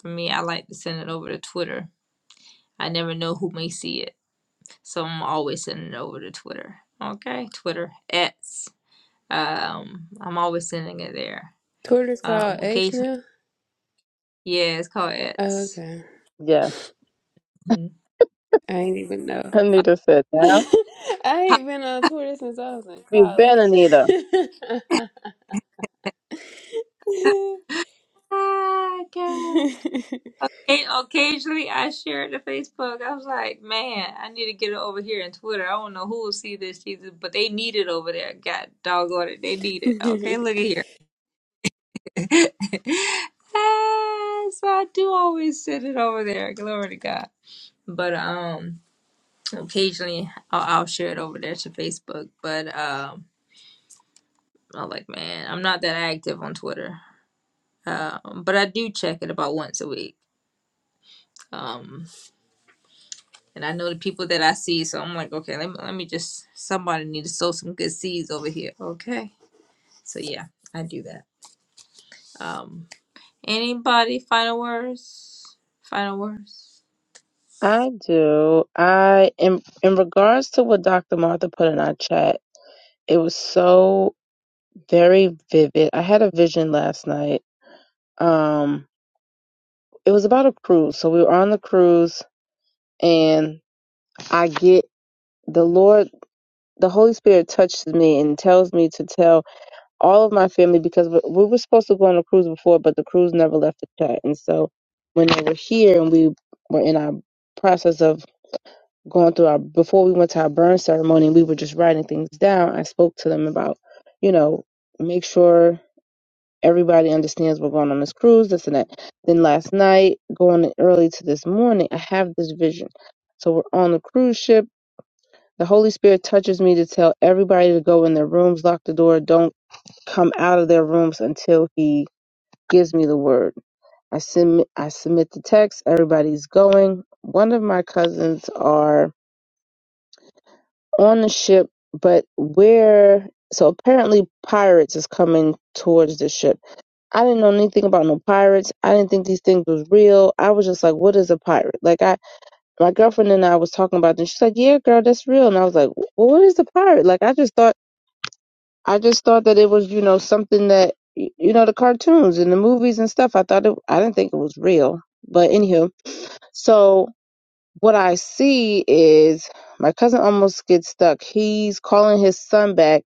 S1: for me, I like to send it over to Twitter. I never know who may see it, so I'm always sending it over to Twitter. Okay, Twitter X. Um, I'm always sending it there.
S3: Twitter's
S1: Um,
S3: called X
S1: occasionally,
S3: now.
S1: yeah, it's called
S3: Oh,
S1: X.
S3: okay,
S4: Yeah,
S1: Mhm.
S3: I ain't even know.
S1: Uh,
S4: Anita said that.
S3: I ain't been on Twitter since I was in
S4: You've been
S3: college.
S4: Anita.
S1: hi, guys. And occasionally I share it to Facebook. I was like, man, I need to get it over here in Twitter. I don't know who will see this Jesus, but they need it over there. God doggone it. They need it. Okay, look at here. Ah, so I do always send it over there. Glory to God. But um occasionally I'll, I'll share it over there to Facebook. But um I'm like, man, I'm not that active on Twitter. Um, but I do check it about once a week. Um. And I know the people that I see, so I'm like, okay, let me let me just somebody need to sow some good seeds over here. Okay. So yeah, I do that. Um anybody final words? Final words?
S4: I do. I in in regards to what Dr. Martha put in our chat, it was so very vivid. I had a vision last night. Um, it was about a cruise. So we were on the cruise, and I get the Lord, the Holy Spirit touches me and tells me to tell all of my family because we we were supposed to go on a cruise before, but the cruise never left the chat. And so when they were here and we were in our process of going through our before we went to our burn ceremony we were just writing things down i spoke to them about you know make sure everybody understands we're going on this cruise this and that then last night going early to this morning i have this vision so we're on the cruise ship the holy spirit touches me to tell everybody to go in their rooms lock the door don't come out of their rooms until he gives me the word i submit i submit the text everybody's going one of my cousins are on the ship, but where? So apparently, pirates is coming towards the ship. I didn't know anything about no pirates. I didn't think these things was real. I was just like, "What is a pirate?" Like I, my girlfriend and I was talking about this. She's like, "Yeah, girl, that's real." And I was like, "Well, what is a pirate?" Like I just thought, I just thought that it was, you know, something that you know the cartoons and the movies and stuff. I thought it, I didn't think it was real. But anywho, so what I see is my cousin almost gets stuck. He's calling his son back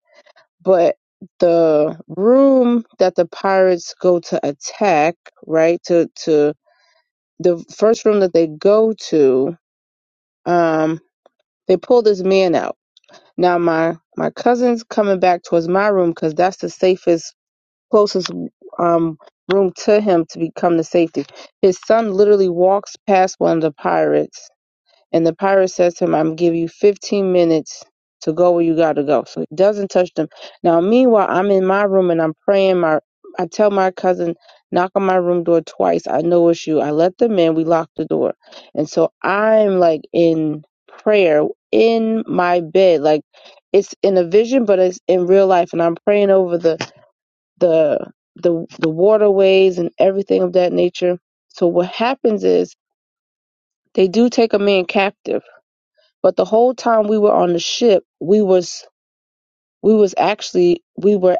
S4: but the room that the pirates go to attack, right? To to the first room that they go to, um, they pull this man out. Now my my cousin's coming back towards my room because that's the safest, closest um room to him to become the safety. His son literally walks past one of the pirates and the pirate says to him, I'm going give you 15 minutes to go where you gotta go. So he doesn't touch them. Now, meanwhile, I'm in my room and I'm praying. My I tell my cousin, knock on my room door twice. I know it's you. I let them in. We locked the door. And so I'm like in prayer in my bed. Like it's in a vision, but it's in real life. And I'm praying over the the the the waterways and everything of that nature. So what happens is they do take a man captive but the whole time we were on the ship, we was we was actually we were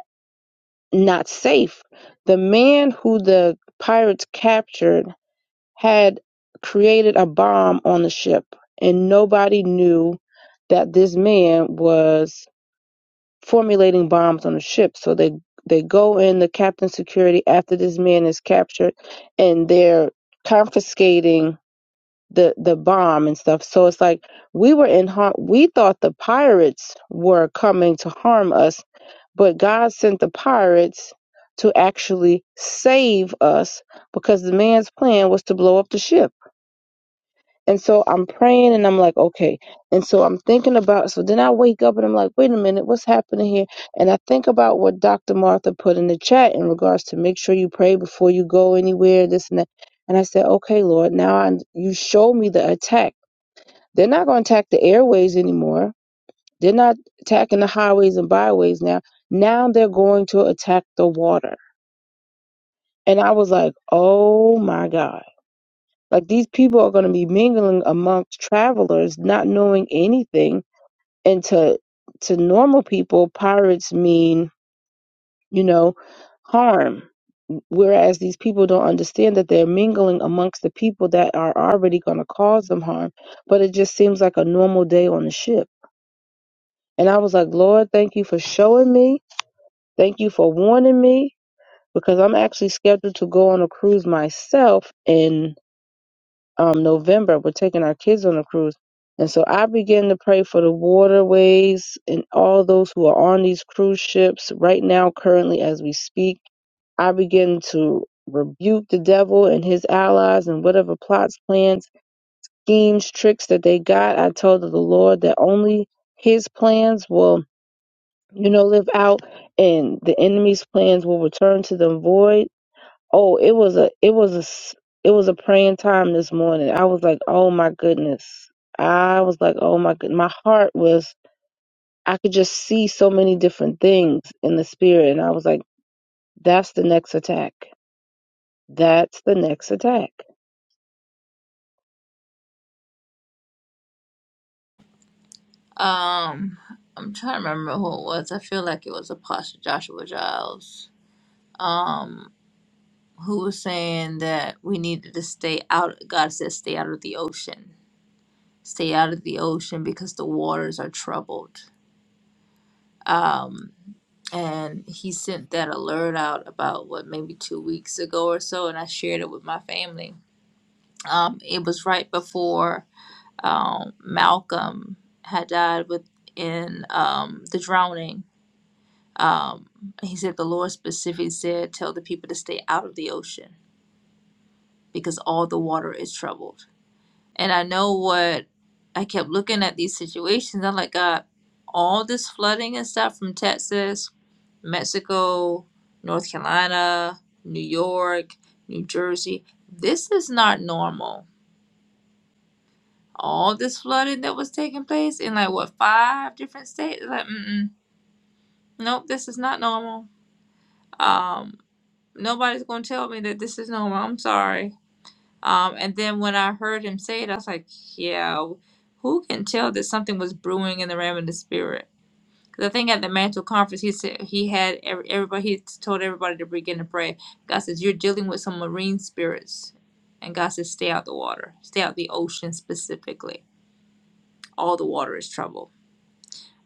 S4: not safe. The man who the pirates captured had created a bomb on the ship, and nobody knew that this man was formulating bombs on the ship. So they they go in the captain's security after this man is captured, and they're confiscating the the bomb and stuff. So it's like we were in harm. We thought the pirates were coming to harm us, but God sent the pirates to actually save us because the man's plan was to blow up the ship. And so I'm praying and I'm like, okay. And so I'm thinking about, so then I wake up and I'm like, wait a minute, what's happening here? And I think about what Dr. Martha put in the chat in regards to make sure you pray before you go anywhere, this and that. And I said, okay, Lord, now I, you show me the attack they're not going to attack the airways anymore. They're not attacking the highways and byways now. Now they're going to attack the water. And I was like, oh my God. Like these people are going to be mingling amongst travelers, not knowing anything. And to, to normal people, pirates mean, you know, harm. Whereas these people don't understand that they're mingling amongst the people that are already going to cause them harm. But it just seems like a normal day on the ship And I was like, Lord, thank you for showing me. Thank you for warning me because I'm actually scheduled to go on a cruise myself in um, November. We're taking our kids on a cruise. And so I began to pray for the waterways and all those who are on these cruise ships right now, currently as we speak. I begin to rebuke the devil and his allies and whatever plots, plans, schemes, tricks that they got. I told the Lord that only his plans will you know, live out and the enemy's plans will return to them void. Oh, it was a it was a s- it was a praying time this morning. I was like, "Oh my goodness." I was like, "Oh my good." My heart was I could just see so many different things in the spirit and I was like, "That's the next attack. That's the next attack."
S1: Um I'm trying to remember who it was. I feel like it was Apostle Joshua Giles. Um who was saying that we needed to stay out God says stay out of the ocean. Stay out of the ocean because the waters are troubled Um, and he sent that alert out about what maybe two weeks ago or so, and I shared it with my family. Um, it was right before um, Malcolm had died within um, the drowning. Um, he said the Lord specifically said, "Tell the people to stay out of the ocean because all the water is troubled." And I know what I kept looking at these situations. I'm like, God, all this flooding and stuff from Texas, Mexico, North Carolina, New York, New Jersey, this is not normal. All this flooding that was taking place in like what five different states? Like, mm-mm, nope, this is not normal. Um, nobody's gonna tell me that this is normal. I'm sorry Um, and then when I heard him say it, I was like, yeah, who can tell that something was brewing in the realm of the spirit? Because I think at the mantle conference, he said he had every, everybody, he told everybody to begin to pray. God says, you're dealing with some marine spirits. And God says, stay out the water, stay out the ocean specifically. All the water is trouble.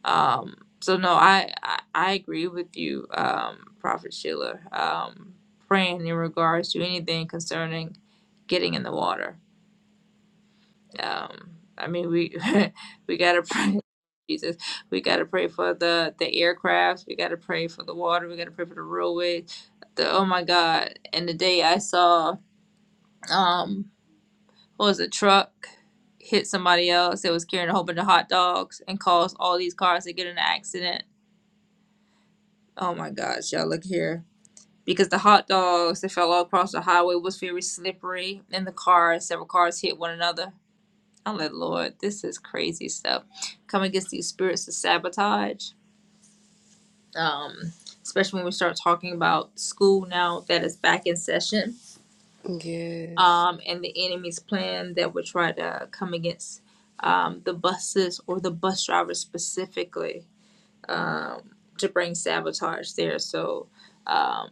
S1: Um, so no, I, I, I agree with you, um, Prophet Sheila, um, praying in regards to anything concerning getting in the water Um, I mean, we we gotta pray, Jesus. We gotta pray for the the aircrafts. We gotta pray for the water. We gotta pray for the railways. The oh my God! And the day I saw um, what was a truck hit somebody else that was carrying a whole bunch of hot dogs and caused all these cars to get in an accident. Oh my gosh, y'all look here. Because the hot dogs that fell all across the highway was very slippery, and the cars, several cars hit one another I'm like, Lord, this is crazy stuff. Come against these spirits of sabotage, um, especially when we start talking about school now that is back in session,
S3: yes,
S1: um, and the enemy's plan that would try to come against um, the buses or the bus drivers specifically um, to bring sabotage there. So, um,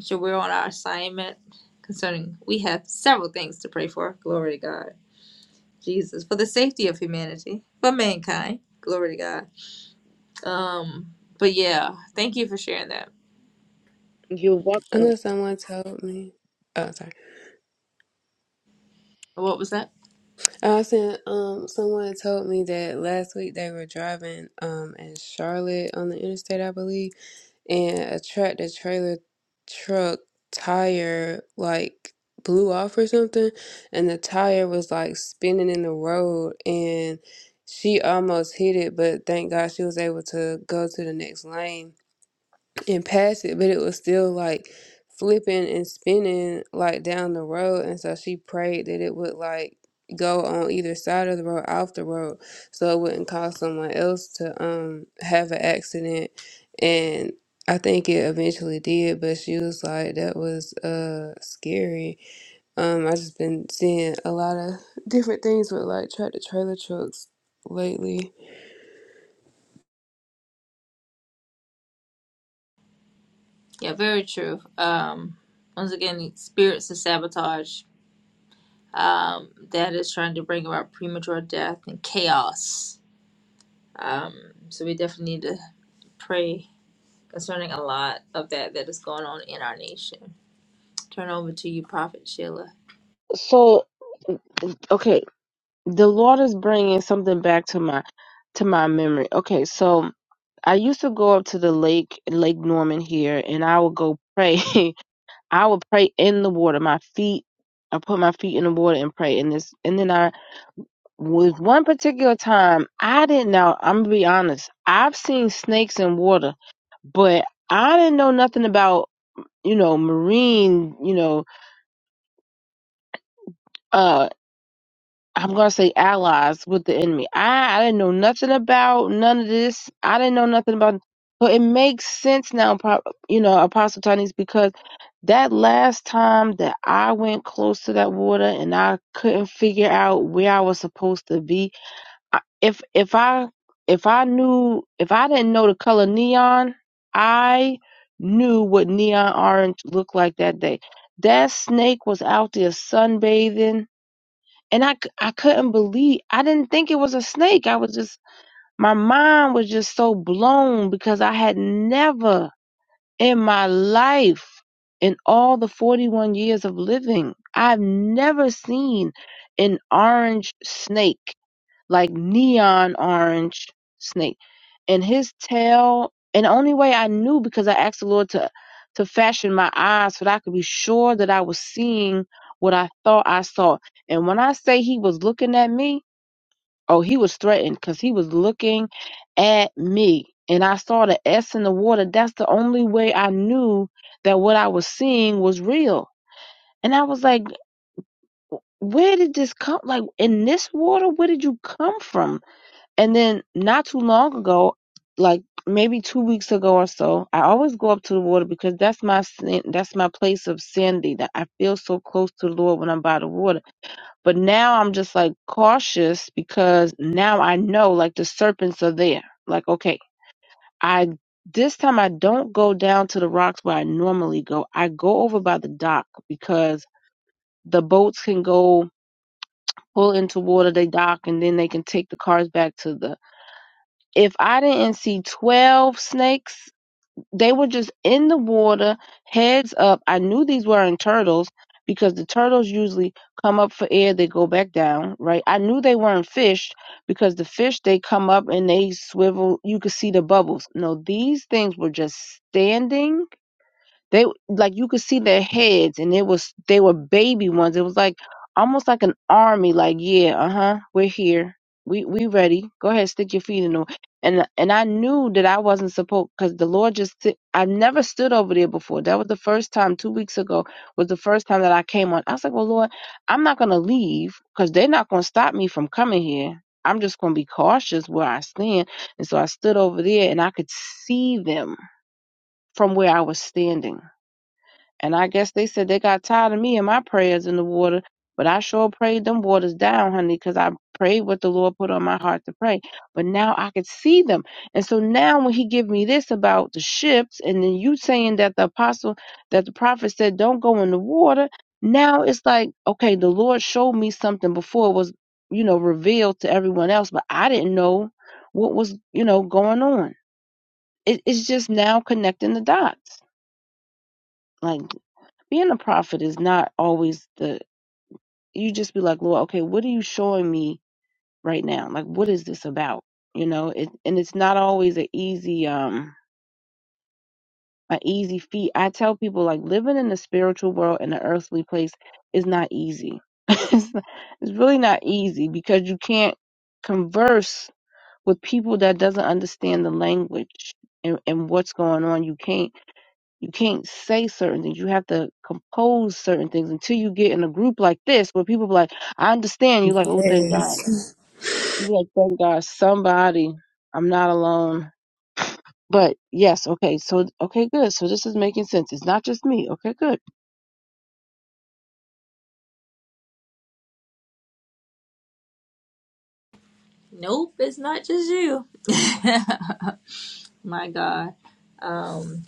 S1: so we're on our assignment concerning. We have several things to pray for. Glory to God, Jesus, for the safety of humanity, for mankind. Glory to God Um, but yeah, thank you for sharing that.
S4: You walk
S3: I know someone told me. Oh, sorry.
S1: What was that?
S3: I sent um, someone told me that last week they were driving um in Charlotte on the interstate, I believe, and a tractor trailer truck tire like blew off or something, and the tire was like spinning in the road, and she almost hit it, but thank God she was able to go to the next lane and pass it, but it was still like flipping and spinning like down the road. And so she prayed that it would like go on either side of the road, off the road, so it wouldn't cause someone else to um have an accident. And I think it eventually did, but she was like, that was uh scary. Um, I just been seeing a lot of different things with like tractor trailer trucks lately.
S1: Yeah, very true. Um, once again, spirits of sabotage um, that is trying to bring about premature death and chaos. Um, so we definitely need to pray concerning a lot of that that is going on in our nation. Turn over to you, Prophet Sheila.
S4: so okay, the Lord is bringing something back to my to my memory. Okay, so I used to go up to the lake, Lake Norman here, and I would go pray. I would pray in the water. My feet, I put my feet in the water and pray. And this, and then I was one particular time. I didn't know. I'm gonna be honest. I've seen snakes in water, but I didn't know nothing about you know marine you know uh I'm gonna say allies with the enemy. I, I didn't know nothing about none of this. I didn't know nothing about. So it makes sense now, Pro- you know, Apostle Tony's, because that last time that I went close to that water and I couldn't figure out where I was supposed to be. I- If if I if I knew if I didn't know the color neon, I knew what neon orange looked like that day. That snake was out there sunbathing and I, c- I couldn't believe I didn't think it was a snake. I was just my mind was just so blown because I had never in my life in all the 41 years of living I've never seen an orange snake like neon orange snake. And his tail, and the only way I knew because I asked the Lord to to fashion my eyes so that I could be sure that I was seeing what I thought I saw. And when I say he was looking at me, oh, he was threatened because he was looking at me. And I saw the S in the water. That's the only way I knew that what I was seeing was real. And I was like, where did this come? Like in this water, where did you come from? And then not too long ago, like maybe two weeks ago or so, I always go up to the water because that's my san- that's my place of sanity. That I feel so close to the Lord when I'm by the water. But now I'm just like cautious because now I know like the serpents are there. Like okay, I this time I don't go down to the rocks where I normally go. I go over by the dock because the boats can go pull into water, they dock, and then they can take the cars back to the if I didn't see 12 snakes, they were just in the water, heads up. I knew these weren't turtles because the turtles usually come up for air, they go back down, right? I knew they weren't fish because the fish, they come up and they swivel. You could see the bubbles. No, these things were just standing they like you could see their heads, and it was they were baby ones. It was like almost like an army. Like yeah, uh huh, we're here. We we ready. Go ahead, stick your feet in them. And and I knew that I wasn't supposed because the Lord just si- I never stood over there before. That was the first time two weeks ago was the first time that I came on. I was like, well, Lord, I'm not gonna leave because they're not gonna stop me from coming here. I'm just gonna be cautious where I stand. And so I stood over there and I could see them from where I was standing. And I guess they said they got tired of me and my prayers in the water. But I sure prayed them waters down, honey, because I prayed what the Lord put on my heart to pray. But now I could see them. And so now when he give me this about the ships, and then you saying that the apostle, that the prophet said, don't go in the water. Now it's like, okay, the Lord showed me something before it was, you know, revealed to everyone else, but I didn't know what was, you know, going on. It, it's just now connecting the dots. Like, being a prophet is not always the you just be like lord okay what are you showing me right now like what is this about you know it, and it's not always an easy um an easy feat i tell people like living in the spiritual world in the earthly place is not easy it's, not- it's really not easy because you can't converse with people that doesn't understand the language and, and what's going on you can't You can't say certain things. You have to compose certain things until you get in a group like this where people be like, I understand. You're like, oh, thank God.
S3: Yes.
S4: you be like, thank God, somebody. I'm not alone. But yes, okay, so, okay, good. So this is making sense. It's not just me. Okay, good.
S1: Nope, it's not just you. My God, um,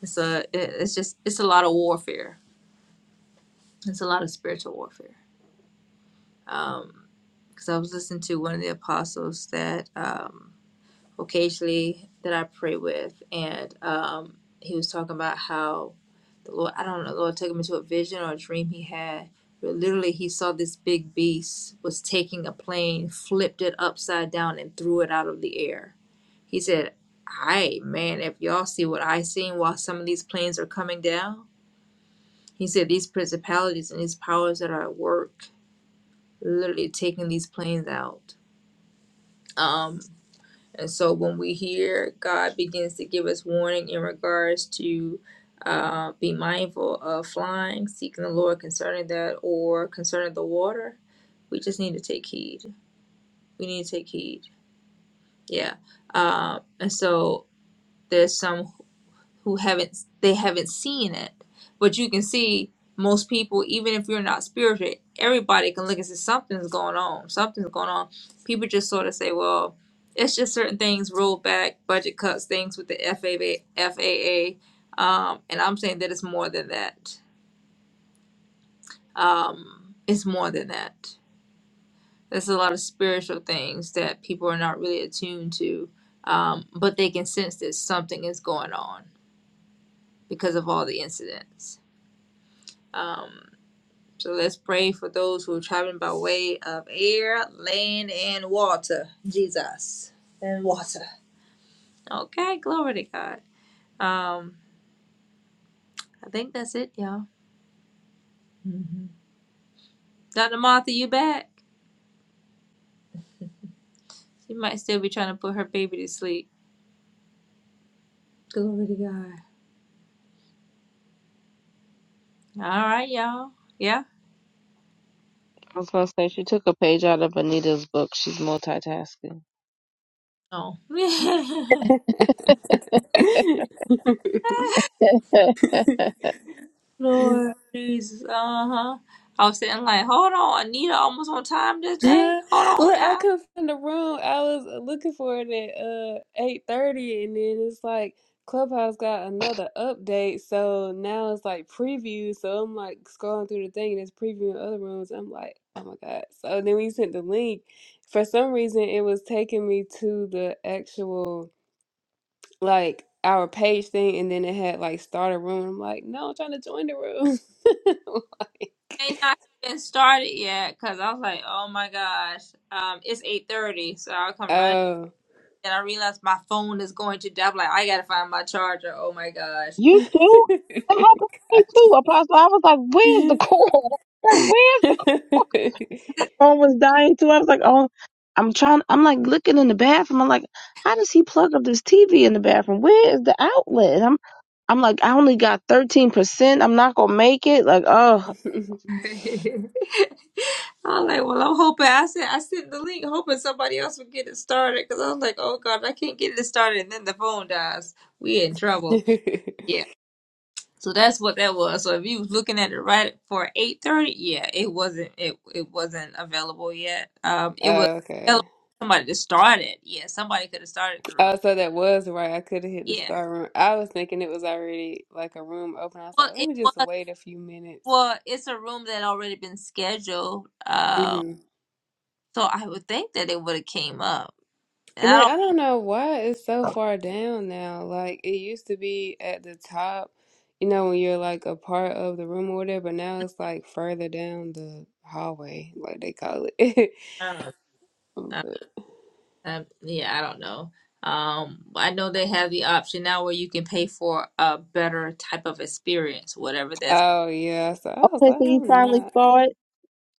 S1: it's a it- it's just it's a lot of warfare. It's a lot of spiritual warfare. um because i was listening to one of the apostles that um occasionally that i pray with and um he was talking about how the lord i don't know the lord took him into a vision or a dream he had but literally he saw this big beast was taking a plane flipped it upside down and threw it out of the air he said hey man if y'all see what i seen while some of these planes are coming down he said these principalities and these powers that are at work literally taking these planes out. Um, and so when we hear God begins to give us warning in regards to uh, be mindful of flying, seeking the Lord concerning that, or concerning the water, we just need to take heed. We need to take heed. Yeah. Um, and so there's some. who haven't they haven't seen it but you can see most people even if you're not spiritual everybody can look and say something's going on something's going on people just sort of say well it's just certain things rolled back budget cuts things with the faa faa um, and i'm saying that it's more than that um, it's more than that there's a lot of spiritual things that people are not really attuned to um, but they can sense that something is going on because of all the incidents Um, So let's pray for those who are traveling by way of air, land, and water. Jesus and water. Okay, glory to God. Um, I think that's it, y'all. hmm Dr. Martha, you back? She might still be trying to put her baby to sleep. Glory to God. All right, y'all. Yeah.
S4: I was going to say, she took a page out of Anita's book. She's multitasking.
S1: Oh. Lord Jesus. Uh huh. I was sitting like, hold on, Anita, almost on time this day. Hold on
S3: Look,
S1: now.
S3: I come from the room. I was looking for it at uh eight thirty, and then it's like Clubhouse got another update, so now it's like preview. So I'm like scrolling through the thing, and it's previewing other rooms. I'm like, oh my god! So then we sent the link. For some reason, it was taking me to the actual like our page thing, and then it had like start a room. I'm like, no, I'm trying to join the room. like,
S1: may not have been started yet because I was like, oh my gosh, um, it's eight thirty, so I'll come running.
S3: oh.
S1: And I realized my phone is going to die. I'm like, I gotta find my charger. Oh my gosh.
S4: you too? That happened to me too, Apostle. I was like, where's the
S3: okay.
S4: call? Like, where's the call? phone was dying too. I was like, oh, I'm trying. I'm like looking in the bathroom. I'm like, how does he plug up this TV in the bathroom? Where is the outlet? I'm I'm like, I only got 13%. I'm not gonna make it. Like, oh,
S1: I'm like, well, I'm hoping I sent I sent the link, hoping somebody else would get it started. Cause I was like, oh god, if I can't get it started, and then the phone dies. We in trouble. So that's what that was. So if you was looking at it right for eight thirty, yeah, it wasn't it it wasn't available yet. Um, it was available for somebody to start it. Yeah, somebody could have started the room.
S3: Oh, so that was right. I could have hit the
S1: Yeah.
S3: star room. I was thinking it was already like a room open. I was
S1: Well,
S3: like, let
S1: it
S3: me just
S1: was.
S3: wait a few minutes.
S1: Well, it's a room that already been scheduled. Um,
S3: hmm
S1: so I would think that it would have came up. And
S3: And
S1: I
S3: then
S1: don't.
S3: I don't know why it's so far down now. Like it used to be at the top, you know, when you're like a part of the room or whatever. But now it's like further down the hallway, like they call it.
S1: Uh, uh, uh,
S3: But-
S1: um, yeah, I don't know. Um, I know they have the option now where you can pay for a better type of experience, whatever that's
S3: oh yeah. So I was
S4: okay.
S3: like,
S4: So you
S3: I'm not.
S4: finally saw it.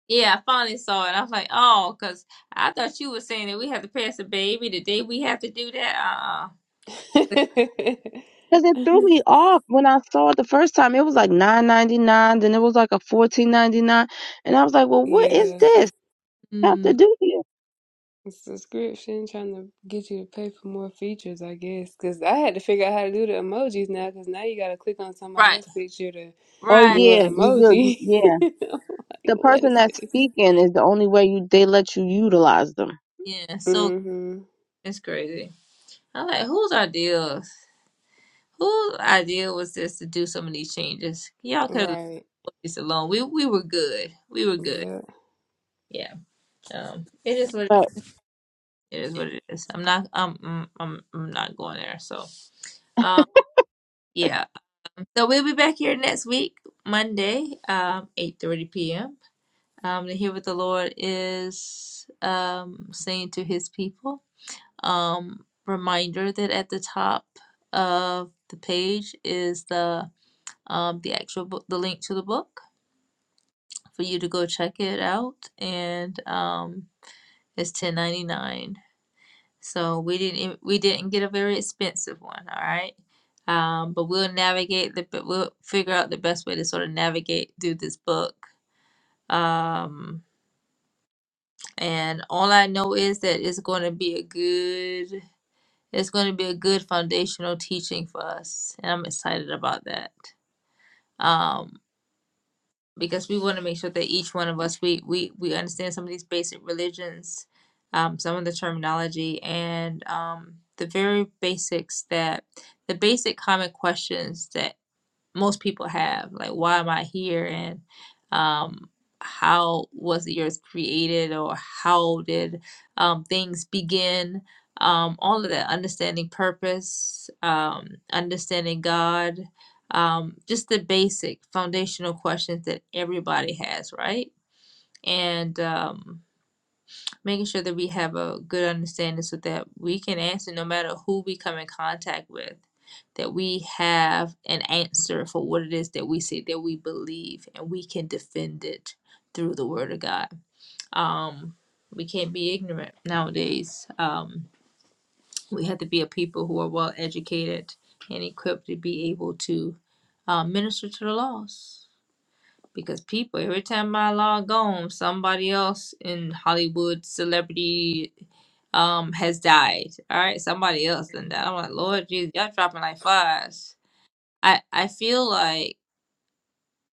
S1: Yeah, I finally saw it. I was like, oh, because I thought you were saying that we have to pass a baby the day we have to do that. Uh,
S4: Cause it threw me off when I saw it the first time. It was like nine ninety nine, then it was like a fourteen ninety nine, and I was like, "Well, what is
S3: Yeah,
S4: this? I have
S1: mm,
S4: to do here?"
S3: subscription trying to get you to pay for more features, I guess. Because I had to figure out how to do the emojis now, because now you got to click on somebody
S1: right,
S3: else's picture to
S4: Oh
S1: right.
S3: do
S4: yeah,
S3: an
S4: you good? You,
S3: emoji.
S4: yeah,
S3: I'm like,
S4: the
S3: what
S4: person
S3: is
S4: that's
S3: this?
S4: speaking is the only way you they let you utilize them.
S1: Yeah, so
S3: Mm-hmm.
S1: it's crazy. I'm like, whose idea? Whose idea was this to do some of these changes? Y'all could have left
S3: Right.
S1: this alone. We we were good. We were good.
S3: Yeah.
S1: Yeah. Um, it is what
S4: But
S1: it is. What it is. I'm not. Um. I'm, mm, I'm. I'm not going there. So. Um. Yeah. So we'll be back here next week, Monday, um, eight thirty p.m. um, to hear what the Lord is um, saying to his people. Um, reminder that at the top of the page is the um, the actual book, the link to the book for you to go check it out, and um, it's ten ninety nine. So we didn't e- we didn't get a very expensive one, all right. Um, but we'll navigate the we'll figure out the best way to sort of navigate through this book. Um, And all I know is that it's going to be a good it's going to be a good foundational teaching for us. And I'm excited about that. Um because we want to make sure that each one of us we we we understand some of these basic religions, um some of the terminology and um the very basics that the basic common questions that most people have like why am i here and um how was the earth created or how did um things begin um all of that understanding purpose um understanding god um just the basic foundational questions that everybody has right and um making sure that we have a good understanding so that we can answer no matter who we come in contact with that we have an answer for what it is that we say that we believe and we can defend it through the word of god um we can't be ignorant nowadays um we have to be a people who are well educated and equipped to be able to uh, minister to the lost because people every time I log on, somebody else in Hollywood celebrity um has died. All right, somebody else than that. I'm like, Lord Jesus, y'all dropping like flies. I I feel like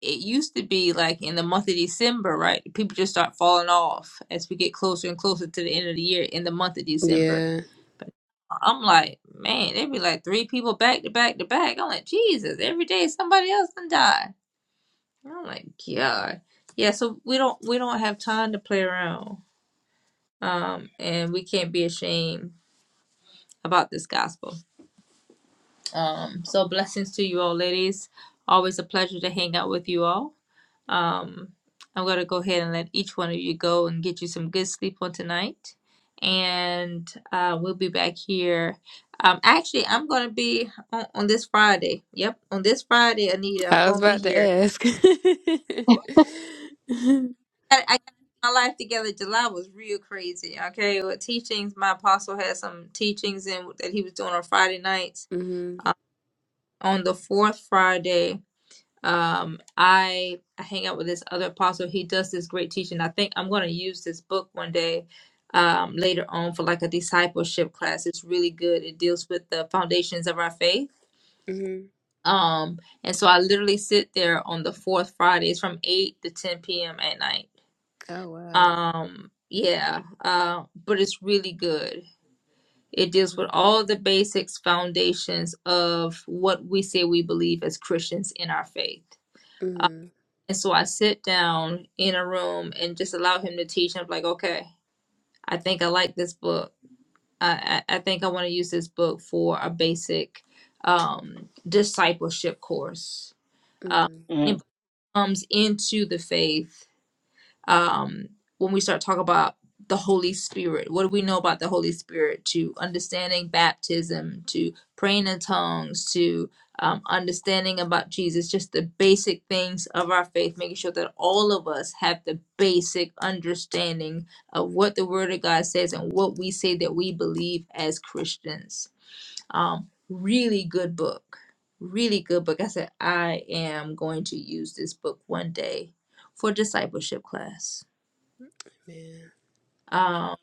S1: it used to be like in the month of December, right? People just start falling off as we get closer and closer to the end of the year in the month of December.
S3: Yeah.
S1: But I'm like, man, there'd be like three people back to back to back. I'm like, Jesus, every day somebody else done died. Oh my God. Yeah, so we don't we don't have time to play around. Um and we can't be ashamed about this gospel. Um so blessings to you all ladies. Always a pleasure to hang out with you all. Um I'm gonna go ahead and let each one of you go and get you some good sleep on tonight. And uh we'll be back here. Um actually I'm gonna be on, on this Friday. Yep, on this Friday, Anita, I'm
S3: I was
S1: gonna be
S3: about to
S1: here
S3: ask.
S1: I I got my life together. July was real crazy. Okay, with teachings, my apostle had some teachings and that he was doing on Friday nights.
S3: Mm-hmm.
S1: On the fourth Friday, um, I I hang out with this other apostle. He does this great teaching. I think I'm going to use this book one day. Um, later on for like a discipleship class it's really good it deals with the foundations of our faith
S3: Mm-hmm.
S1: um and so i literally sit there on the fourth friday it's from 8 to 10 p.m at night
S3: Oh, wow.
S1: Um, yeah, uh, but it's really good. It deals with all the basics, foundations of what we say we believe as Christians in our faith.
S3: Mm-hmm.
S1: And so I sit down in a room and just allow him to teach. I'm like, okay, I think I like this book. I, I, I think I want to use this book for a basic um, discipleship course. Um,
S3: Mm-hmm.
S4: mm.
S1: it comes into the faith um, when we start talking about the Holy Spirit. What do we know about the Holy Spirit? To understanding baptism, to praying in tongues, to um, understanding about Jesus, just the basic things of our faith, making sure that all of us have the basic understanding of what the Word of God says and what we say that we believe as Christians. Um, really good book. Really good book. I said, I am going to use this book one day for discipleship class.
S3: Man.
S1: Um,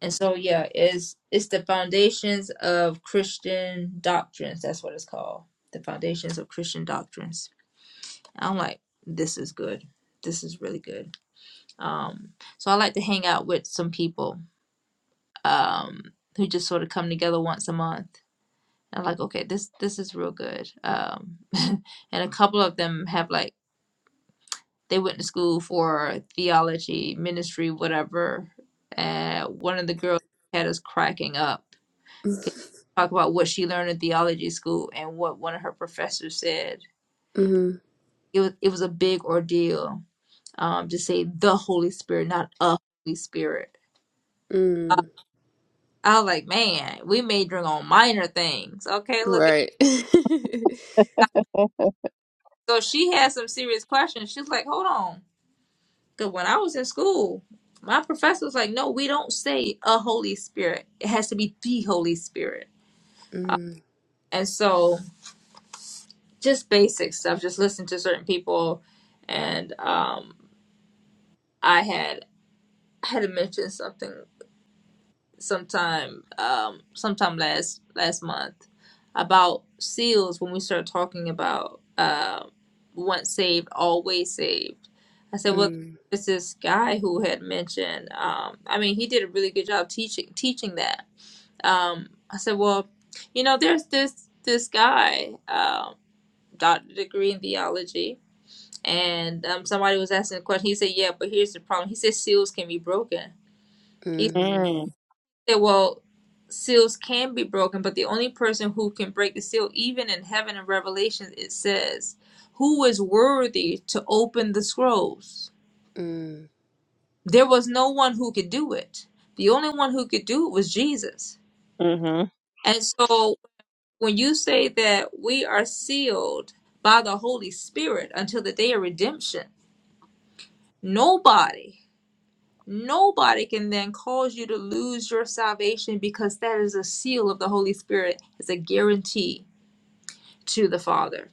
S1: and so yeah, it's it's the foundations of Christian doctrines. That's what it's called. The foundations of Christian doctrines. I'm like, this is good. This is really good. Um, so I like to hang out with some people um who just sort of come together once a month. And I'm like, okay, this this is real good. Um, and a couple of them have like they went to school for theology, ministry, whatever. And one of the girls had us cracking up 'Cause she talked about what she learned in theology school and what one of her professors said.
S3: Mm-hmm.
S1: It was it was a big ordeal um, to say the Holy Spirit, not a Holy Spirit.
S3: Mm.
S1: Uh, I was like, man, we majoring on minor things. Okay, look at
S3: Right. mm,
S1: that. so she had some serious questions. She's like, hold on, because when I was in school, my professor was like, no, we don't say a Holy Spirit. It has to be the Holy Spirit.
S3: mm,
S1: And so, just basic stuff. Just listen to certain people, and um, I had I had mentioned something sometime um sometime last last month about seals when we started talking about uh, once saved always saved. I said, well,
S3: mm,
S1: there's this guy who had mentioned. Um, I mean, he did a really good job teaching teaching that. Um, I said, well, you know, there's this this guy, um, doctor degree in theology, and um, somebody was asking a question. He said, yeah, but here's the problem. He said seals can be broken.
S4: Mm,
S1: said, well, seals can be broken, but the only person who can break the seal, even in heaven in Revelation, it says, who is worthy to open the scrolls?
S3: mm,
S1: There was no one who could do it. The only one who could do it was Jesus.
S4: mm-hmm.
S1: And so when you say that we are sealed by the Holy Spirit until the day of redemption, nobody, nobody can then cause you to lose your salvation because that is a seal of the Holy Spirit. It's a guarantee to the Father.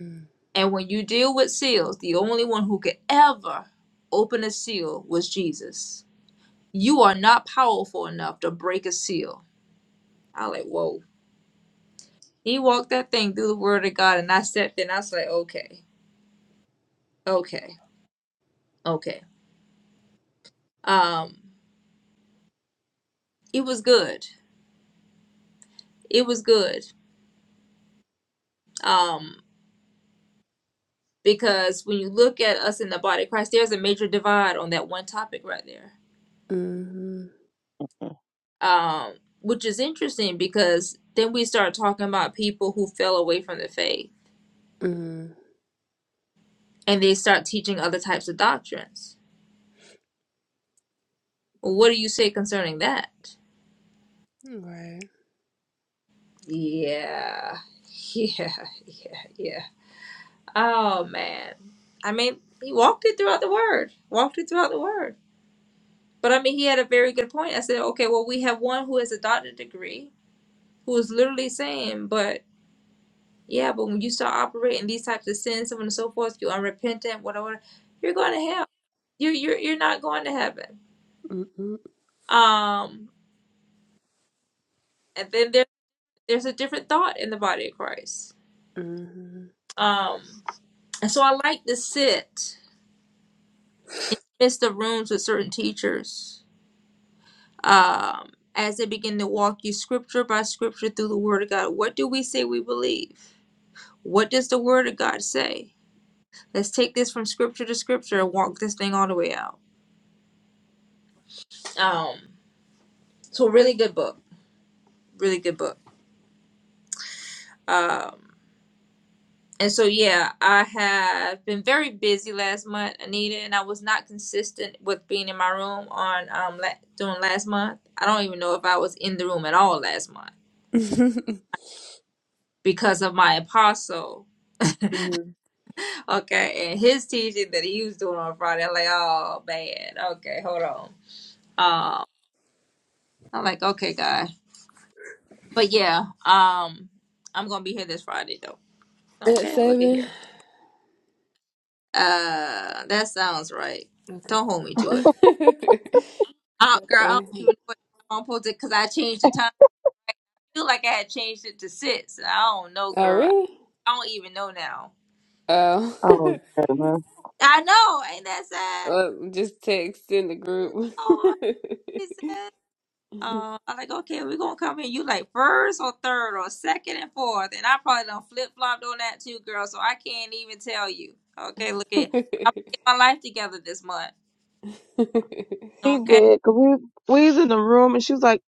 S3: mm,
S1: And when you deal with seals, the only one who could ever open a seal was Jesus. You are not powerful enough to break a seal. I like, whoa. He walked that thing through the word of God and I stepped in. I was like, okay, okay, okay. Um, it was good. It was good. Um, because when you look at us in the body of Christ, there's a major divide on that one topic right there
S3: mm,
S1: um, which is interesting because then we start talking about people who fell away from the faith
S3: mm.
S1: and they start teaching other types of doctrines. What do you say concerning that?
S3: Right.
S1: Yeah, yeah, yeah, yeah. Oh man, I mean, he walked it throughout the word, walked it throughout the word. But I mean, he had a very good point. I said, okay, well, we have one who has a doctorate degree who is literally saying, but Yeah, but when you start operating these types of sins, so on and so forth, you're unrepentant, whatever, you're going to hell. You you're you're not going to heaven.
S3: Mm, mm,
S1: Um, and then there there's a different thought in the body of Christ.
S3: mm.
S1: Um, and so I like to sit midst the rooms with certain teachers. Um, as they begin to walk you scripture by scripture through the Word of God, what do we say we believe? What does the Word of God say? Let's take this from scripture to scripture and walk this thing all the way out. Um, so a really good book. really good book. Um, and so yeah, I have been very busy last month, Anita, and I was not consistent with being in my room on um la- during last month. I don't even know if I was in the room at all last month because of my apostle.
S3: Mhm.
S1: Okay, and his teaching that he was doing on Friday. I'm like, oh bad. Okay, hold on. Um, I'm like, okay, guy. But yeah, um, I'm gonna be here this Friday though.
S3: At
S1: Okay, look at
S3: seven?
S1: here. Uh, that sounds right.
S3: Okay.
S1: Don't hold me to it. Oh, girl, I don't
S3: okay.
S1: even know what time I'm supposed to because I changed the time. I feel like I had changed it to six. I don't know,
S3: Oh,
S1: girl.
S3: really?
S1: I don't even know now.
S3: Oh.
S4: Oh goodness,
S1: I know, ain't that sad?
S3: well, just text in the group.
S1: Oh, it's sad. Uh, I'm like, okay, we're gonna come in. You like first or third or second and fourth, and I probably done flip flopped on that too, girl. So I can't even tell you. Okay, look at. I'm gonna get my life together this month.
S4: we
S1: Okay,
S4: did. 'cause we we was in the room, and she was like,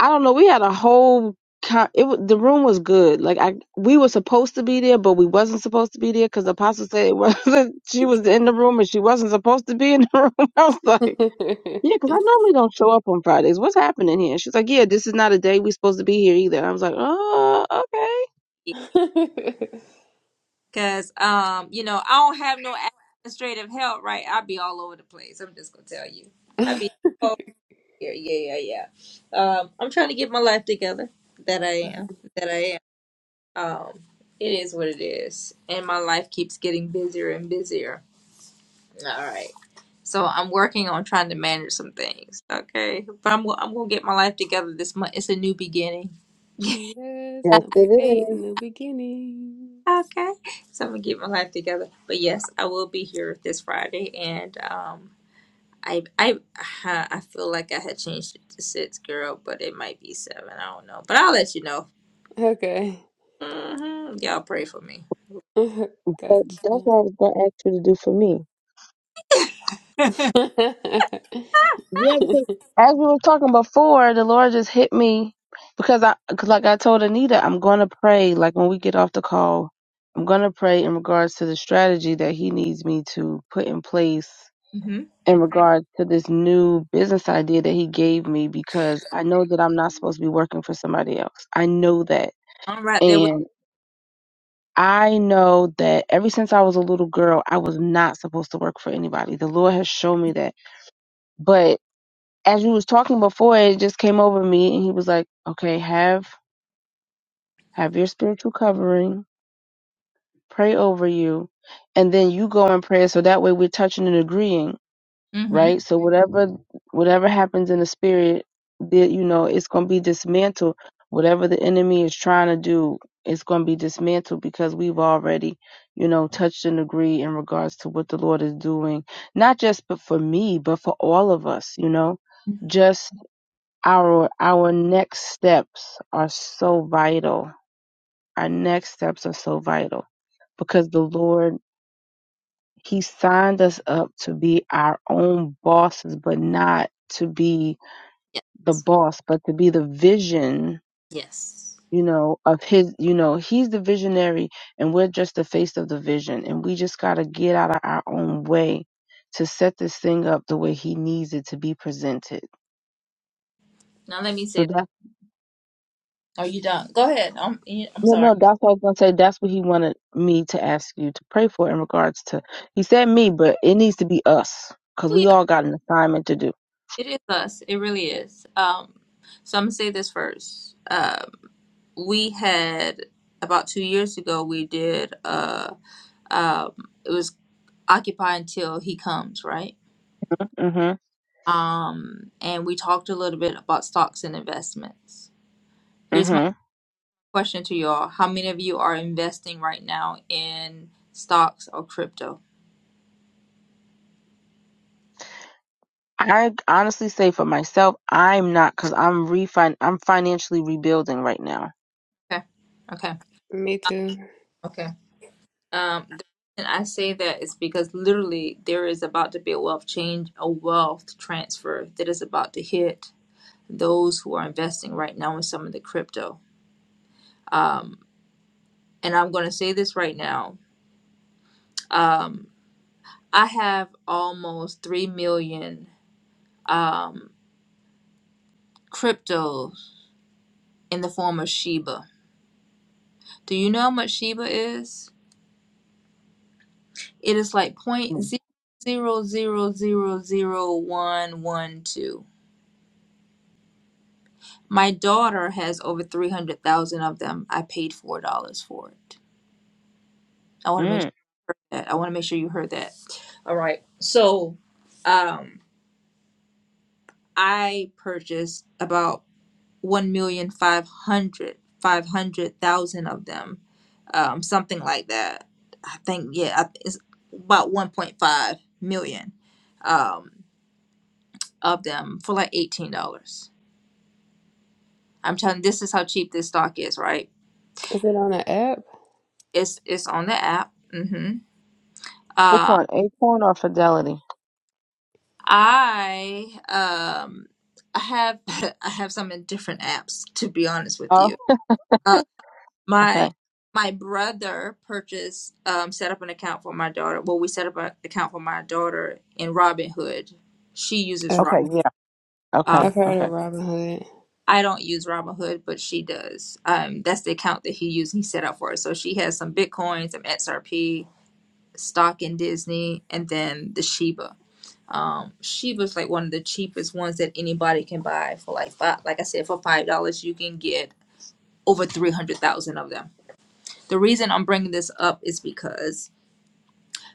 S4: "I don't know." We had a whole. Con- it wa- the room was good. Like I, we were supposed to be there, but we wasn't supposed to be there because the Apostle said it wasn't. She was in the room, and she wasn't supposed to be in the room. I was like, "Yeah," because I normally don't show up on Fridays. What's happening here? She's like, "Yeah, this is not a day we are supposed to be here either." And I was like, "Oh, okay."
S1: because um, you know, I don't have no administrative help. Right, I'll be all over the place. I'm just gonna tell you. I be. Yeah, yeah, yeah, yeah. Um, I'm trying to get my life together. That I am. That I am. Um, it is what it is, and my life keeps getting busier and busier. All right. So I'm working on trying to manage some things. Okay, but I'm go- I'm gonna get my life together this month. It's a new beginning.
S3: Yes,
S4: Yes,
S3: number
S4: it
S3: eight,
S4: is.
S3: new beginnings.
S1: okay, so I'm gonna get my life together. But yes, I will be here this Friday, and um, I I I feel like I had changed it to six, girl, but it might be seven. I don't know, but I'll let you know
S3: Okay.
S1: hmm Y'all pray for me.
S3: Gotcha.
S4: But that's what I was gonna ask you to do for me. Yeah, because as we were talking before, the Lord just hit me because I, cause like I told Anita, I'm going to pray. Like when we get off the call, I'm going to pray in regards to the strategy that He needs me to put in place
S1: Mm-hmm.
S4: in regards to this new business idea that He gave me because I know that I'm not supposed to be working for somebody else. I know that.
S1: I'm right there with.
S4: And I know that ever since I was a little girl, I was not supposed to work for anybody. The Lord has shown me that. But as you was talking before, it just came over me, and he was like, "Okay, have have your spiritual covering, pray over you, and then you go in prayer, so that way we're touching and agreeing,
S1: Mm-hmm.
S4: right? So whatever whatever happens in the spirit, that you know, it's gonna be dismantled. Whatever the enemy is trying to do, it's gonna be dismantled because we've already, you know, touched and agreed in regards to what the Lord is doing, not just but for me, but for all of us, you know." just our our next steps are so vital. Our next steps are so vital because the Lord he signed us up to be our own bosses but not to be
S1: Yeah.
S4: the boss but to be the vision,
S1: Yes.
S4: you know, of his, you know, he's the visionary and we're just the face of the vision and we just got to get out of our own way to set this thing up the way he needs it to be presented.
S1: Now let me say.
S4: So
S1: Are you done? Go ahead. I'm. I'm
S4: No,
S1: sorry.
S4: no, that's what I was gonna say. That's what he wanted me to ask you to pray for in regards to. He said me, but it needs to be us because
S1: Oh
S4: we
S1: yeah,
S4: all got an assignment to do.
S1: it is us. It really is. Um, so I'm gonna say this first. Um, we had about two years ago. We did. Uh, um, it was occupy until he comes, right?
S4: hmm
S1: Um, and we talked a little bit about stocks and investments. Here's my.
S4: hmm
S1: question to you all. How many of you are investing right now in stocks or crypto?
S4: I honestly say for myself, I'm not because I'm refin. I'm financially rebuilding right now.
S1: Okay. Okay.
S3: Me too.
S1: Okay. Um, the reason I say that is because literally there is about to be a wealth change, a wealth transfer that is about to hit those who are investing right now in some of the crypto. And I'm going to say this right now. Um, I have almost 3 million um, cryptos in the form of Shiba. Do you know how much Shiba is? It is like point
S4: Mm.
S1: zero zero zero zero zero one one two. My daughter has over three hundred thousand of them. I paid four dollars for it. I want to make
S4: Mm.
S1: sure that I want to make sure you heard that. All right. So, um, I purchased about one million five hundred five hundred thousand of them, um, something like that. I think yeah, I- it's about one point five million um, of them for like eighteen dollars I'm telling you, this is how cheap this stock is, right?
S3: Is it on an app?
S1: It's it's on the app. hmm
S4: Which
S1: Uh,
S4: one, Acorn or Fidelity?
S1: I um I have I have some in different apps to be honest with
S4: Oh,
S1: you. Uh, my
S4: okay,
S1: my brother purchased um set up an account for my daughter. Well, we set up an account for my daughter in Robinhood. She uses Rob.
S4: okay,
S3: Okay.
S4: yeah,
S1: Uh,
S4: okay,
S3: I've heard of
S4: okay.
S3: Robin Hood.
S1: I don't use Robinhood, but she does. Um, that's the account that he used. and He set up for her. So she has some bitcoins, some XRP, stock in Disney, and then the Shiba. Um, Sheba's like one of the cheapest ones that anybody can buy for like five. Like I said, for five dollars, you can get over three hundred thousand of them. The reason I'm bringing this up is because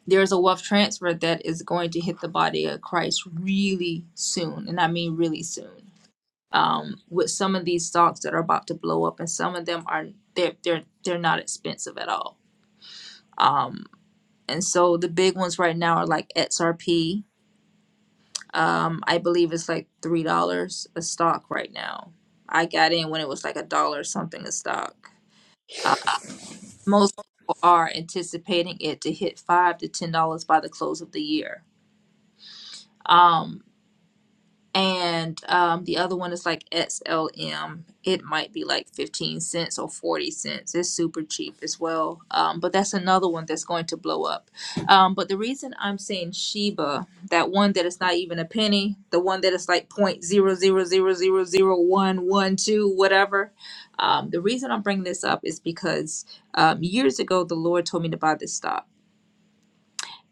S1: there's a wealth transfer that is going to hit the body of Christ really soon, and I mean really soon. Um, with some of these stocks that are about to blow up, and some of them are they're they're they're not expensive at all. Um, and so the big ones right now are like XRP, Um, I believe it's like three dollars a stock right now. I got in when it was like a dollar something a stock. Uh, most people are anticipating it to hit five to ten dollars by the close of the year. Um, and um, the other one is like SLM. It might be like 15 cents or 40 cents. It's super cheap as well. Um, but that's another one that's going to blow up. Um, but the reason I'm saying Sheba, that one that is not even a penny, the one that is like point zero zero zero zero zero one one two whatever. Um, the reason I'm bringing this up is because um, years ago, the Lord told me to buy this stock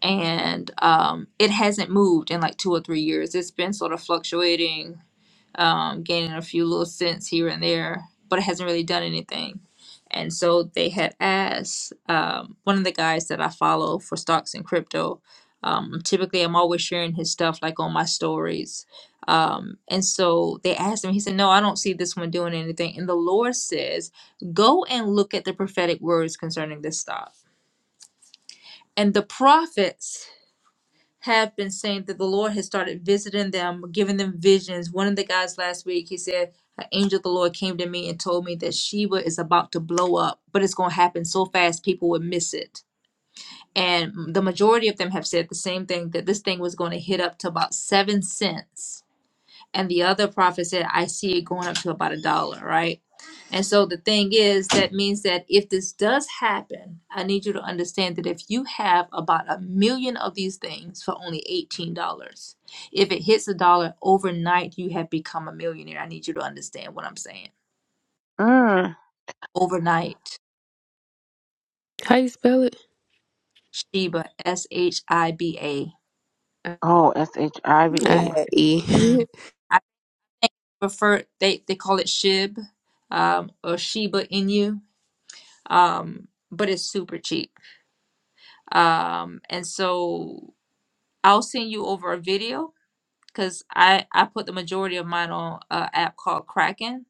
S1: and um, it hasn't moved in like two or three years. It's been sort of fluctuating, um, gaining a few little cents here and there, but it hasn't really done anything. And so they had asked um, one of the guys that I follow for stocks and crypto. Um, typically, I'm always sharing his stuff like on my stories. Um, and so they asked him, he said, No, I don't see this one doing anything. And the Lord says, Go and look at the prophetic words concerning this stock. And the prophets have been saying that the Lord has started visiting them, giving them visions. One of the guys last week, he said, an angel of the Lord came to me and told me that Sheba is about to blow up, but it's going to happen so fast people would miss it. And the majority of them have said the same thing that this thing was going to hit up to about seven cents and the other prophet said i see it going up to about a dollar right and so the thing is that means that if this does happen i need you to understand that if you have about a million of these things for only $18 if it hits a dollar overnight you have become a millionaire i need you to understand what i'm saying
S4: Mm.
S1: overnight
S3: How you spell it?
S1: shiba s-h-i-b-a
S3: I
S4: Oh, S H I V
S3: I
S4: A.
S3: had E.
S1: Mm. i think prefer they, they call it shib um, or shiba inu um, but it's super cheap um and so i'll send you over a video because i i put the majority of mine on an app called kraken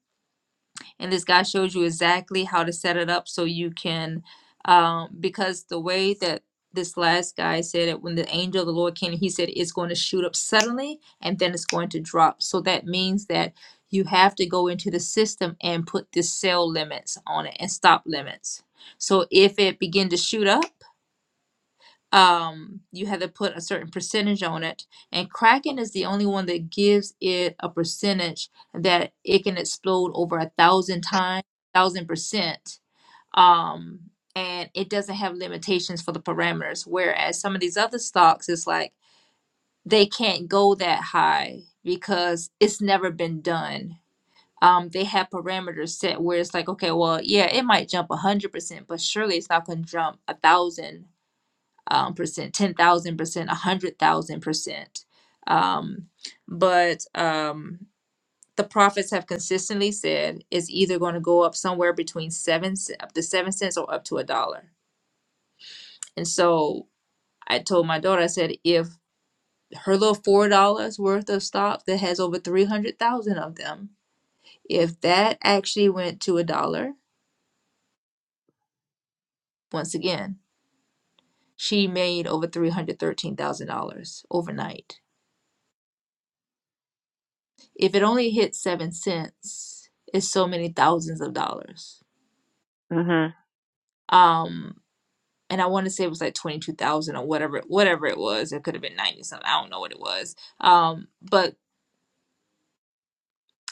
S1: and this guy shows you exactly how to set it up so you can um because the way that this last guy said it when the angel of the lord came he said it's going to shoot up suddenly and then it's going to drop so that means that you have to go into the system and put the sell limits on it and stop limits so if it begin to shoot up um, you had to put a certain percentage on it. And Kraken is the only one that gives it a percentage that it can explode over a thousand times, thousand percent. Um, and it doesn't have limitations for the parameters. Whereas some of these other stocks, it's like they can't go that high because it's never been done. Um, they have parameters set where it's like, okay, well, yeah, it might jump 100%, but surely it's not going to jump a thousand um, percent, ten thousand percent, a hundred thousand percent. Um, but um, the prophets have consistently said it's either going to go up somewhere between seven c- up to seven cents or up to a dollar. And so I told my daughter, I said, if her little four dollars worth of stock that has over three hundred thousand of them, if that actually went to a dollar, once again, she made over three hundred thirteen thousand dollars overnight If it only hits seven cents, it's so many thousands of dollars.
S4: Mhm.
S1: Um, and I want to say it was like twenty two thousand or whatever, whatever it was. It could have been ninety something. I don't know what it was. Um, but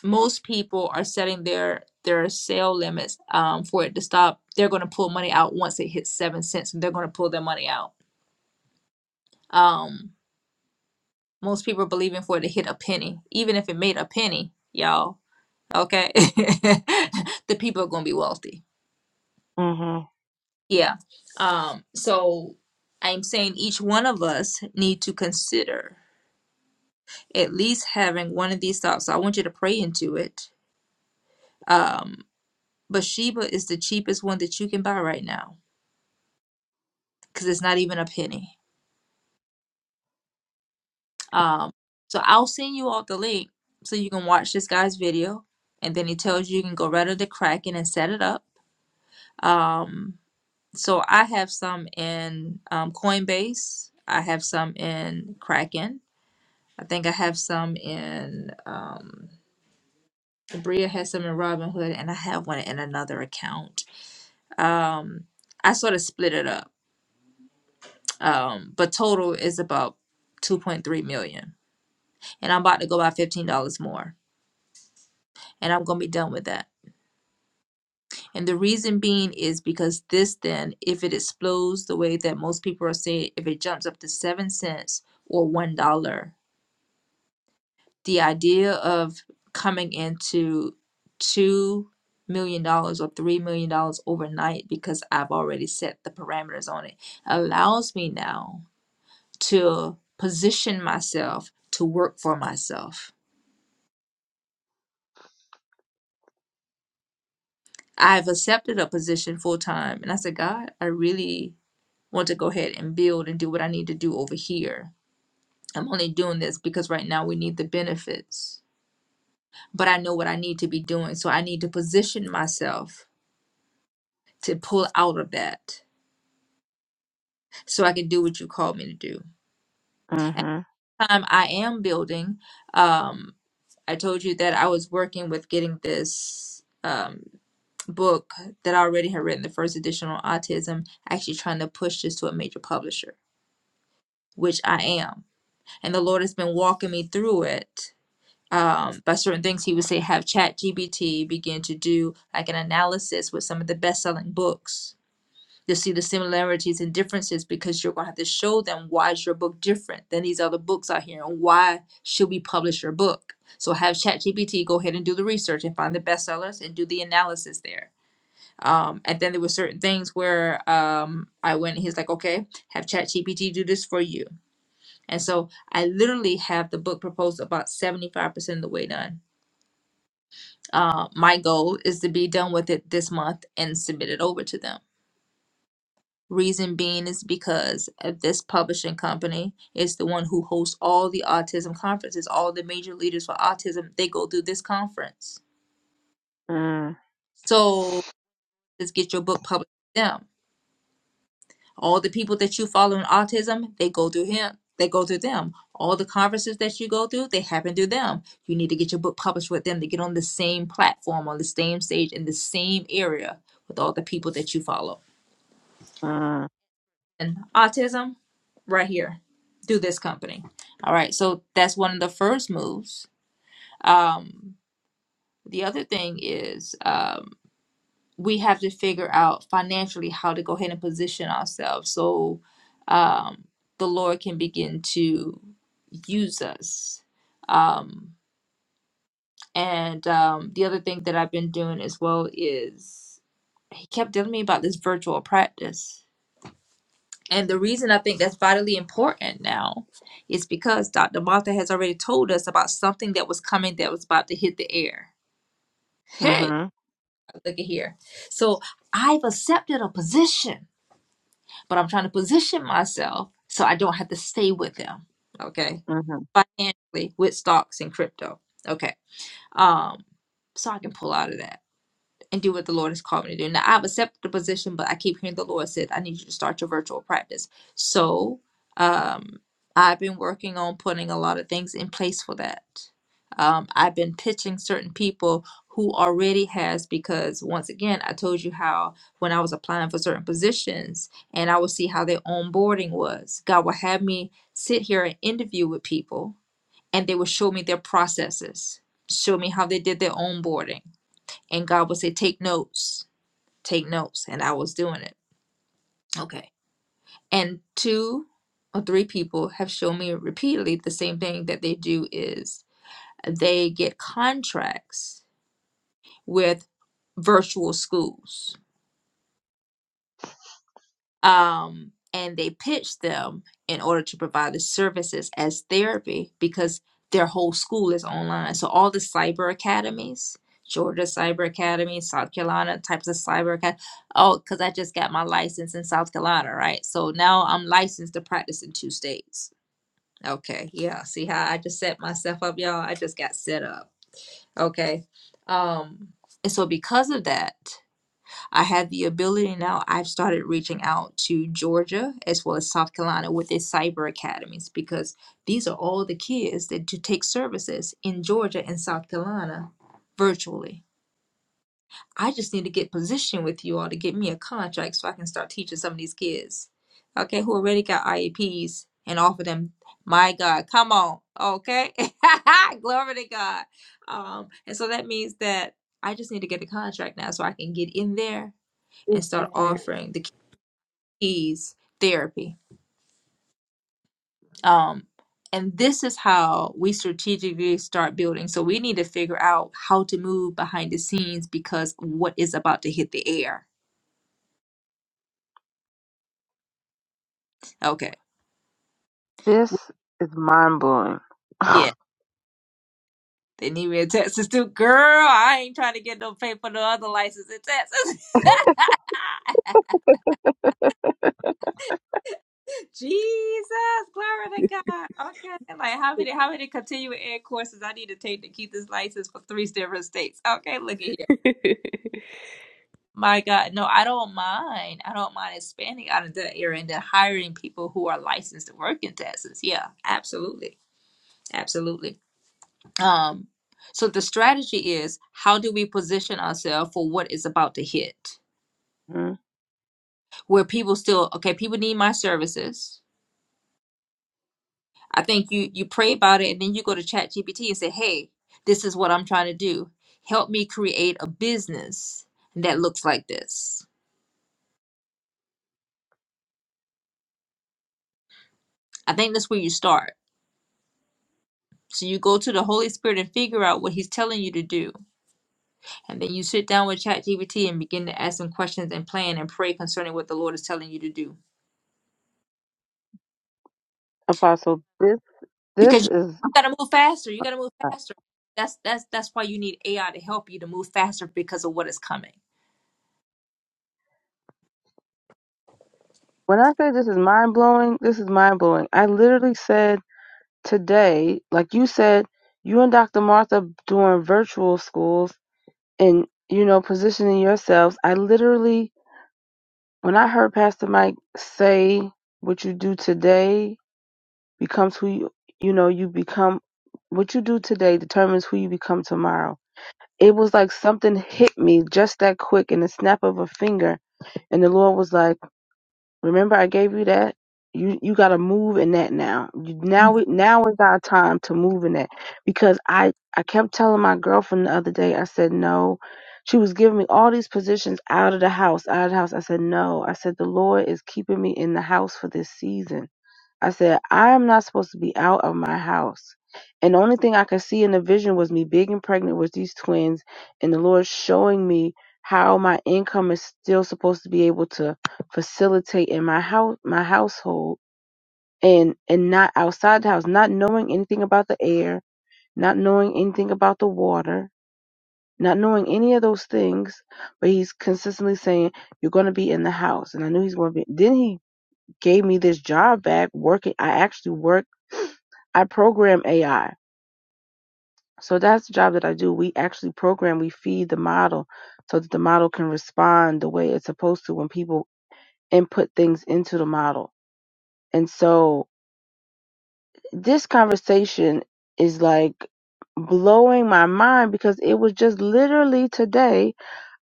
S1: most people are setting their their sale limits um, for it to stop. They're going to pull money out once it hits seven cents, and they're going to pull their money out. Um, most people are believing for it to hit a penny, even if it made a penny, y'all. Okay, the people are going to be wealthy
S4: Mhm.
S1: Yeah. Um, so I'm saying each one of us need to consider at least having one of these thoughts. So I want you to pray into it. Um, Bathsheba is the cheapest one that you can buy right now because it's not even a penny. Um, so I'll send you all the link so you can watch this guy's video. And then he tells you you can go right under Kraken and set it up. Um, so I have some in um, Coinbase. I have some in Kraken. I think I have some in um Bria has some in Robinhood and I have one in another account. Um I sort of split it up. Um but total is about 2.3 million. And I'm about to go buy $15 more. And I'm going to be done with that. And the reason being is because this then if it explodes the way that most people are saying if it jumps up to 7 cents or $1 the idea of coming into two million dollars or three million dollars overnight because I've already set the parameters on it allows me now to position myself to work for myself. I've accepted a position full time and I said, God, I really want to go ahead and build and do what I need to do over here. I'm only doing this because right now we need the benefits, but I know what I need to be doing. So I need to position myself to pull out of that so I can do what you called me to do.
S4: Mhm.
S1: Um, I am building, um, I told you that I was working with getting this um, book that I already had written, the first edition on autism, actually trying to push this to a major publisher, which I am. And the Lord has been walking me through it um, by certain things. He would say, have Chat GBT begin to do like an analysis with some of the best selling books You'll see the similarities and differences because you're going to have to show them why is your book different than these other books out here and why should we publish your book. So have ChatGPT go ahead and do the research and find the bestsellers and do the analysis there. Um, and then there were certain things where um, I went, he's like, okay, have ChatGPT do this for you. And so I literally have the book proposed about 75% of the way done. Uh, my goal is to be done with it this month and submit it over to them Reason being is because of this publishing company is the one who hosts all the autism conferences. All the major leaders for autism, they go through this conference.
S4: Mm.
S1: So just get your book published with them. All the people that you follow in autism, they go through him. They go through them. All the conferences that you go through, they happen through them. You need to get your book published with them to get on the same platform, on the same stage, in the same area with all the people that you follow.
S4: Mm.
S1: and autism right here through this company. All right, so that's one of the first moves. Um, the other thing is um, we have to figure out financially how to go ahead and position ourselves so um, the Lord can begin to use us. Um, and um, the other thing that I've been doing as well is He kept telling me about this virtual practice And the reason I think that's vitally important now is because Dr. Martha has already told us about something that was coming that was about to hit the air. Hey,
S4: Mhm.
S1: look at here. So I've accepted a position, but I'm trying to position myself so I don't have to stay with them. Okay.
S4: Mhm.
S1: Financially with stocks and crypto. Okay. Um, so I can pull out of that. and do what the Lord has called me to do. Now I've accepted the position, but I keep hearing the Lord said, I need you to start your virtual practice. So um I've been working on putting a lot of things in place for that. Um, I've been pitching certain people who already has because once again I told you how when I was applying for certain positions and I would see how their onboarding was. God would have me sit here and interview with people and they would show me their processes, show me how they did their onboarding and God would say, Take notes, take notes. And I was doing it. Okay. And two or three people have shown me repeatedly the same thing that they do is they get contracts with virtual schools um, and they pitch them in order to provide the services as therapy because their whole school is online. So all the cyber academies, Georgia Cyber Academy, South Carolina types of cyber academy. Oh, because I just got my license in South Carolina, right? So now I'm licensed to practice in two states. Okay, yeah. See how I just set myself up, y'all? I just got set up. Okay. Um, and so because of that, I have the ability now. I've started reaching out to Georgia as well as South Carolina with their cyber academies because these are all the kids that to take services in Georgia and South Carolina virtually. I just need to get positioned with you all to get me a contract so I can start teaching some of these kids, okay, who already got IEPs and offer them. My God, come on, okay, glory to God. Um, and so that means that I just need to get a contract now so I can get in there and start offering the keys therapy. Um, and this is how we strategically start building. So we need to figure out how to move behind the scenes because what is about to hit the air. Okay. W-
S4: This is mind blowing.
S1: Yeah. They need me in Texas too. Girl, I ain't trying to get no pay for no other license in Texas. Jesus, glory to God. Okay. Like how many how many continuing ed courses I need to take to keep this license for three different states. Okay, look at here. My God, no, I don't mind. I don't mind expanding out of that area and then hiring people who are licensed to work in Texas. Yeah, absolutely. Absolutely. Um, so the strategy is how do we position ourselves for what is about to hit?
S4: hmm
S1: Where people still, okay, people need my services. I think you you pray about it and then you go to ChatGPT and say, Hey, this is what I'm trying to do. Help me create a business that looks like this. I think that's where you start So you go to the Holy Spirit and figure out what He's telling you to do. And then you sit down with ChatGPT and begin to ask some questions and plan and pray concerning what the Lord is telling you to do.
S4: Apostle, this
S1: Because
S4: this
S1: you
S4: is
S1: gotta move faster. You gotta move faster. That's that's that's why you need AI to help you to move faster because of what is coming.
S4: when I say this is mind blowing, this is mind blowing. I literally said today, like you said, you and Dr. Martha doing virtual schools and you know positioning yourselves. I literally, when I heard Pastor Mike say, "What you do today becomes who you, you know you become. What you do today determines who you become tomorrow." it was like something hit me just that quick in the snap of a finger and the lord was like remember i gave you that you you got to move in that now You- now we now is our time to move in that because i i kept telling my girlfriend the other day i said no she was giving me all these positions out of the house out of the house i said no i said the lord is keeping me in the house for this season I said, I am not supposed to be out of my house. And the only thing I could see in the vision was me big and pregnant with these twins, and the Lord showing me how my income is still supposed to be able to facilitate in my house, my household, and and not outside the house, not knowing anything about the air, not knowing anything about the water, not knowing any of those things. But He's consistently saying, "You're going to be in the house," and I knew He's going to be. Then He gave me this job back working. I actually work, I program AI. So that's the job that I do. We actually program, we feed the model so that the model can respond the way it's supposed to when people input things into the model. And so this conversation is like blowing my mind because it was just literally today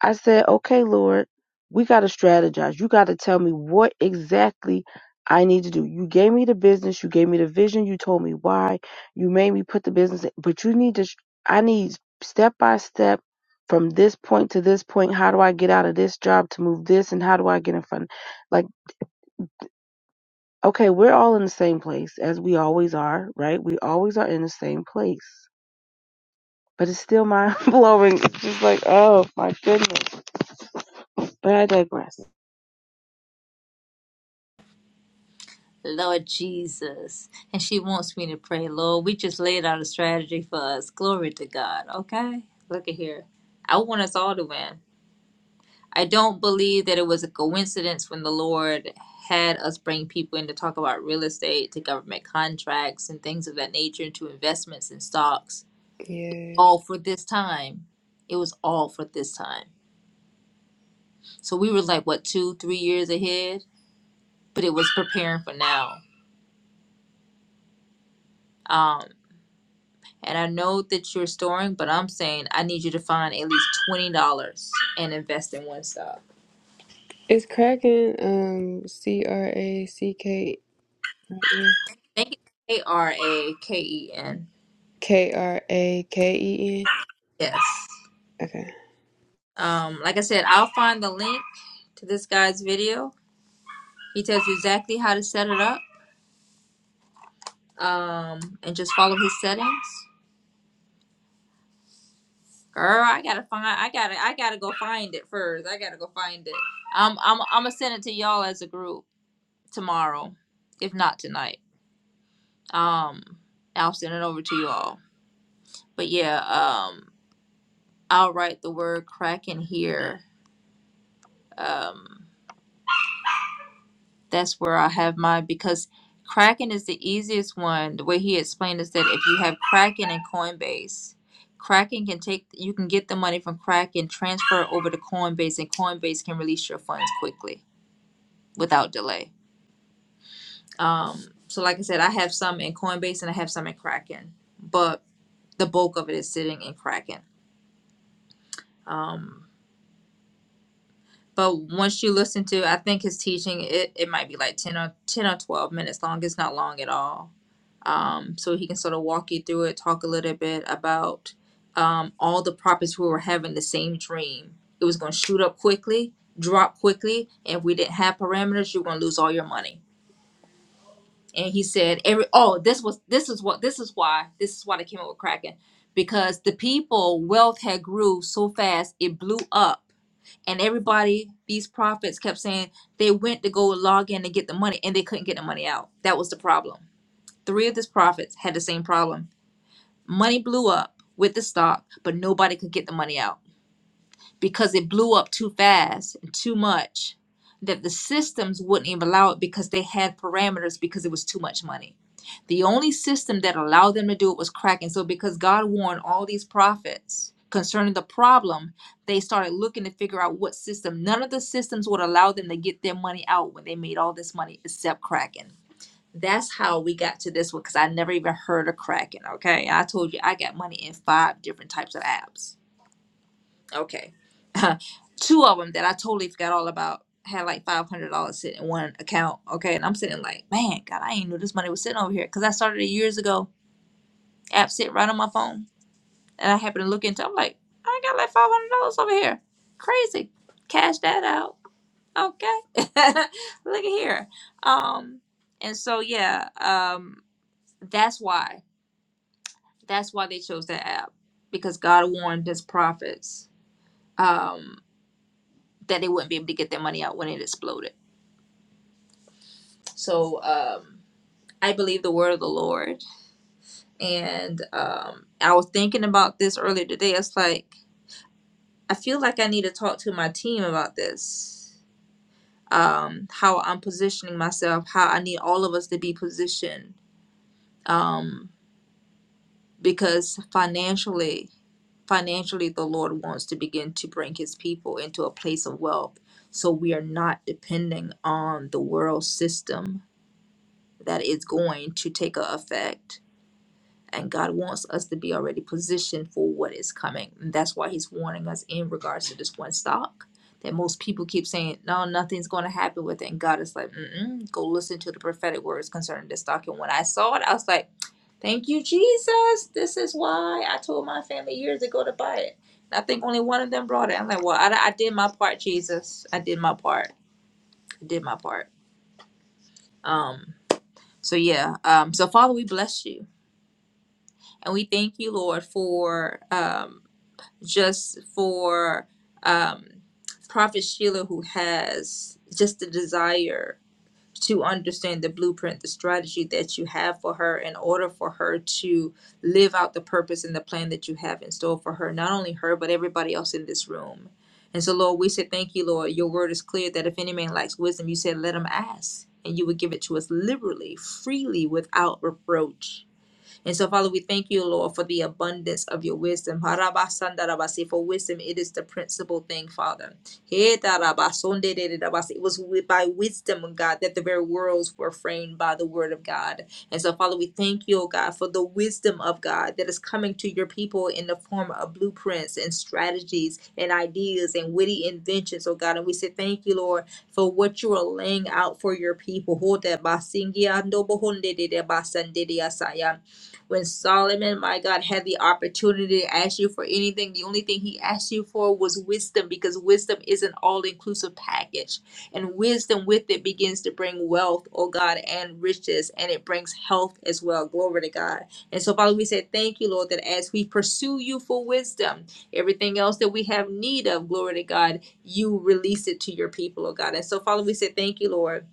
S4: I said, okay, Lord, we got to strategize. You got to tell me what exactly I need to do. You gave me the business. You gave me the vision. You told me why. You made me put the business in, but you need to, I need step by step from this point to this point. How do I get out of this job to move this? And how do I get in front? Like, okay, we're all in the same place as we always are, right? We always are in the same place. But it's still mind blowing. It's just like, oh my goodness. But I digress.
S1: Lord Jesus. And she wants me to pray, Lord, we just laid out a strategy for us. Glory to God. Okay? Look at here. I want us all to win. I don't believe that it was a coincidence when the Lord had us bring people in to talk about real estate, to government contracts, and things of that nature, to investments and stocks,
S3: Yes.
S1: all for this time. It was all for this time. So we were like, what, two, three years ahead? But it was preparing for now. Um, and I know that you're storing, but I'm saying I need you to find at least $20 and invest in one stock.
S3: It's Kraken, um, C R A C K
S1: Thank you. A R A K E N.
S3: K R A K E N.
S1: Yes.
S3: Okay.
S1: Um, like I said, I'll find the link to this guy's video. He tells you exactly how to set it up. Um, and just follow his settings. Girl, I gotta find. I gotta. I gotta go find it first. I gotta go find it. I'm. I'm. I'm gonna send it to y'all as a group tomorrow, if not tonight. Um, I'll send it over to you all. But yeah. Um, I'll write the word crack in here. Um. That's where I have mine because Kraken is the easiest one. The way he explained is that if you have Kraken and Coinbase, Kraken can take you can get the money from Kraken, transfer it over to Coinbase, and Coinbase can release your funds quickly without delay. Um, so like I said, I have some in Coinbase and I have some in Kraken, but the bulk of it is sitting in Kraken. Um, but once you listen to i think his teaching it, it might be like 10 or 10 or 12 minutes long it's not long at all um, so he can sort of walk you through it talk a little bit about um, all the prophets who were having the same dream it was going to shoot up quickly drop quickly and if we didn't have parameters you're going to lose all your money and he said every oh this was this is what this is why this is why they came up with kraken because the people wealth had grew so fast it blew up and everybody, these prophets kept saying they went to go log in and get the money and they couldn't get the money out. That was the problem. Three of these prophets had the same problem. Money blew up with the stock, but nobody could get the money out because it blew up too fast and too much that the systems wouldn't even allow it because they had parameters because it was too much money. The only system that allowed them to do it was cracking. So because God warned all these prophets concerning the problem, they started looking to figure out what system. None of the systems would allow them to get their money out when they made all this money except cracking. That's how we got to this one because I never even heard of cracking. Okay. I told you I got money in five different types of apps Okay. Two of them that I totally forgot all about had like five hundred dollars sitting in one account. Okay, and I'm sitting like, man, God, I ain't knew this money was sitting over here because I started it years ago. App sit right on my phone, and I happened to look into. I'm like, I got like five hundred dollars over here. Crazy. Cash that out. Okay. look at here. Um, and so yeah, um, that's why. That's why they chose that app because God warned his prophets. Um. that they wouldn't be able to get their money out when it exploded. So um, I believe the word of the Lord. And um, I was thinking about this earlier today. It's like, I feel like I need to talk to my team about this um, how I'm positioning myself, how I need all of us to be positioned. Um, because financially, financially the lord wants to begin to bring his people into a place of wealth so we are not depending on the world system that is going to take a effect. And God wants us to be already positioned for what is coming. And that's why He's warning us in regards to this one stock that most people keep saying, no, nothing's going to happen with it. And God is like, Mm-mm, go listen to the prophetic words concerning this stock. And when I saw it, I was like, thank you, Jesus. This is why I told my family years ago to buy it. And I think only one of them brought it. I'm like, well, I, I did my part, Jesus. I did my part. I did my part. Um, so yeah. Um, so Father, we bless you. And we thank you, Lord, for um, just for um, Prophet Sheila, who has just the desire to understand the blueprint, the strategy that you have for her in order for her to live out the purpose and the plan that you have in store for her, not only her, but everybody else in this room. And so, Lord, we say thank you, Lord. Your word is clear that if any man lacks wisdom, you said, let him ask, and you would give it to us liberally, freely, without reproach. And so, Father, we thank you, Lord, for the abundance of your wisdom. Harabasandarabasi, For wisdom, it is the principal thing, Father. Hedarabasondededabasi. It was wi- by wisdom, oh God, that the very worlds were framed by the word of God. And so, Father, we thank you, oh God, for the wisdom of God that is coming to your people in the form of blueprints and strategies and ideas and witty inventions, oh God. And we say thank you, Lord, for what you are laying out for your people. When Solomon, my God, had the opportunity to ask you for anything, the only thing he asked you for was wisdom because wisdom is an all inclusive package. And wisdom with it begins to bring wealth, oh God, and riches, and it brings health as well. Glory to God. And so, Father, we say thank you, Lord, that as we pursue you for wisdom, everything else that we have need of, glory to God, you release it to your people, oh God. And so, Father, we say thank you, Lord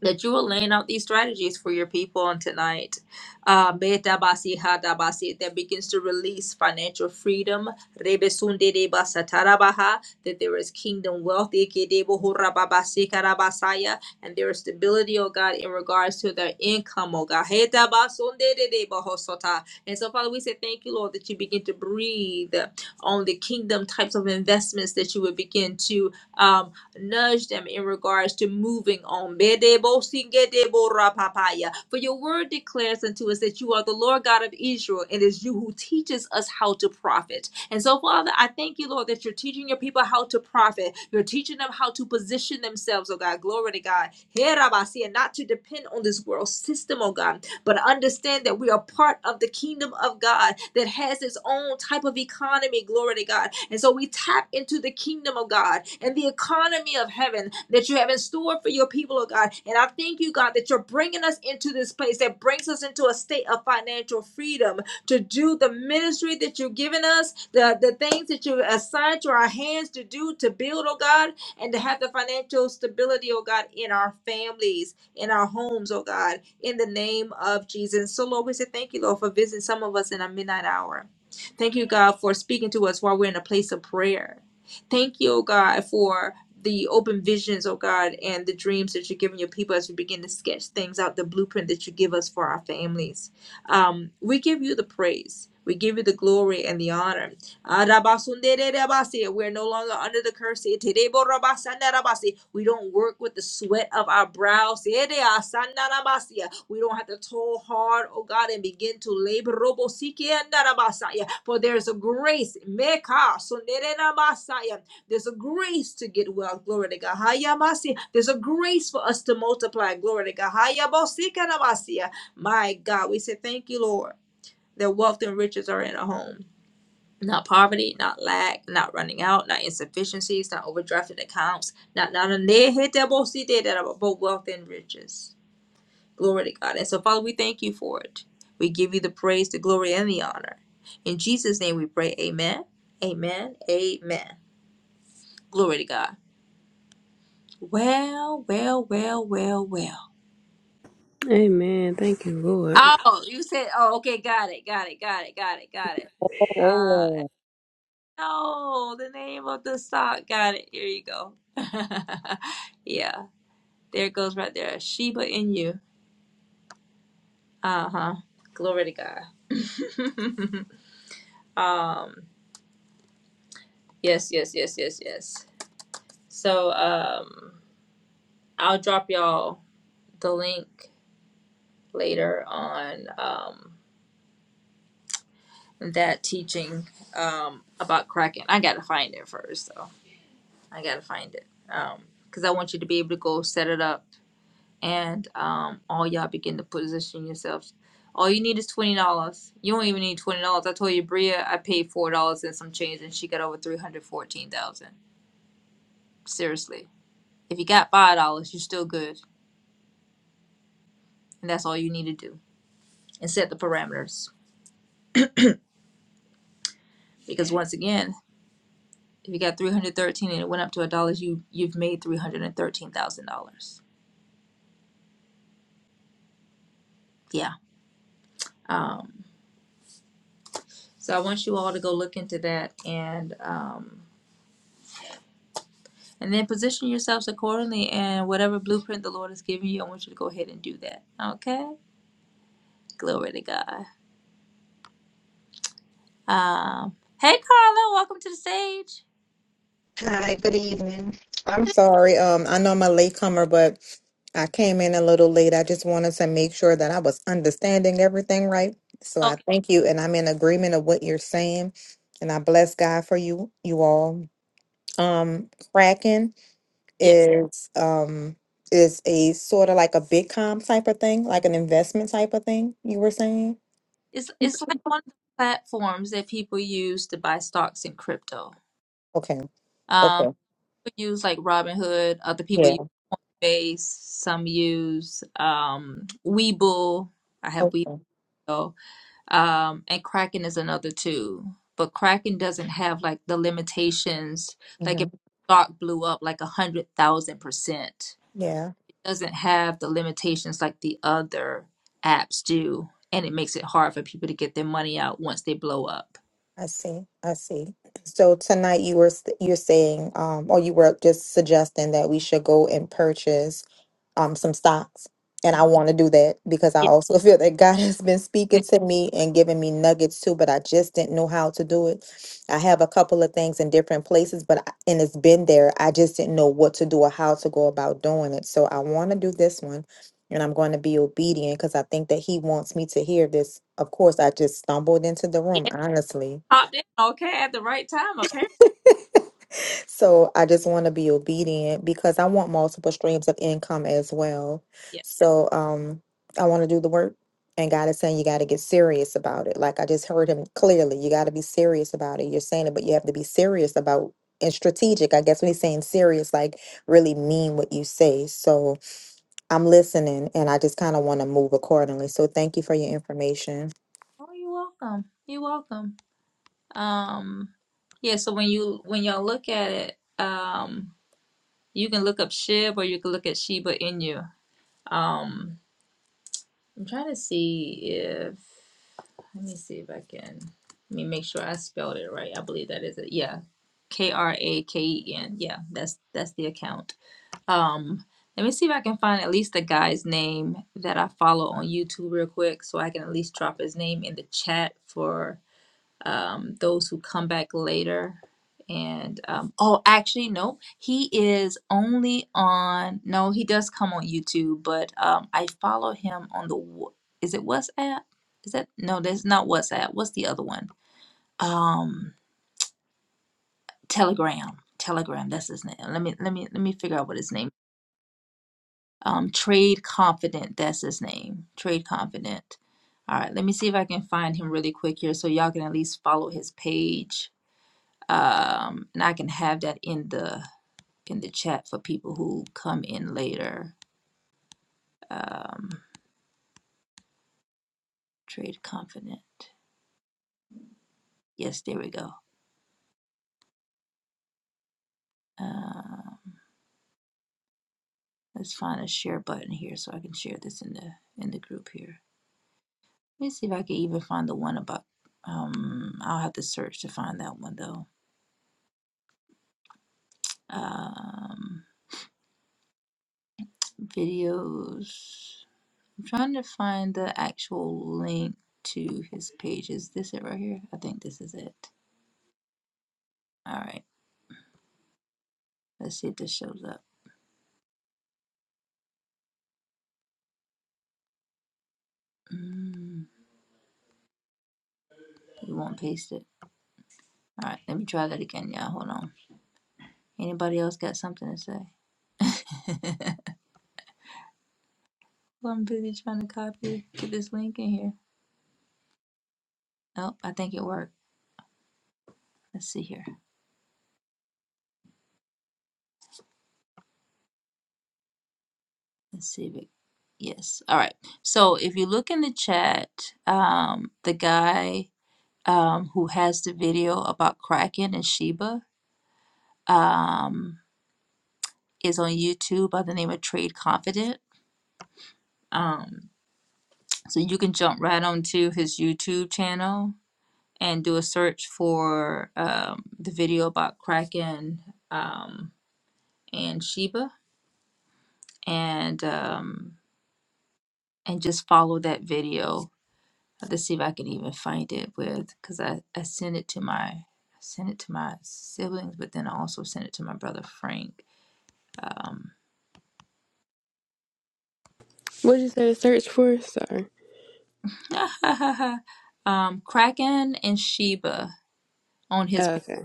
S1: that you will laying out these strategies for your people on tonight. Uh, Beta basi hada basi that begins to release financial freedom. Rebe sunde de basa tarabaha, That there is kingdom wealth, Ike debo hora babasi karabasaya, and there is stability, oh God, in regards to their income, oh God. Heta basunde de debo hosota. And so, Father, we say thank you, Lord, that you begin to breathe on the kingdom types of investments that you would begin to um, nudge them in regards to moving on. Bedebo-singedebo-rapapaya. For your word declares unto us that you are the Lord God of Israel, and it is you who teaches us how to profit. And so, Father, I thank you, Lord, that you're teaching your people how to profit. You're teaching them how to position themselves, oh God. Glory to God. Herabasi, And not to depend on this world system, oh God but understand that we are part of the kingdom of God that has its own type of economy, glory to God. And so we tap into the kingdom of God and the economy of heaven that you have in store for your people, oh God. And I thank you, God, that you're bringing us into this place that brings us into a state of financial freedom to do the ministry that you've given us, the, the things that you assigned to our hands to do, to build, oh God, and to have the financial stability, oh God, in our families in our homes, oh God, in the name of Jesus. So, Lord, we say thank you, Lord, for visiting some of us in our midnight hour. Thank you, God, for speaking to us while we're in a place of prayer. Thank you, oh God, for the open visions, oh God, and the dreams that you're giving your people as we begin to sketch things out, the blueprint that you give us for our families. Um, we give you the praise. We give you the glory and the honor. Arabasundere rabasi. We're no longer under the curse. Terebo rabasanda rabasi. We don't work with the sweat of our brows. Ere asanda rabasi. We don't have to toil hard, oh God, and begin to labor. Robo siki anda rabasaya. For there's a grace. Meka sundere rabasaya. There's a grace to get well. Glory to God. Haya masi. There's a grace for us to multiply. Glory to God. Haya bosika rabasi. My God, we say thank you, Lord, that wealth and riches are in our homes not poverty, not lack, not running out, not insufficiencies, not overdrafted accounts, not not a near hit that both see there that are both wealth and riches. Glory to God. And so, Father, we thank you for it. We give you the praise, the glory, and the honor. In Jesus' name we pray, Amen. Amen. Amen. Glory to God. Well, well, well, well, well.
S3: Amen. Thank you, Lord.
S1: Oh, you said, oh, okay, got it, got it, got it, got it, got it. Uh.
S4: Amen.
S1: No, the name of the stock. Got it. Here you go. yeah, there it goes right there. Sheba in you. Uh huh. Glory to God. um. Yes. Yes. Yes. Yes. Yes. So um, I'll drop y'all the link later on um that teaching um about Kraken. I gotta find it first though. I gotta find it um because I want you to be able to go set it up and um, all y'all begin to position yourselves. All you need is twenty dollars. You don't even need twenty dollars. I told you, Bria, I paid four dollars and some change, and she got over three hundred fourteen thousand. Seriously, if you got five dollars, you're still good, and that's all you need to do. And set the parameters, because once again, if you got three hundred thirteen and it went up to a dollar, you you've made three hundred and thirteen thousand dollars. Yeah. Um, so I want you all to go look into that and. Um, And then position yourselves accordingly and whatever blueprint the Lord has given you, I want you to go ahead and do that. Okay? Glory to God. Um, hey Carla, welcome to the stage.
S5: Hi, good evening. I'm sorry. Um, I know I'm a latecomer, but I came in a little late. I just wanted to make sure that I was understanding everything right. So I
S1: Okay,
S5: thank you, and I'm in agreement of what you're saying. And I bless God for you, you all. Um, Kraken
S1: yes.
S5: is um is a sort of like a Bitcoin type of thing, like an investment type of thing. You were saying,
S1: It's it's like one of the platforms that people use to buy stocks in crypto.
S5: okay,
S1: Um
S5: okay,
S1: people use like Robinhood, other people
S5: yeah,
S1: use Coinbase, some use um Webull. I have
S5: okay,
S1: Webull. um, and Kraken is another too. But Kraken doesn't have like the limitations. Like
S5: mm-hmm.
S1: if stock blew up like a hundred thousand percent,
S5: yeah.
S1: doesn't have the limitations like the other apps do, and it makes it hard for people to get their money out once they blow up.
S5: I see. I see. So tonight you were s- you're saying um or you were just suggesting that we should go and purchase um some stocks. And I want to do that because I
S1: Yeah,
S5: also feel that God has been speaking to me and giving me nuggets too, but I just didn't know how to do it. I have a couple of things in different places, but I- and it's been there. I just didn't know what to do or how to go about doing it. So I want to do this one and I'm going to be obedient because I think that he wants me to hear this. Of course, I just stumbled into the room,
S1: yeah,
S5: honestly
S1: popped in okay at the right time apparently.
S5: So I just want to be obedient because I want multiple streams of income as well.
S1: Yeah.
S5: So um I want to do the work and God is saying you got to get serious about it. Like I just heard him clearly, you got to be serious about it. You're saying it, but you have to be serious about and strategic. I guess when he's saying serious, like really mean what you say. So I'm listening and I just kind of want to move accordingly. So thank you for your information.
S1: Oh, you're welcome. You're welcome. Um, yeah. So when you when y'all look at it, um, you can look up SHIB or you can look at Shiba Inu Um, I'm trying to see if let me see if I can let me make sure I spelled it right. I believe that is it. Yeah. K R A K E N. Yeah, that's that's the account. Um, let me see if I can find at least the guy's name that I follow on YouTube real quick so I can at least drop his name in the chat for um, those who come back later. And um, oh, actually, no, he is only on. No, he does come on YouTube, but um, I follow him on the. Wh- Is it WhatsApp? Is that no? That's not WhatsApp. What's the other one? Um, Telegram. Telegram. That's his name. Let me let me let me figure out what his name. Um, Trade Confident. That's his name. Trade Confident. All right. Let me see if I can find him really quick here, so y'all can at least follow his page. um, and I can have that in the in the chat for people who come in later. Um, trade confident. Yes, there we go. Uh, let's find a share button here so I can share this in the in the group here. Let me see if I can even find the one about. Um, I'll have to search to find that one though. Um, videos. I'm trying to find the actual link to his page. Is this it right here? I think this is it. All right. Let's see if this shows up. Mm, you won't paste it. All right, let me try that again. Yeah, hold on. Anybody else got something to say? Well, I'm busy trying to copy get this link in here. Oh, I think it worked. Let's see here. Let's see if it. Yes. All right. So if you look in the chat, um, the guy um, who has the video about Kraken and Sheba um, is on YouTube by the name of Trade Confident. Um, so you can jump right onto his YouTube channel and do a search for um, the video about Kraken um, and Sheba, and um, and just follow that video. I have to see if I can even find it with because I, I sent it to my I sent it to my siblings, but then I also sent it to my brother Frank. Um,
S3: What'd you say? to Search for? Sorry.
S1: um, Kraken and Sheba on his
S3: Oh,
S1: pa-
S3: okay.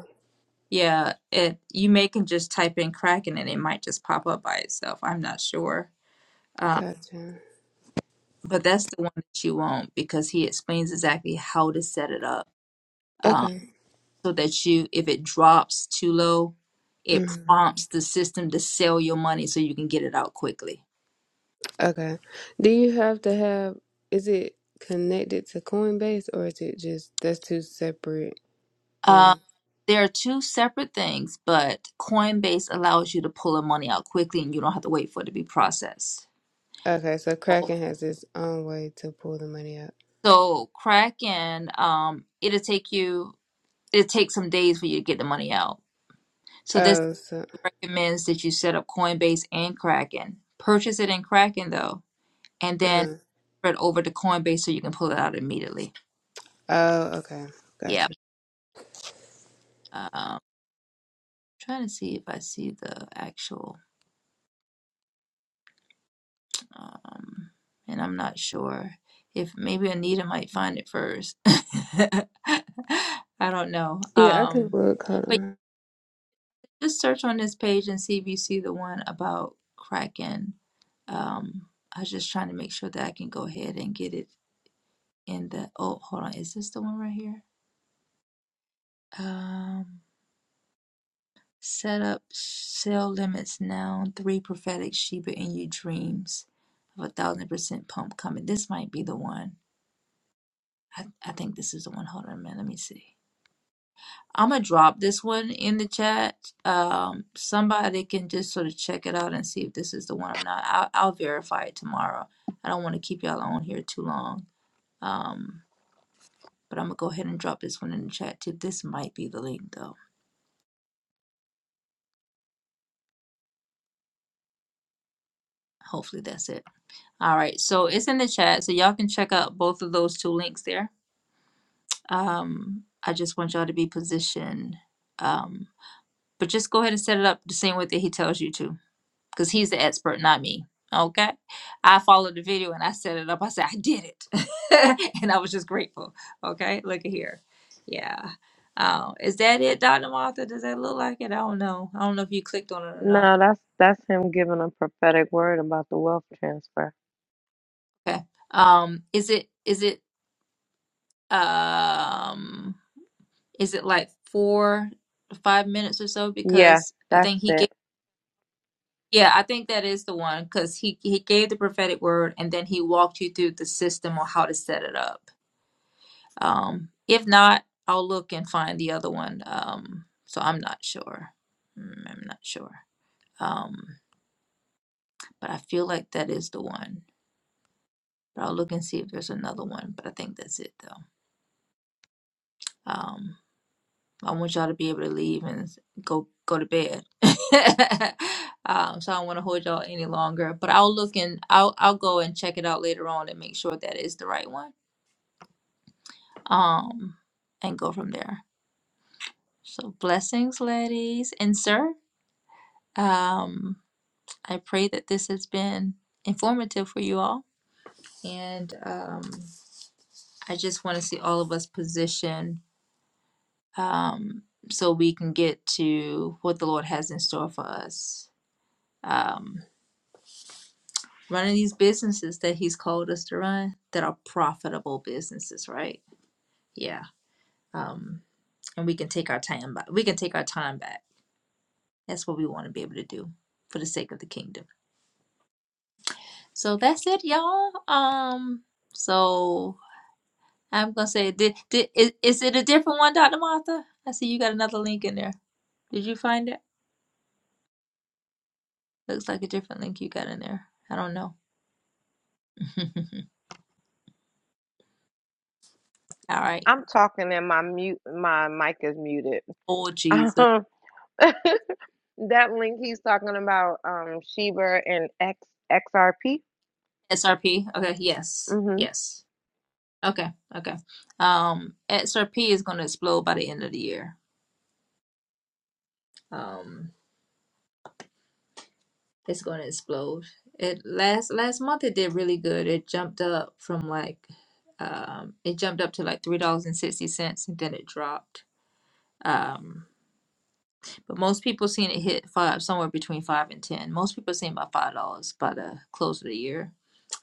S1: yeah. It you may can just type in Kraken and it might just pop up by itself. I'm not sure. um,
S3: Gotcha.
S1: But that's the one that you want because he explains exactly how to set it up um,
S3: Okay.
S1: so that you, if it drops too low, it
S3: hmm
S1: prompts the system to sell your money so you can get it out quickly.
S3: Okay. Do you have to have? Is it connected to Coinbase or is it just that's two separate
S1: Uh,
S3: things?
S1: there are two separate things, but Coinbase allows you to pull the money out quickly and you don't have to wait for it to be processed.
S3: Okay, so Kraken has its own way to pull the money out.
S1: So Kraken, um, it'll take you, it'll take some days for you to get the money out. So this
S3: Oh, so
S1: recommends that you set up Coinbase and Kraken. Purchase it in Kraken though and then
S3: uh-huh.
S1: spread over to Coinbase so you can pull it out immediately.
S3: Oh, okay.
S1: Yeah.
S3: Gotcha.
S1: Um, trying to see if I see the actual, um, and I'm not sure if maybe Anita might find it first. I don't know.
S3: Yeah, I can
S1: Um,
S3: look. Hold
S1: but
S3: on.
S1: just search on this page and see if you see the one about Kraken. Um, I was just trying to make sure that I can go ahead and get it in the. Oh, hold on. Is this the one right here? Um, Set up cell limits now. Three prophetic Sheba in you dreams of a thousand percent pump coming. This might be the one. I, I think this is the one. Hold on a minute. Let me see. I'm gonna drop this one in the chat. Um, somebody can just sort of check it out and see if this is the one or not. I'll, I'll verify it tomorrow. I don't want to keep y'all on here too long. Um, but I'm gonna go ahead and drop this one in the chat too. This might be the link though. Hopefully that's it. All right, so it's in the chat, so y'all can check out both of those two links there. Um, I just want y'all to be positioned. Um, but just go ahead and set it up the same way that he tells you to, because he's the expert, not me. Okay, I followed the video and I set it up. I said I did it, and I was just grateful. Okay, look at here. Yeah, uh, is that it, Dr. Martha? Does that look like it? I don't know. I don't know if you clicked on it or
S2: None
S1: not.
S2: of them give
S1: Okay. Um, is it? Is it? Um. Is it like four, to five minutes or so?
S2: Yeah,
S1: Because I
S2: that's
S1: think he
S2: it.
S1: gave, yeah, I think that is the one because he he gave the prophetic word and then he walked you through the system on how to set it up. Um, if not, I'll look and find the other one. Um, so I'm not sure. Mm, I'm not sure. Um, but I feel like that is the one. But I'll look and see if there's another one. But I think that's it though. Um, I want y'all to be able to leave and s- go go to bed. um, so I don't want to hold y'all any longer. But I'll look and I'll I'll go and check it out later on and make sure that is the right one. Um, and go from there. So blessings, ladies and sir. Um, I pray that this has been informative for you all. And um, I just want to see all of us positioned um, so we can get to what the Lord has in store for us. Um, running these businesses that he's called us to run that are profitable businesses, right? Yeah. Um, and we can take our time back. We can take our time back. That's what we want to be able to do for the sake of the kingdom. So that's it, y'all. Um, so I'm gonna say, did, did is, is it a different one, Dr. Martha? I see you got another link in there. Did you find it? Looks like a different link you got in there. I don't know. All right.
S2: I'm talking and my mute my mic is muted.
S1: Oh Jesus.
S2: Um, that link he's talking about, um, share and X XRP.
S1: SRP. Okay. Yes. Yes. Okay, okay. Um, XRP is going to explode by the end of the year. Um, it's going to explode. It last last month it did really good. It jumped up from like, um, it jumped up to like three dollars and sixty cents, and then it dropped. Um, but most people seen it hit five somewhere between five and ten. Most people seen about five dollars by the close of the year.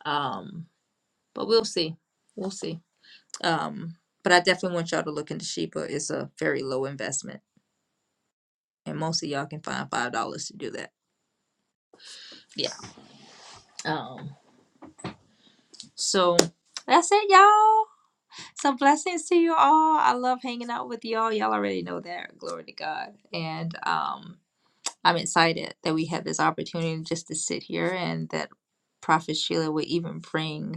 S1: Um, but we'll see, we'll see. Um, but I definitely want y'all to look into Sheba. It's a very low investment and most of y'all can find five dollars to do that. Yeah. Um. So that's it, y'all. Some blessings to you all. I love hanging out with y'all. Y'all already know that. Glory to God. And um, I'm excited that we had this opportunity just to sit here and that Prophet Sheila would even bring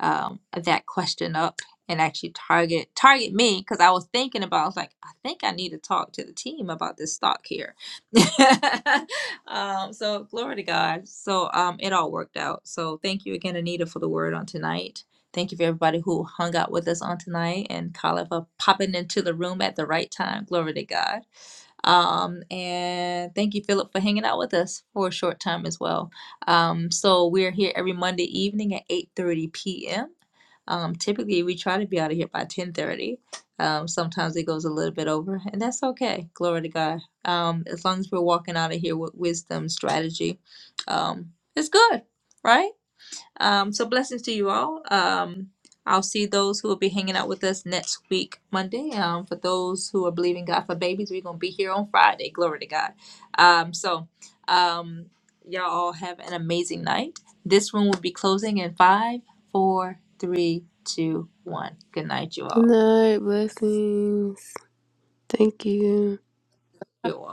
S1: um, that question up and actually target target me because I was thinking about I was like I think I need to talk to the team about this stock here. um, so glory to God. So um, it all worked out. So thank you again, Anita, for the word on tonight. Thank you for everybody who hung out with us on tonight and Colin for popping into the room at the right time. Glory to God. Um, and thank you, Philip, for hanging out with us for a short time as well. Um, so we're here every Monday evening at 8:30 p.m. Um, typically, we try to be out of here by 10:30. Um, sometimes it goes a little bit over, and that's okay. Glory to God. Um, as long as we're walking out of here with wisdom, strategy, um, it's good, right? Um, so blessings to you all. Um, I'll see those who will be hanging out with us next week, Monday. Um, for those who are believing God for babies, we're gonna be here on Friday. Glory to God. Um, so um, y'all all have an amazing night. This one will be closing in five, four, three, two, one. Good night, you
S3: Good
S1: all.
S3: night. Blessings. Thank you.
S1: You all.